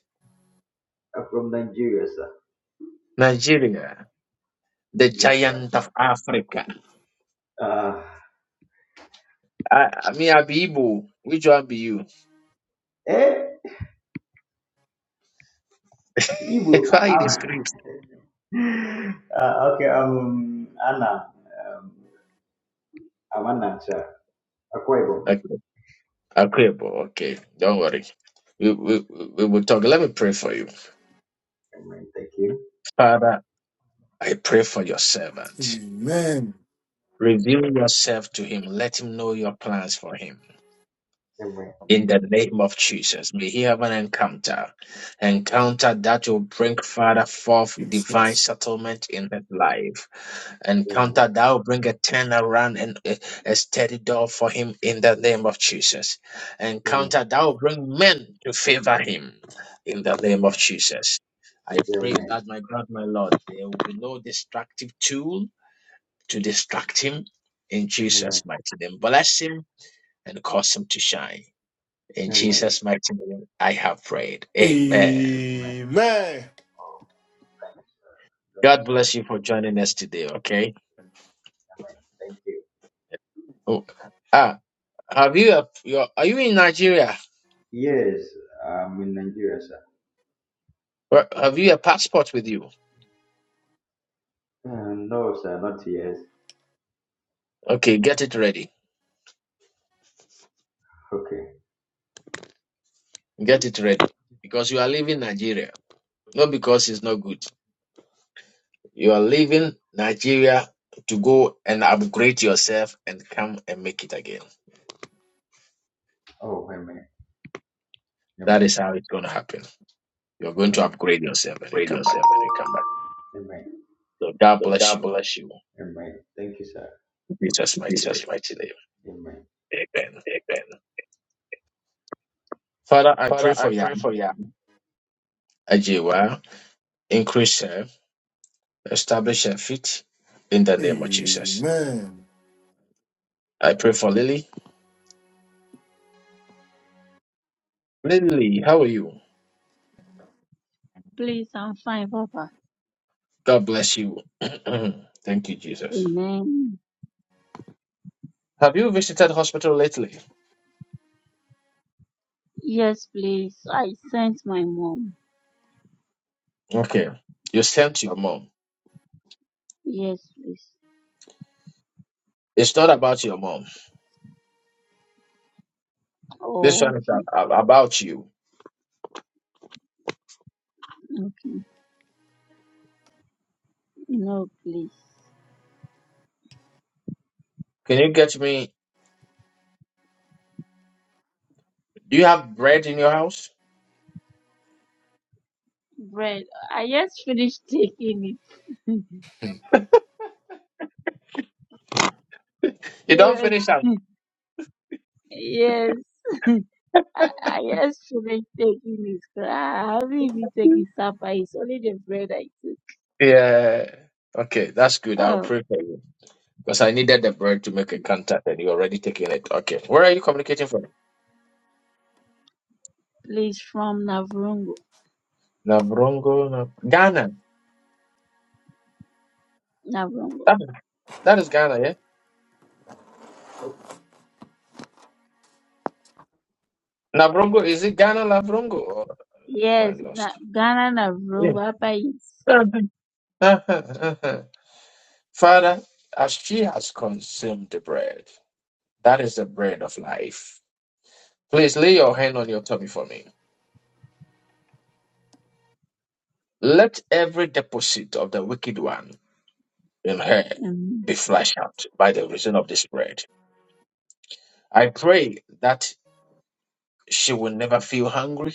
Q: I'm from Nigeria, sir.
G: Nigeria, the
Q: Yes, sir.
G: giant of Africa.
Q: Uh,
G: I, I mean, I be Igbo. Which one be you?
Q: eh, Ibu.
G: *laughs* Why the
Q: I'm,
G: script?
Q: *laughs* uh, okay, um, Anna. Um, I'm Anna, sir. Akwa Ibom.
G: Okay, okay, bro, okay. Don't worry. We, we, we will talk. Let me pray for you.
Q: Amen. Thank you.
G: Father, I pray for your servant.
C: Amen.
G: Reveal yourself to him. Let him know your plans for him.
Q: Amen.
G: In the name of Jesus, may he have an encounter, encounter that will bring Father forth divine
C: Jesus.
G: settlement in his life,
Q: Amen.
G: encounter that will bring a turnaround and a, a steady door for him in the name of Jesus,
Q: Amen.
G: encounter that will bring men to favor him in the name
Q: Amen.
G: of Jesus. I pray
Q: Amen.
G: that my God, my Lord, there will be no destructive tool to distract him in
Q: Amen.
G: Jesus' mighty name. Bless him and cause him to shine. In
Q: Amen.
G: Jesus' mighty name, I have prayed. Amen.
Q: Amen.
C: Amen.
Q: Oh, Thank you,
G: God
Q: sir.
G: bless you for joining us today. Okay.
Q: Thank you.
G: Oh, ah, have you a your, Are you in Nigeria?
Q: Yes, I'm in Nigeria, sir.
G: Or Have you a passport with you?
Q: Uh, no, sir, not yes.
G: Okay, get it ready.
Q: Okay.
G: Get it ready because you are leaving Nigeria. Not because it's not good. You are leaving Nigeria to go and upgrade yourself and come and make it again.
Q: Oh, amen.
G: That
Q: Amen.
G: is how it's going to happen. You're going to
Q: Amen.
G: upgrade yourself and you
Q: Raid
G: come back.
Q: yourself and you come back. Amen.
G: So God
Q: So
G: bless
Q: God
G: you.
Q: bless you. Amen. Thank you, sir.
G: In Jesus'
Q: In
G: mighty
Q: Jesus'
G: name.
Q: mighty name. Amen.
G: Amen.
Q: Amen.
G: Father, I pray
Q: Father, I
G: for
Q: pray
G: Yam
Q: for you.
G: Ajiwa. Increase her, establish her feet in the name of Jesus.
C: Amen.
G: I pray for Lily. Lily, how are you?
R: Please, I'm fine, Papa.
G: God bless you. *clears throat* Thank you, Jesus.
R: Amen.
G: Have you visited hospital lately?
R: Yes, please. I sent my mom.
G: Okay. You sent your mom.
R: Yes, please.
G: It's not about your mom. This
R: Oh,
G: one is
R: okay.
G: a- a- about you.
R: Okay. No, please.
G: Can you get me? Do you have bread in your house?
R: Bread. I just finished taking it.
G: You don't
R: Serious.
G: finish that.
R: Yes. I I just finished taking it. I haven't even taken supper. It's only the bread I took.
G: Yeah. Okay, that's good. I'll
R: Oh,
G: pray for you. Because I needed the bread to make a contact and you're already taking it. Okay. Where are you communicating from?
R: please, from Navrongo.
G: Nabrongo, Nab- Ghana.
R: Navrongo.
G: That, that is Ghana, yeah? Nabrongo, is it Ghana, Labrongo? Or am I
R: Yes, Na-
G: lost?
R: Ghana
G: Yeah.
R: Navrongo. Apa is.
G: *laughs* Father, as she has consumed the bread, that is the bread of life. Please lay your hand on your tummy for me. Let every deposit of the wicked one in her
R: Amen.
G: be flushed out by the reason of this bread. I pray that She will never feel hungry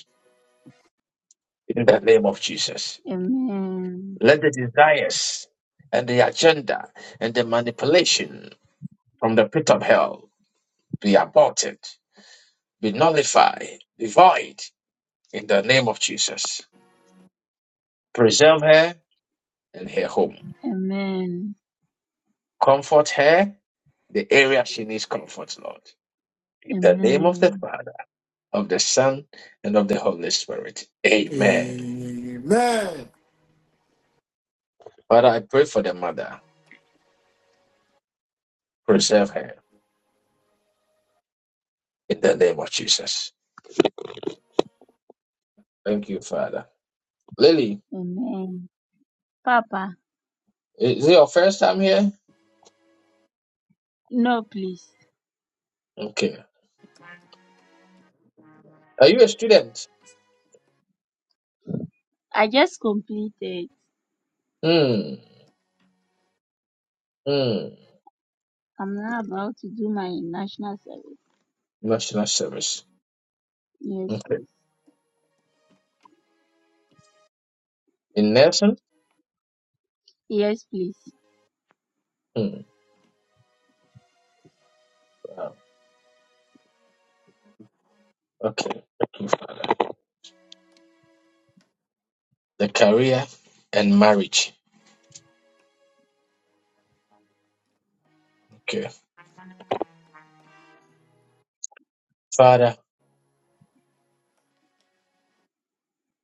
G: in the name of Jesus.
R: Amen.
G: Let the desires and the agenda and the manipulation from the pit of hell be aborted, be nullified, be void in the name of Jesus. Preserve her and her home.
R: Amen.
G: Comfort her the area she needs comfort, Lord. In the name of the
R: Amen.
G: Father, of the Son, and of the Holy Spirit. Amen.
C: Amen.
G: Father, I pray for the mother. Preserve her in the name of Jesus. Thank you, Father. Lily,
R: Amen. Papa,
G: is it your first time here?
R: no, please.
G: Okay. Are you a student?
R: I just completed.
G: Hmm. Hmm.
R: I'm now about to do my national service.
G: National service.
R: Yes,
G: Okay.
R: please.
G: In nursing?
R: Yes, please.
G: Hmm. Wow. Okay. The career and marriage. Okay. Father,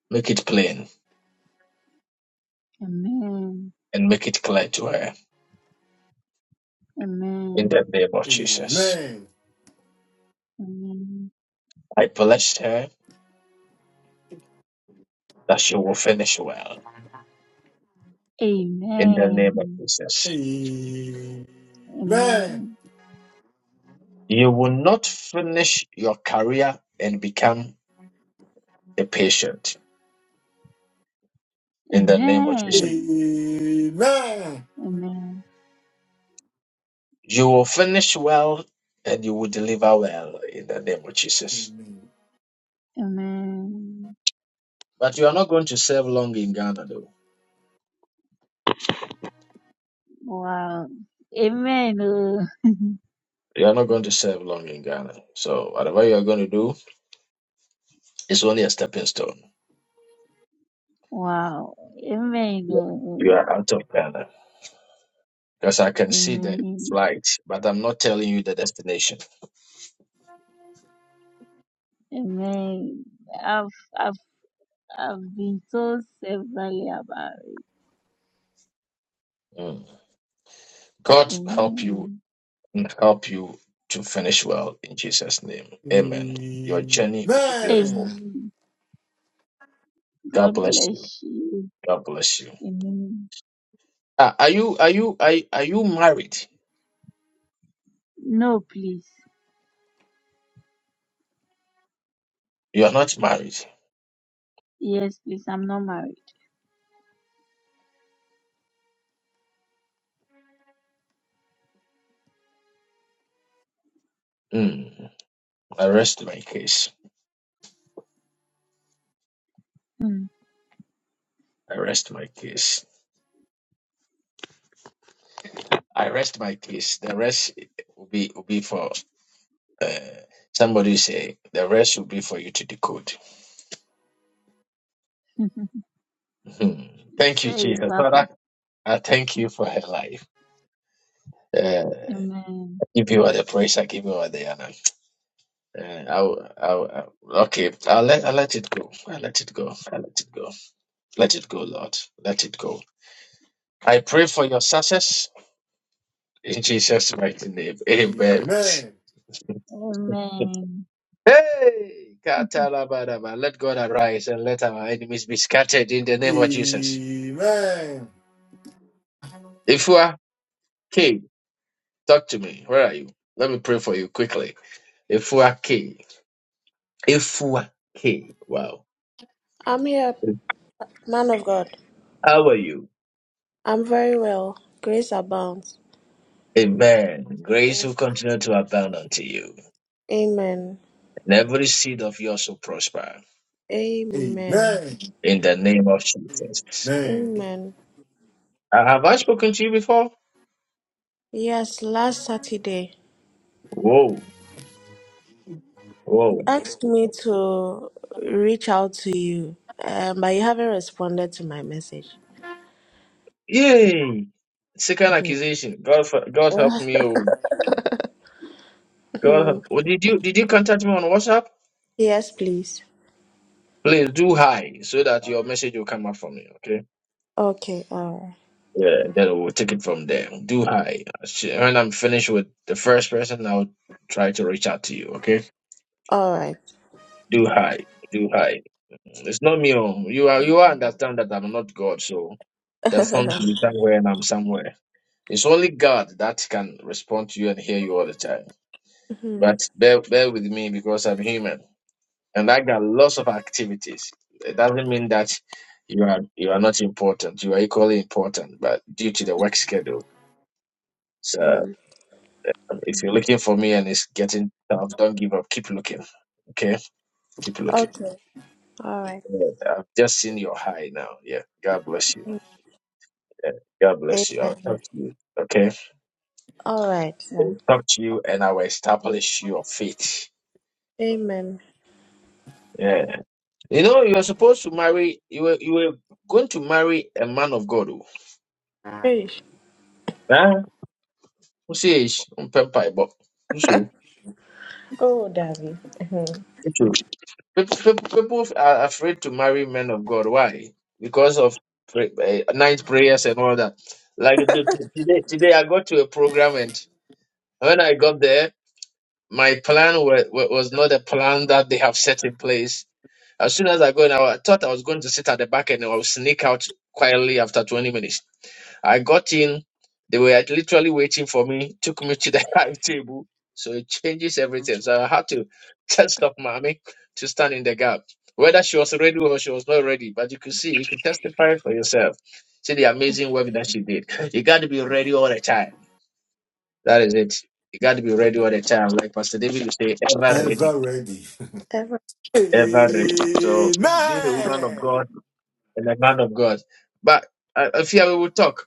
G: make it plain
R: Amen.
G: and make it clear to her in
R: Amen.
G: the name of Jesus.
C: Amen.
R: Amen.
G: I bless her that she will finish well in the name of
R: Amen.
G: Jesus.
C: Amen. Amen.
R: Amen.
G: You will not finish your career and become a patient in the name of
C: Amen.
G: Jesus.
C: Amen.
R: Amen. Amen.
G: You will finish well and you will deliver well in the name of Jesus.
R: Amen.
G: But you are not going to serve long in Ghana, though.
R: Wow. Amen. oh.
G: You are not going to serve long in Ghana. So whatever you are going to do is only a stepping stone.
R: Wow. Amen.
G: Yeah. You
R: oh.
G: are out of Ghana because I can see the
R: Amen.
G: flight, but I'm not telling you the destination.
R: Amen. I've I've I've been told severally about
G: Mm.
R: it.
G: God help you
R: Amen.
G: and help you to finish well in Jesus' name.
C: Amen.
G: Amen. Your journey will be beautiful.
R: Amen.
G: God
R: God
G: bless you.
R: bless you.
G: God bless you.
R: Amen.
G: Ah, are you are you are, are you married?
R: No, please.
G: You are not married.
R: Yes, please. I'm not married.
G: Hmm. I rest my case.
R: Mm.
G: I rest my case. I rest my case. The rest will be will be for uh, somebody say the rest will be for you to decode.
R: *laughs*
G: Hmm. Thank you,
R: Say it,
G: Jesus.
R: Papa.
G: Father, I thank you for her life. Uh,
R: Amen.
G: I give you all the praise. I give you all the honor. Uh, I'll, I'll, I'll- okay, I'll let, I'll let it go. I'll let it go. I'll let it go. Let it go, Lord. Let it go. I pray for your success in Jesus' mighty name. Amen.
C: Amen.
R: Amen.
G: Hey, Katalabadaba. let God arise and let our enemies be scattered in the name of Jesus.
C: Amen.
G: Ifua K, talk to me. Where are you? Let me pray for you quickly. Ifua K, Ifua K. Wow.
S: I'm here, man of God.
G: How are you?
S: I'm very well. Grace abounds.
G: Amen. Grace
S: A-
G: will continue to abound unto you,
S: Amen.
G: and every seed of yours will prosper
S: Amen.
C: Amen.
G: in the name of Jesus.
C: Amen.
S: Amen.
G: Uh, have I spoken to you before?
S: Yes, last Saturday,
G: Whoa,
S: you
G: whoa.
S: asked me to reach out to you, um, but you haven't responded to my message. *laughs*
G: Yay! Second
S: Mhm.
G: accusation. God, for, God help me. Oh, God
S: Mhm.
G: help. Oh, did you did you contact me on WhatsApp?
S: yes, please.
G: Please do hi so that your message will come up for me. Okay.
S: Okay, all right.
G: Yeah. And then we'll take it from there. Do hi. Sh- When I'm finished with the first person, I'll try to reach out to you. Okay.
S: All right.
G: Do hi. Do hi. It's not me. Oh, you are you are understand that I'm not God, so the phone will
S: *laughs*
G: be somewhere and I'm somewhere. It's only God that can respond to you and hear you all the time.
S: Mhm.
G: But bear, bear with me because I'm human. and I got lots of activities. It doesn't mean that you are you are not important. You are equally important, but due to the work schedule. So
S: Mhm.
G: um, if you're looking for me and it's getting tough, don't give up. Keep looking. Okay, keep looking.
S: okay, all right.
G: Yeah, I've just seen your high now. Yeah, God bless you. Yeah, God bless you. I'll talk
S: Amen.
G: to you. Okay,
S: All right, sir.
G: I'll talk to you, and I will establish your faith.
S: Amen.
G: Yeah, you know you are supposed to marry. You were you were going to marry a man of God. oh.
S: Hey,
G: Huh? Usiyeshi, umpe mpaebɔ. Usu,
S: Oh, Daddy. *laughs*
G: usu. People, people, people are afraid to marry men of God. Why? Because of pray, uh, night prayers and all that. Like the, today, today I got to a program and when I got there, my plan wa- wa- was not a plan that they have set in place. As soon as I go in, I wa- thought I was going to sit at the back and I will sneak out quietly after 20 minutes. I got in. They were like, literally waiting for me, took me to the *laughs* high table. So it changes everything. So I had to *laughs* test up mommy to stand in the gap. Whether she was ready or she was not ready, but you could see, you could testify for yourself. See the amazing work that she did. You got to be ready all the time. That is it. You got to be ready all the time. Like Pastor David would say, ever ready,
C: Ever ready.
S: Ever.
G: ever ready. So being a woman of
C: Amen.
G: God and a man of God. But uh, if you we will talk.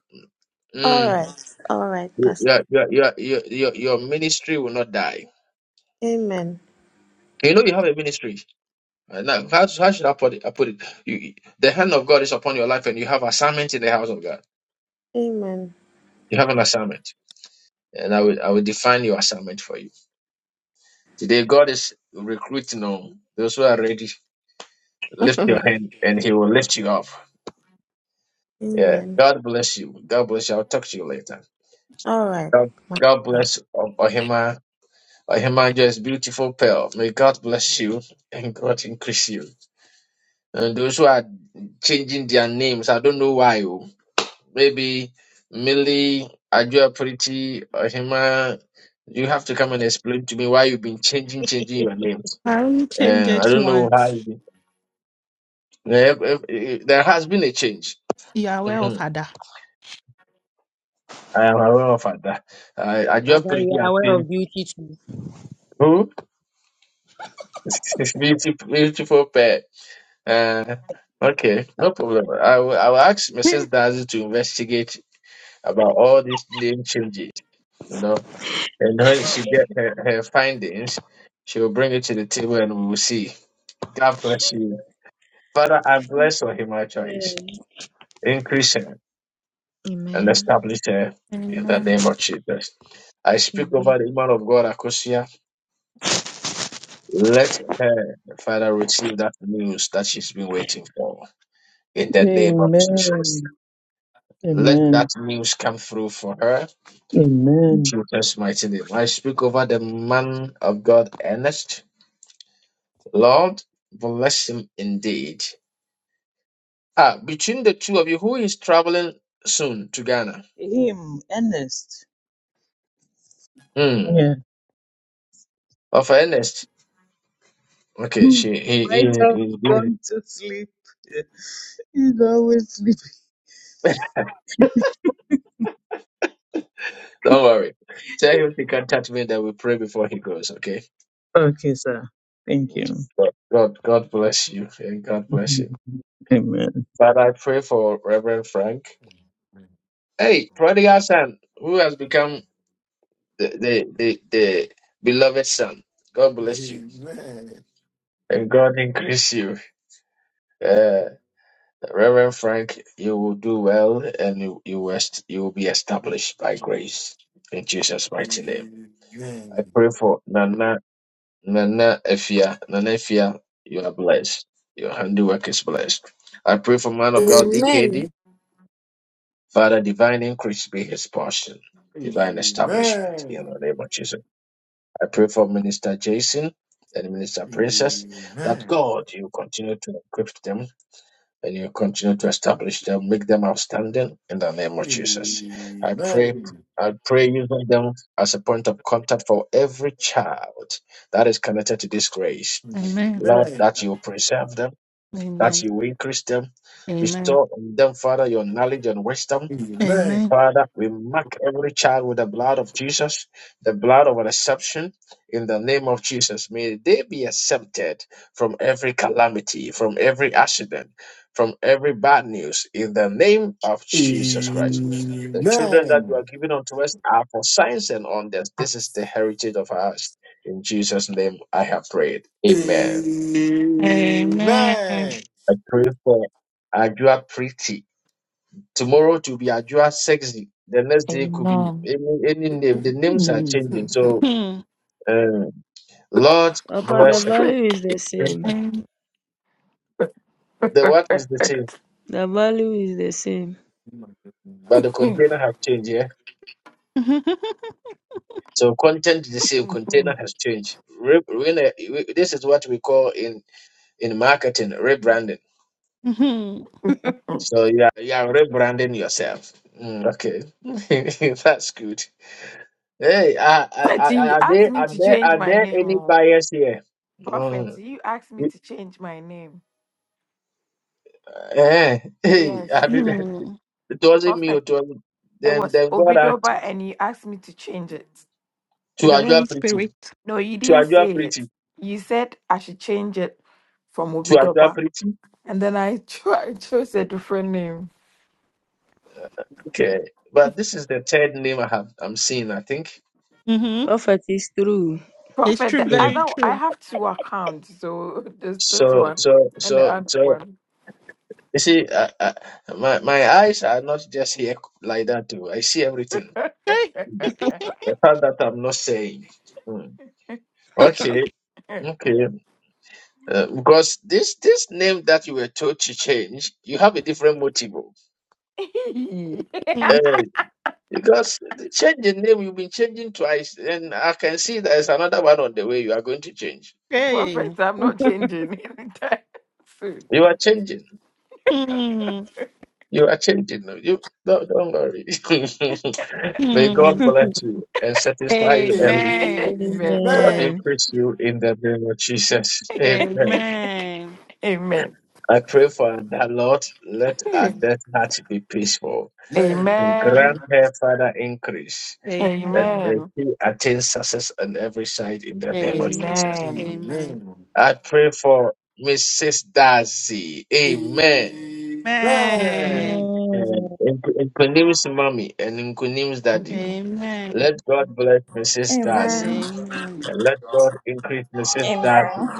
S: All
G: Mm.
S: right. All right, Pastor.
G: Your, your, your, your, your your ministry will not die.
S: Amen.
G: You know you have a ministry. Uh, Now, how, how should I put it? I put it. You, the hand of God is upon your life, and you have assignment in the house of God.
S: Amen.
G: You have an assignment, and I will I will define your assignment for you today. God is recruiting on those who are ready. Lift your
S: *laughs*
G: hand, and He will lift you up. Yeah.
S: Amen.
G: God bless you. God bless you. I'll talk to you later.
S: All right.
G: God, God bless O- Ohima. Ohima, just beautiful pearl. May God bless you and God increase you. And those who are changing their names, I don't know why. oh. Maybe Millie, Ajua Pretty, or Hema, you have to come and explain to me why you've been changing, changing your names.
D: I only change
G: Uh, I
D: it
G: don't know how. you
D: once.
G: did. Eh, eh, eh, There has been a change.
D: You are aware of
G: hmm
D: Ada.
G: I am aware of that. Uh, Ajua
L: Papa,
G: Pretty
L: you are
G: has
L: aware
G: changed.
L: of beauty too.
G: Who? *laughs* beautiful, beautiful pair. Uh, okay, no problem. I will, I will ask Mrs.
D: *laughs*
G: Dazi to investigate about all these name changes. You know. And when she get her, her findings, she will bring it to the table and we will see. God bless you. Father, I bless her human
L: Amen.
G: choice. Increase her and
L: Amen.
G: establish her in the
D: Amen.
G: name of Jesus. I speak over
L: Amen.
G: the man of God, Akosia. Let her, Father, receive that news that she's been waiting for in the name of Jesus.
I: Amen.
G: Let that
I: Amen.
G: news come through for her in
I: Amen.
G: Jesus' mighty name. I speak over the man of God, Ernest. Lord, bless him indeed Ah, between the two of you, who is traveling soon to Ghana?
I: Him, Ernest.
G: Hmm. Oh, for Ernest.
I: *laughs*
G: Okay,
I: He
G: she he, he
I: might have
G: he's busy.
I: gone to sleep. *laughs* He's always sleeping.
G: Don't worry. Tell him to contact me that we pray before he goes, okay?
I: Okay, sir. Thank you. *laughs*
G: God God God bless you and God bless you.
I: Mhm. Amen.
G: Father, I pray for Reverend Frank. Hey, prodigal son, who has become the the, the, the beloved son. God bless you.
C: Amen.
G: And God increase you. Uh, Reverend Frank, you will do well and you, you, will est- you will be established by grace in Jesus' mighty name.
C: Amen.
G: I pray for Nana, Nana Efia. Nana Efia, you are blessed. Your handiwork is blessed. I pray for man of God,
K: Amen.
G: DKD. Father, divine increase be his portion, divine establishment in the name of Jesus. I pray for Minister Jason and Minister Princess
C: Amen.
G: that
C: Amen.
G: God, you continue to equip them and you continue to establish them, make them outstanding in the name of Jesus.
C: Amen.
G: I pray,
C: Amen.
G: I pray using them as a point of contact for every child that is connected to this grace.
C: Amen. Amen.
D: Amen.
G: Lord,
C: Amen.
G: that you preserve them, that
D: Amen.
G: you increase them,
D: Amen.
G: bestow on them, Father, your knowledge and wisdom
C: *laughs*
D: Amen.
G: Father, we mark every child with the blood of Jesus, the blood of reception, in the name of Jesus. May they be accepted from every calamity, from every accident, from every bad news, in the name of
C: Amen. Amen.
G: Jesus
C: Amen.
G: Christ. The children that you are giving unto us are for signs and wonders. This is the heritage of us. In Jesus' name, I have prayed. Amen.
D: Amen.
G: I pray for Ajua Priti Tomorrow to be Ajua Sexy. The next day could be
E: Amen.
G: any any name. The names are changing. So
D: Hmm.
G: um, Lord
L: Papa, the
G: bless her.
L: value is the
E: Perfect.
L: same.
D: Amen.
G: The work is the same,
L: The value is the same.
G: but the
E: But
G: container has changed. Yeah.
D: *laughs*
G: So content is the same. Container has changed. Re- re- re- this is what we call in in marketing rebranding.
D: Mhm.
G: So you are you are rebranding yourself. Mm, okay, *laughs* that's good. Hey, are, are, are
E: you
G: are
E: asked
G: there
E: me
G: are
E: to
G: there
E: change
G: are
E: my
G: there
E: name.
G: any
E: Oh.
G: buyers here?
E: Prophet,
G: Mm.
E: you asked me to change my name.
G: Eh, *laughs* hey,
E: Yes.
G: I mean,
D: Hmm.
G: *laughs* it
E: I
G: wasn't
E: was
G: me.
E: like,
G: It was
E: it
G: then.
E: was
G: Then God asked you
E: Obidoba and you asked me to change it.
G: to
D: the Holy
G: Ajua Pretty,
D: Spirit.
E: No, you
G: to
E: didn't
G: Ajua
E: say it.
G: Pretty,
E: You said I should change it from
G: to Ajua
E: Obidoba.
G: Pretty.
E: And then I, *laughs* cho- I chose a different name.
G: Okay, but this is the third name I have. I'm seeing. I think.
D: Mm-hmm.
L: Prophet is true.
D: It's
E: Prophet,
D: true,
E: the
G: Mm.
D: very
E: other I
D: true.
E: have two accounts, so *laughs* there's this
G: So,
E: one
G: so,
E: and the
G: so,
E: other
G: so.
E: one.
G: You see, uh, uh, my my eyes are not just here like that. Too. I see everything.
D: Hey.
G: Mm. The part that I'm not saying. Mm. Okay,
E: *laughs*
G: okay. Uh, because this this name that you were told to change, you have a different motive.
D: Mm.
G: Because the changing name, you've been changing twice, and I can see there's another one on the way you are going to change.
E: Prophet,
D: Hey.
E: I'm not changing *laughs* anytime soon.
G: You are changing.
D: Mm.
G: You are changing. You no, don't worry. *laughs* May God
D: Mm.
G: bless you and satisfy
C: Amen.
G: you early.
D: Amen.
E: Amen.
G: God
L: Amen.
G: increase you in the name of Jesus. Amen.
D: Amen.
E: Amen.
G: I pray for that Lord. Let
E: *laughs*
G: our death heart be peaceful. And
E: Amen.
G: grant
D: Amen.
G: her father increase. And
D: Amen. Amen.
G: may
E: Amen.
G: she attain success on every side in the name of
D: Amen.
G: Jesus.
E: Amen.
D: Amen.
G: I pray for Mrs. Darcy. Amen.
L: Amen.
G: And Nkunim's mommy and Nkunim's daddy.
C: *laughs* Amen. Amen.
D: Amen.
G: Let God bless Mrs.
T: Amen.
G: Darcy.
D: Amen.
G: And let God increase Mrs.
T: Amen.
G: Darcy.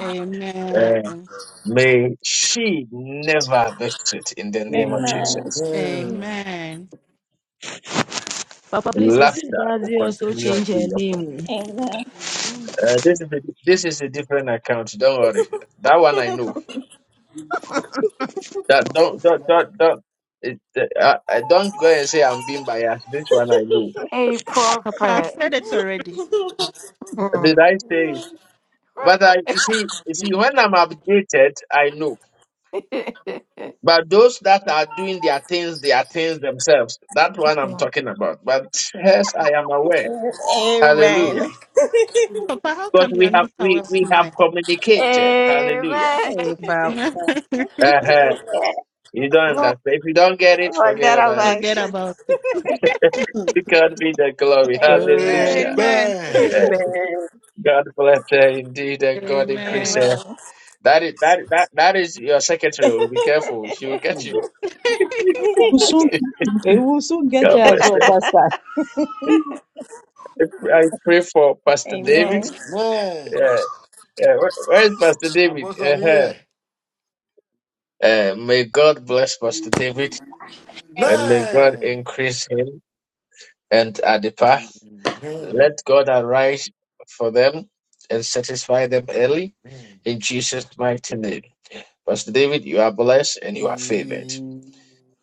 G: And may she never visit in the name of
T: Amen.
G: Jesus.
D: Amen.
L: Papa, please, Mrs.
G: Laughter will
L: Daddy also
G: continue to
L: change her
G: be upon.
L: name.
T: Amen.
B: Amen.
G: Uh, this is a, this is a different account. Don't worry. That one I know. That don't don't don't don't. It, uh, uh, don't go and say I'm being biased. This one I know.
E: A
D: Papa, I've
E: prophet.
D: said it already.
G: Did I
E: Mm.
G: say it? But I, you see, you see, when I'm updated, I know. But those that are doing their things, their things themselves, that one I'm
E: Yeah.
G: talking about. But yes, I am aware. Hallelujah.
T: Amen.
D: Papa, how
G: Because
D: come you
G: we
D: are
G: have
D: not aware
G: we
D: of
G: we have
D: mine?
T: *laughs*
G: communicated.
T: Amen. *laughs*
G: Hallelujah.
L: Hey, Papa.
D: *laughs*
G: Uh-huh.
L: Amen.
G: You don't
D: Well,
G: understand. If you don't get it, forget
T: Forget
G: about it.
T: about
D: Forget
T: it.
D: about it.
G: *laughs* to God be the glory. Hallelujah.
T: Amen.
D: Amen. *laughs*
G: Yeah.
L: Amen.
G: God bless her indeed, and God increase
D: Amen.
G: her.
T: Amen.
G: That is that that that is your secretary.
T: *laughs*
G: oh, Be careful. She will
T: Amen.
G: get you.
C: Hmm.
I: We'll soon,
G: *laughs*
I: eh, we'll soon get here
G: God
I: as
G: bless
I: well, Pastor.
G: you. I pray for Pastor David.
T: Amen.
D: Mm.
C: Amen.
G: Uh, uh, where where is Pastor David?
C: Apostle, I'm
G: Uh-huh.
C: here.
G: Uh, may God bless Pastor David and may God
C: Amen.
G: increase him and Adipa.
C: Amen.
G: Let God arise for them and satisfy them early
C: Amen.
G: in Jesus' mighty name. Pastor David, you are blessed and you are favored.
C: Amen.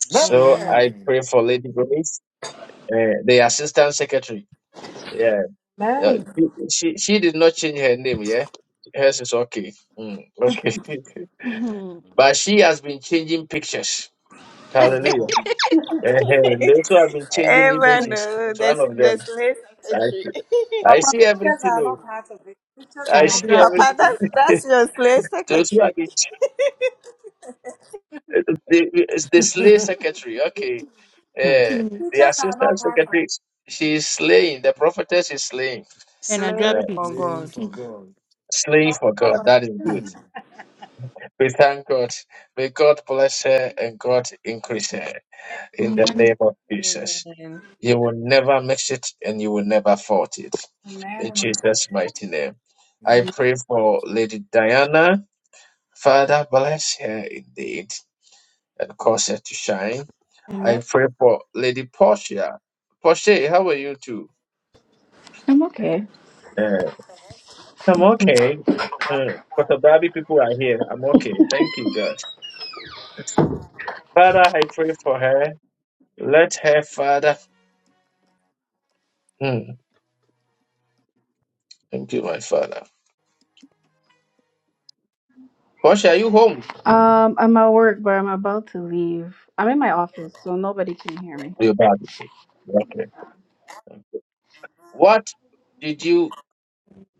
G: So I
L: Amen.
G: pray for Lady Grace, uh, the Assistant Secretary. Yeah. Yeah,
B: Amen.
G: she, she she did not change her name, yeah? Hers is okay. Mm, okay. *laughs*
D: Mhm.
G: but she has been changing pictures. Hallelujah.
C: *laughs*
G: And they also have been changing images.
T: Oh,
G: It's one
T: There's
G: of
T: there's
G: them.
T: lay
G: I,
T: secretary.
G: see. I
B: Papa,
G: see
B: pictures
G: everything.
B: are
G: oh.
B: not part of it. Pictures
G: I
B: are.
D: And I
G: see
T: *laughs*
D: drop
T: Papa,
D: pizza.
T: that's
G: everything.
T: that's your slave
G: *laughs* Those who have
T: secretary.
G: been, ch- the, the slay secretary, okay. Uh,
D: Mm.
G: the assistant secretary, she is slaying. The prophetess is slaying.
D: And I drop
G: Uh,
L: Slave
D: pizza.
L: for
C: Playing
L: God.
C: for God.
G: slaying for God. That is good.
C: Hmm.
G: We thank God. May God bless her and God increase her in the
D: Amen.
G: name of Jesus.
L: Amen.
G: You will never miss it and you will never fault it. In
B: Amen.
G: Jesus' mighty name. I
B: Amen.
G: pray for Lady Diana. Father, bless her indeed and cause her to shine.
B: Amen.
G: I pray for Lady Portia. Portia, how are you too?
U: I'm okay.
G: Uh, I'm okay. Uh, but the Barbie people are here. I'm okay. Thank you, God. Father, I pray for her. Let her, Father. Thank you, my father. Portia, are you home?
U: Um, I'm at work, but I'm about to leave. I'm in my office, so nobody can hear me.
G: You're back. Okay. What did you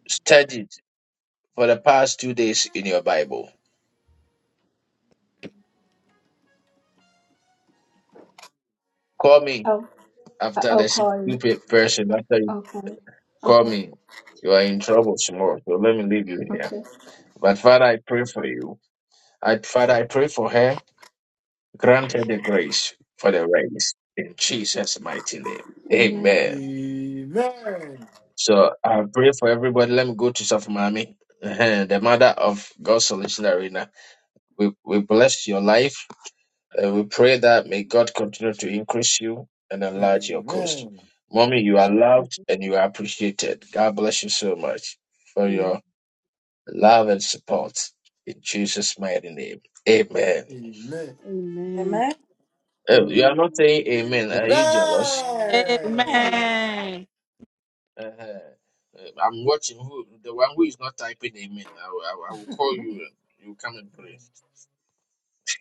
G: study for the past two days in your Bible? Call me
U: Oh,
G: after
U: I'll
G: the
U: call you.
G: stupid person. After you
U: Okay.
G: call
U: Okay.
G: me, you are in trouble tomorrow. So let me leave you here.
U: Okay.
G: But Father, I pray for you. I, Father, I pray for her. Grant her the grace for the race in Jesus' mighty name.
U: Amen.
C: Amen.
G: Amen.
C: Amen.
G: So I pray for everybody. Let me go to Safamami, *laughs* the mother of God's solution arena. We, we bless your life and we pray that may God continue to increase you and enlarge your coast.
C: Amen.
G: Mommy, you are
A: Amen.
G: loved and you are appreciated. God bless you so much for your
A: Amen.
G: love and support in Jesus' mighty name. Amen.
C: Amen.
A: Amen. Amen.
B: Amen.
G: Oh, you are not saying amen. Are you jealous?
L: Amen.
B: Amen.
D: Amen.
G: Uh-huh. Uh, huh i am watching who the one who is not typing amen. I, will- I, will- I will call you. You come and pray.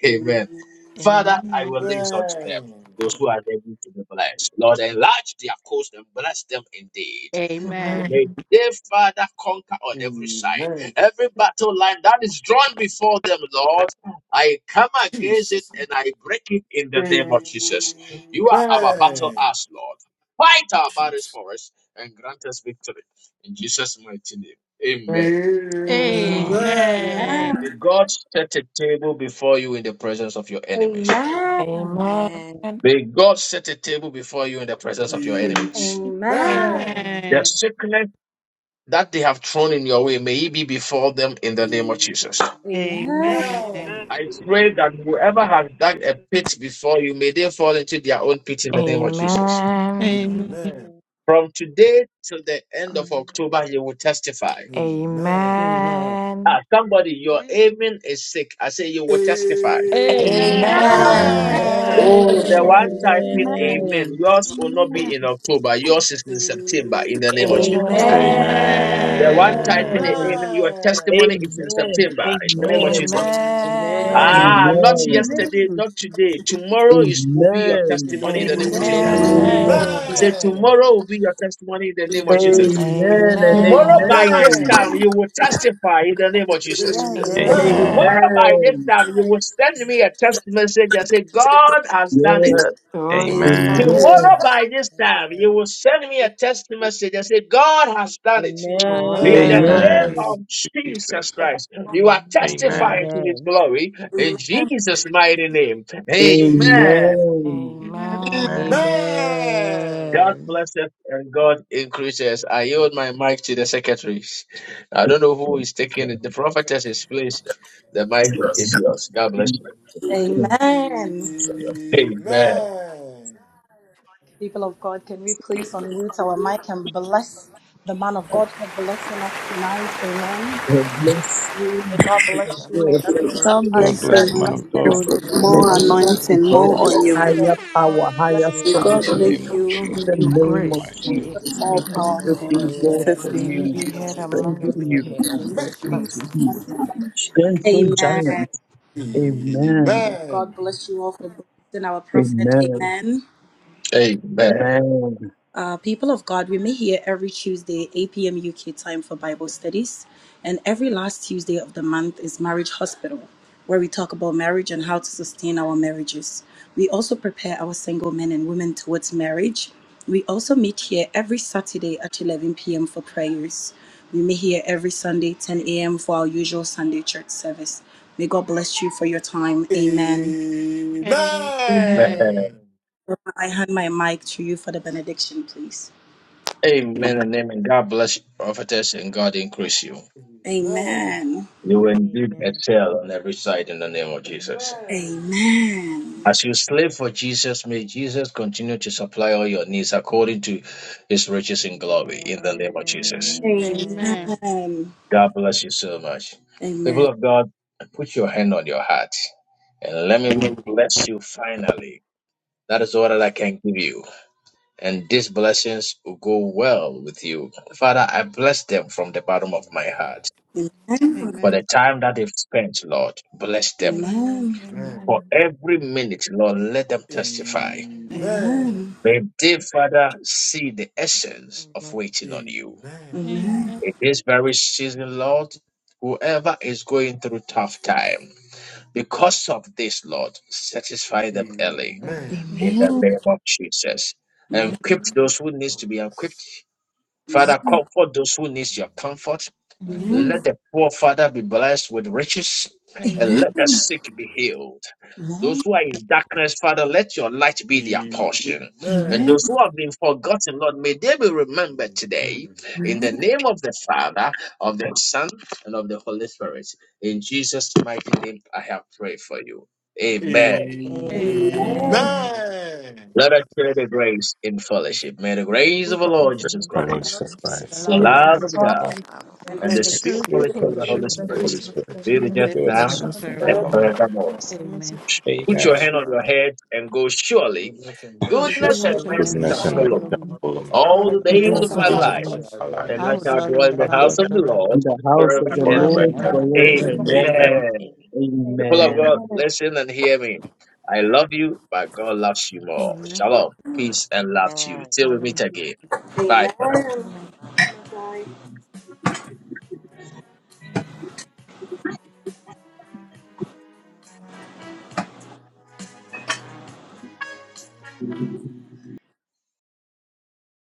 C: Amen.
G: Amen. Father, I
D: Amen.
G: release
C: Amen.
G: unto them those who are able to be blessed. Lord, enlarge their coast and bless them indeed.
D: Amen.
G: May
E: Amen.
G: they, Father, conquer on every side.
C: Amen.
G: Every battle line that is drawn before them, Lord, I come against it
C: Jesus.
G: and I break it in the
C: Amen.
G: name of Jesus. You are our battle
L: Amen.
G: ass, Lord. Fight our battles
C: Jesus.
G: for us and grant us victory. In Jesus' mighty name, amen.
E: Amen.
L: Amen.
C: Amen.
D: Amen.
G: May
B: Amen.
G: God set a table before you in the presence of your enemies.
B: Amen.
E: Amen.
L: Amen.
G: May God set a table before you in the presence of your
C: Amen.
E: A-
G: enemies.
C: Amen.
B: Amen.
L: Amen.
G: The
D: Amen.
G: sickness that they have thrown in your way, may it be before them in the name of
C: Amen.
G: Jesus.
L: Amen.
C: Amen.
V: Amen.
G: I pray that whoever has dug a pit before you, may they fall into their own pit in the name of Jesus.
E: Amen.
D: Amen. Amen.
C: Amen.
L: Amen.
G: From today till the end of
L: Mm.
G: October, you will testify.
C: Amen.
L: Amen.
E: Amen.
G: Ah, somebody, your
A: Amen.
G: amen is sick. I say you will testify.
E: Amen.
C: Amen.
D: Amen.
M: Amen.
O: Amen.
E: Amen.
G: Oh, the one typing
A: Amen.
G: amen.
L: Amen.
G: Yours will not
A: Amen.
G: be in October. Yours is in September in
C: Amen. Amen.
G: the name of
I: Amen.
E: Amen.
G: Jesus.
O: Amen.
M: Amen.
G: The
D: Amen.
G: one typing the
L: Amen.
G: amen, your testimony is in
I: Amen.
G: September. In the name of
M: Amen.
G: Jesus.
I: Amen.
G: Ah,
O: Amen.
L: Amen.
G: not
I: Amen.
G: yesterday,
A: Remember,
G: not today. Tomorrow is will be your
E: Amen.
I: Amen.
G: testimony in the
K: Amen.
G: name of Jesus. I
D: Amen.
I: Hallelujah.
E: Amen.
O: Amen.
G: said tomorrow will be your testimony in the name of Jesus.
I: Amen and
O: Amen.
G: Tomorrow by this
I: amen.
G: time you will testify in the name of
L: Amen.
G: Jesus.
L: Amen.
O: Amen.
L: Amen.
G: Tomorrow
C: Amen. Amen.
G: by this
E: Amen.
I: Amen.
G: time you will send me a text message and say, God has done it.
I: Yeah.
E: God has done
O: Amen.
C: Amen.
E: it.
K: Amen.
G: Tomorrow
I: Amen.
G: by this time, you
L: Amen.
G: will send me a text message and say, God has done it.
E: God
G: In
E: has
G: the
C: Amen.
E: done
L: Amen.
G: name
O: Amen.
E: it.
I: Amen.
G: of Jesus
O: Jesus.
G: Christ, you are
E: Amen.
O: Amen.
G: testifying to his
L: Amen.
G: glory in Jesus' mighty name. Amen.
O: Amen.
C: Amen.
I: Amen.
O: Amen.
E: Amen.
C: Amen.
G: God
L: Amen.
G: bless us and God increases. I yield my mic to the secretaries. I don't know
I: The
G: who is taking it. The prophetess is please. The mic is yours. God bless you.
B: Amen.
G: Amen.
B: People of God, can we please unmute our mic and bless the man of God for blessing us tonight? Amen. May
I: blessing
B: God
I: of
E: May
B: bless
E: the
B: you. May
I: God
E: making
B: everything
E: grace,
B: you
K: God
B: touch
O: God
B: be
K: bless you,
B: a
K: man
O: bless you,
K: of
O: man of
E: may
B: blessing.
I: is
O: God.
E: the
K: God.
L: God
I: from
L: bless
K: More
I: glory
O: Increase
E: oil,
L: you,
O: your
B: God
L: Apostle.
O: more
I: to
K: anointing,
B: bless you.
K: more
I: God,
O: anointing,
I: higher
O: Lord.
K: oil.
B: Oh,
L: God
B: God
I: power,
B: bless you.
L: bless
I: higher
L: you,
K: May
O: In the
K: God
I: strength.
O: mighty
E: may the
K: make
O: name
L: Prophet.
O: of
E: source
K: you
E: of
O: Jesus,
I: In the
E: your
O: Lord. In the
I: name of
E: grace,
O: mighty name
E: may
O: of
E: it
B: Jesus,
I: Jesus,
K: more
I: may
B: mighty-
E: never,
I: God
P: Join my
K: powerful
L: More
K: in
I: open
P: family for
I: doors
K: Jesus'
I: for
L: oil,
E: may
K: name.
E: you
L: more
I: you,
E: be
P: tomorrow.
E: heard among
L: anointing
E: your
L: on
I: strengthen
L: your
E: peers.
I: you,
L: head.
C: Your
E: May you
I: God
C: measure
E: be
I: be to
E: blessed.
B: Jesus,
I: you,
L: In the
B: mighty
L: name of
B: name.
L: Jesus.
I: gentle
C: is
L: God
C: blessed.
B: Amen.
I: giants. Amen.
B: God
C: Amen.
B: bless you all for blessing our prophet.
I: Amen.
B: Amen.
G: Amen.
I: Amen.
B: Uh, people of God, we meet here every Tuesday, 8 p.m. UK time for Bible studies. And every last Tuesday of the month is Marriage Hospital, where we talk about marriage and how to sustain our marriages. We also prepare our single men and women towards marriage. We also meet here every Saturday at 11 p.m. for prayers. We meet here every Sunday, 10 a.m., for our usual Sunday church service. May God bless you for your time. Amen.
C: Amen.
D: Amen.
G: Amen.
B: I hand my mic to you for the benediction, please.
G: Amen and amen. God bless you, prophetess, and God increase you.
C: Amen.
B: Amen.
G: You will
L: bless you.
G: indeed
L: Amen.
G: excel on every side in the name of Jesus.
C: Amen.
B: Amen.
G: As you slave for Jesus, may Jesus continue to supply all your needs according to his riches in glory in the name of
C: Amen.
G: Jesus.
A: remember,
D: Amen. Amen.
L: Amen.
B: Amen.
G: God bless you so much.
B: Amen.
G: People of God, put your hand on your heart and let me
D: Amen. Amen.
G: bless you finally. That is all that I can give you. And these blessings will go well with you. Father, I bless them from the bottom of my heart.
B: Amen. Amen.
G: for the
D: Amen. Amen.
G: time that they've spent, Lord. Bless them.
B: Amen.
G: For
E: Amen.
G: every minute, Lord, let them testify.
E: Amen.
C: Amen.
B: Amen.
G: May they, Father, see the essence of
L: Amen.
G: waiting on you.
C: Amen. Amen.
B: Amen.
E: Amen.
D: Amen.
G: In this very season, Lord, whoever is going through tough
C: Jesus.
G: time, because of this, Lord, satisfy them early
B: Amen.
L: Amen.
C: Amen.
G: in
D: Amen.
G: the
B: Amen.
G: name of Jesus.
D: Amen.
G: And equip those who needs
C: Oh,
G: to be
C: yes.
G: equipped. Father, comfort those who needs your
C: Amen.
G: comfort.
D: Amen.
B: Amen.
E: Amen.
G: Let the poor father be blessed with riches, and
D: Amen.
G: let the sick be
C: Amen.
G: healed. Those who are in darkness, Father, let your light be their portion.
B: Amen.
G: And
B: Amen.
G: those who have been forgotten, Lord, may they be remembered today in the name of the Father, of the Son, and of the Holy Spirit. In Jesus' mighty name, I have prayed for you. Amen.
D: Amen.
B: Amen.
E: Amen.
L: Amen.
C: Amen.
G: Let us share the grace in fellowship. May the
C: Sorry,
D: The
G: grace
C: that's
D: fruit
G: of our
D: of
C: not-
E: Praise
G: Lord
E: the
G: Jesus
E: Lord,
O: our
D: the
A: The
O: Lord
E: fresh
D: Spirit,
G: Christ,
A: lot
O: Jesus
E: grace,
L: This
D: the
O: Christ,
L: is
G: the
O: the
E: God,
D: love of
A: and the
G: love
D: God,
G: of
A: sweet
G: God
O: Lord.
A: fellowship of
L: Bible
A: the
B: And
L: God.
G: And
B: this
G: the
D: and
A: Holy
D: the
G: sweet
O: great
D: fellowship
G: quality
D: of
G: of
D: the
G: the
A: Spirit
O: fellowship
A: be
G: Holy
D: Holy
O: of
A: with
E: and
A: us
O: the
G: Spirit
D: Spirit
O: Holy
A: and
L: That's
A: now
L: what
A: the
O: Spirit
G: be
D: be
G: just
D: with us
L: you
O: be
A: forevermore.
O: with
L: do.
D: now
E: God's
O: us
G: now
D: and
O: now and
A: Sure,
E: mercy.
G: and
B: prayer
O: forevermore.
D: forevermore.
E: Amen.
G: forevermore.
C: Amen.
A: goodness and mercy
D: Amen.
G: Put your
O: Amen.
G: hand on
L: Surely,
G: your head and go, surely
C: Goodness and
D: From
C: mercy
O: Sure.
C: are
G: goodness
B: reflects the
G: and
D: goodness
L: surely,
B: message
D: and
C: with
G: mercy
D: mercy
L: goodness
C: Me,
O: Goodness
B: of
G: shall
L: and
O: and
D: shall
B: the
O: mercy
G: follow
L: mercy
D: follow
G: me
E: Shuffle.
O: shall
D: me
C: all
L: shall
C: the
O: follow
C: days
O: me
L: follow
C: of
L: us
D: all
G: all
C: my
D: the
G: the
E: Let
C: life,
D: days
E: the
G: days
C: and
O: all
D: of
B: days
G: of
B: of
D: my
E: result
G: my
O: the
A: shall
B: my
E: of
O: days
D: life.
E: our
O: of
C: I
G: life,
A: follow
B: life.
A: us
C: shall
E: lives.
O: my
A: all
C: glory
O: life.
C: in
G: and
D: I
C: God.
G: I
A: the
D: will
A: days
G: shall
D: dwell
A: of shopping, but these people
D: in
G: dwell in
D: the
G: the
O: Shall
D: house
O: dwell in
G: house
O: the
E: Amen.
D: of
O: house
G: of the
D: the Lord
O: of the
G: Lord
I: In the house
A: have
I: of
G: forever
A: the
I: the
O: Lord
G: and
D: forever
A: house
O: forever and
A: of
I: Lord
D: and
A: the
G: ever.
O: ever.
A: Lord
D: ever.
I: forever
C: Amen.
I: and
A: forever.
D: Amen.
E: Amen.
O: Amen.
I: ever.
G: Amen. The people of
O: Amen.
I: Amen.
G: God, listen and hear me. I love you, but God loves you more.
D: Amen.
G: Shalom, peace, and love to you.
L: Amen.
G: Till we meet
D: Shalom.
G: again. Bye for now.
B: Amen. Bye.